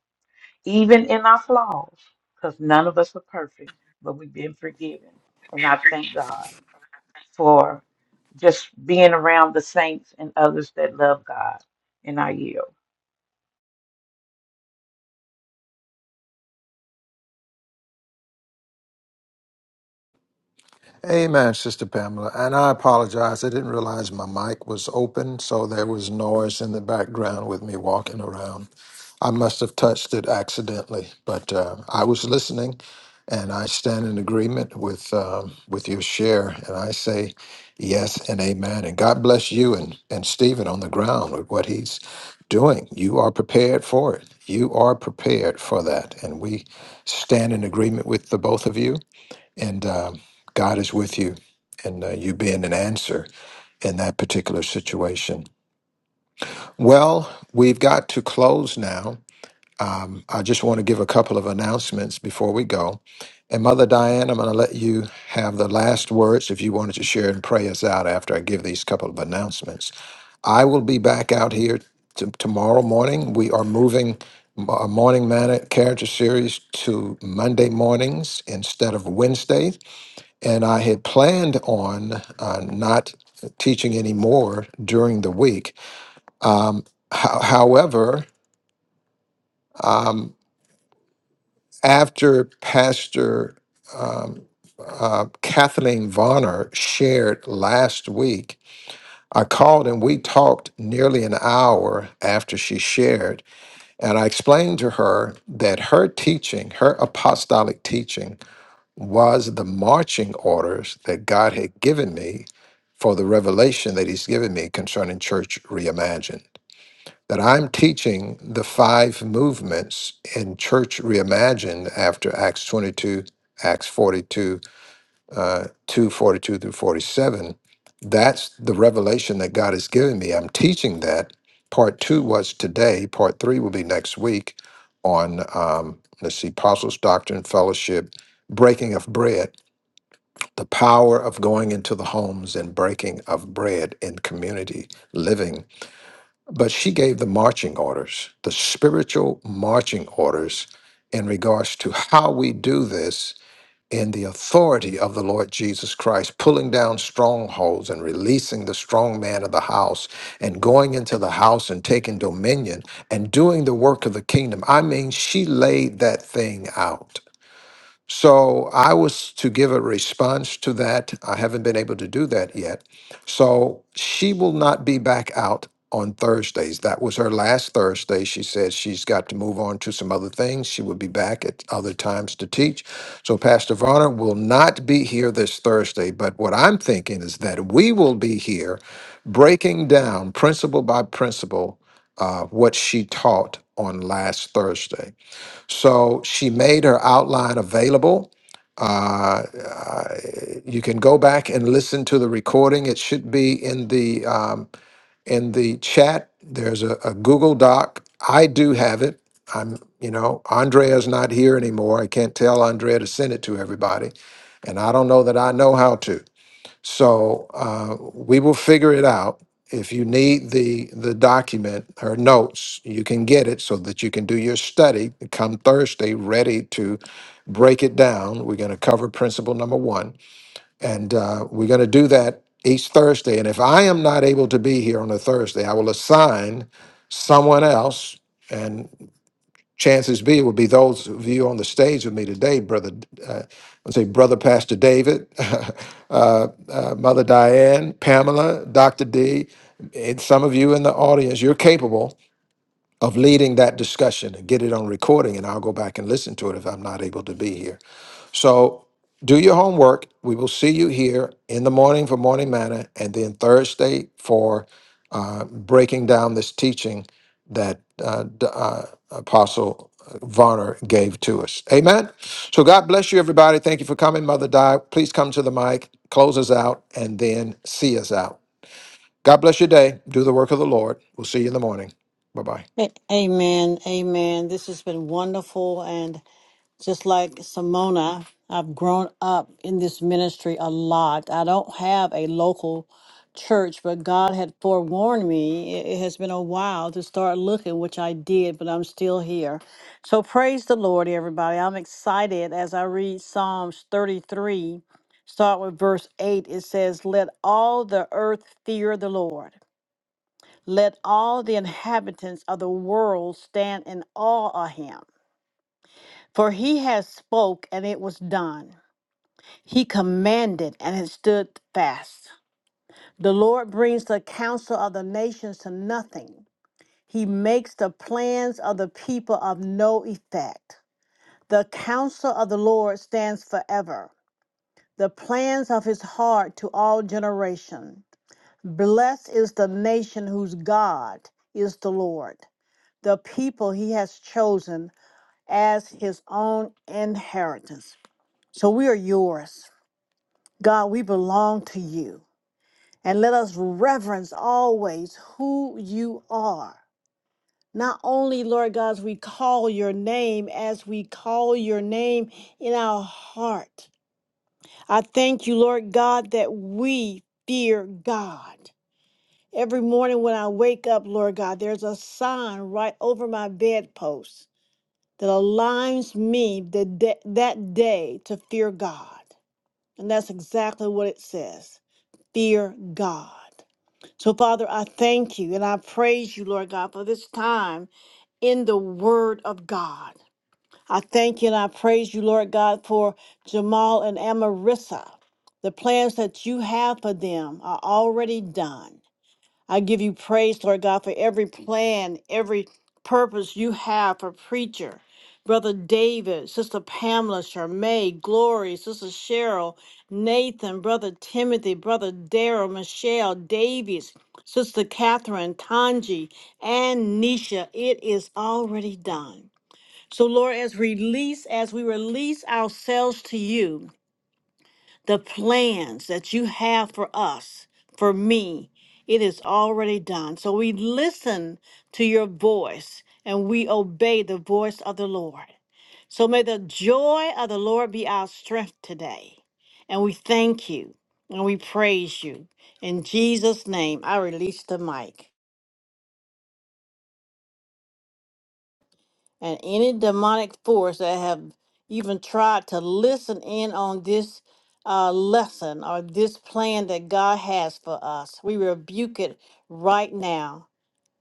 Speaker 3: even in our flaws because none of us are perfect but we've been forgiven and i thank god for just being around the saints and others that love god and i yield
Speaker 4: Amen, Sister Pamela. And I apologize. I didn't realize my mic was open, so there was noise in the background with me walking around. I must have touched it accidentally, but uh, I was listening, and I stand in agreement with um, with your share, and I say yes and amen. And God bless you and and Stephen on the ground with what he's doing. You are prepared for it. You are prepared for that, and we stand in agreement with the both of you and um, God is with you, and uh, you being an answer in that particular situation. Well, we've got to close now. Um, I just want to give a couple of announcements before we go. And Mother Diane, I'm going to let you have the last words if you wanted to share and pray us out after I give these couple of announcements. I will be back out here t- tomorrow morning. We are moving our morning man character series to Monday mornings instead of Wednesday. And I had planned on uh, not teaching anymore during the week. Um, ho- however, um, after Pastor um, uh, Kathleen Varner shared last week, I called and we talked nearly an hour after she shared. And I explained to her that her teaching, her apostolic teaching, was the marching orders that God had given me for the revelation that He's given me concerning Church Reimagined. That I'm teaching the five movements in Church Reimagined after Acts 22, Acts 42, uh, 2 forty-two through 47. That's the revelation that God has given me. I'm teaching that. Part two was today, part three will be next week on, um, let's see, Apostles' Doctrine, Fellowship, Breaking of Bread the power of going into the homes and breaking of bread in community living. But she gave the marching orders, the spiritual marching orders in regards to how we do this in the authority of the Lord Jesus Christ, pulling down strongholds and releasing the strong man of the house and going into the house and taking dominion and doing the work of the kingdom. I mean, she laid that thing out so I was to give a response to that. I haven't been able to do that yet. So she will not be back out on Thursdays. That was her last Thursday. She said she's got to move on to some other things. She will be back at other times to teach. So Pastor Varner will not be here this Thursday. But what I'm thinking is that we will be here breaking down principle by principle uh, what she taught on last Thursday. So she made her outline available. Uh, uh, you can go back and listen to the recording. It should be in the um, in the chat. There's a, a Google Doc. I do have it. I'm, you know, Andrea's not here anymore. I can't tell Andrea to send it to everybody, and I don't know that I know how to. So uh, we will figure it out. If you need the the document or notes, you can get it so that you can do your study. Come Thursday, ready to break it down. We're going to cover principle number one, and uh, we're going to do that each Thursday. And if I am not able to be here on a Thursday, I will assign someone else chances be it would be those of you on the stage with me today, brother. Uh, let's say, brother Pastor David, uh, uh, Mother Diane, Pamela, Doctor D, and some of you in the audience. You're capable of leading that discussion and get it on recording, and I'll go back and listen to it if I'm not able to be here. So do your homework. We will see you here in the morning for morning manna, and then Thursday for uh, breaking down this teaching that uh, D- uh, Apostle Varner gave to us. Amen. So God bless you, everybody. Thank you for coming, Mother Di. Please come to the mic, close us out, and then see us out. God bless your day. Do the work of the Lord. We'll see you in the morning. Bye bye.
Speaker 1: A- Amen, amen. This has been wonderful, and just like Simona, I've grown up in this ministry a lot. I don't have a local church, but God had forewarned me. It it has been a while to start looking, which I did, but I'm still here. So praise the Lord, everybody. I'm excited as I read Psalms 33, start with verse 8. It says, Let all the earth fear the Lord. Let all the inhabitants of the world stand in awe of him. For he has spoke and it was done. He commanded and it stood fast. The Lord brings the counsel of the nations to nothing. He makes the plans of the people of no effect. The counsel of the Lord stands forever, the plans of his heart to all generation. Blessed is the nation whose God is the Lord, the people he has chosen as his own inheritance. So we are yours. God, we belong to you. And let us reverence always who you are. Not only, Lord God, as we call your name, as we call your name in our heart. I thank you, Lord God, that we fear God. Every morning when I wake up, Lord God, there's a sign right over my bedpost that aligns me the da- that day to fear God. And that's exactly what it says fear God. So, Father, I thank you and I praise you, Lord God, for this time in the Word of God. I thank you and I praise you, Lord God, for Jamal and Amarissa. The plans that you have for them are already done. I give you praise, Lord God, for every plan, every purpose you have for preacher. Brother David, Sister Pamela, Charmaine, Glory, Sister Cheryl, Nathan, Brother Timothy, Brother Daryl, Michelle, Davies, Sister Catherine, Tanji, and Nisha. It is already done. So, Lord, as release, as we release ourselves to you, the plans that you have for us, for me, it is already done. So we listen to your voice and we obey the voice of the Lord. So may the joy of the Lord be our strength today. And we thank you and we praise you. In Jesus' name, I release the mic. and any demonic force that have even tried to listen in on this uh, lesson or this plan that God has for us. We rebuke it right now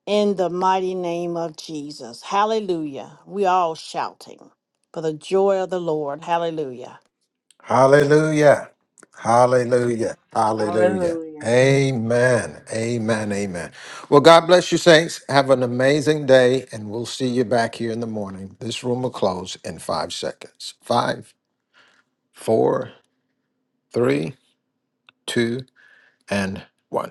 Speaker 1: in the mighty name of Jesus. Hallelujah. We all shouting for the joy of the Lord. Hallelujah.
Speaker 4: Hallelujah. Hallelujah. Hallelujah.
Speaker 3: Hallelujah.
Speaker 4: Amen. Amen. Amen. Well, God bless you, saints. Have an amazing day, and we'll see you back here in the morning. This room will close in five seconds. Five, four, three, two, and one.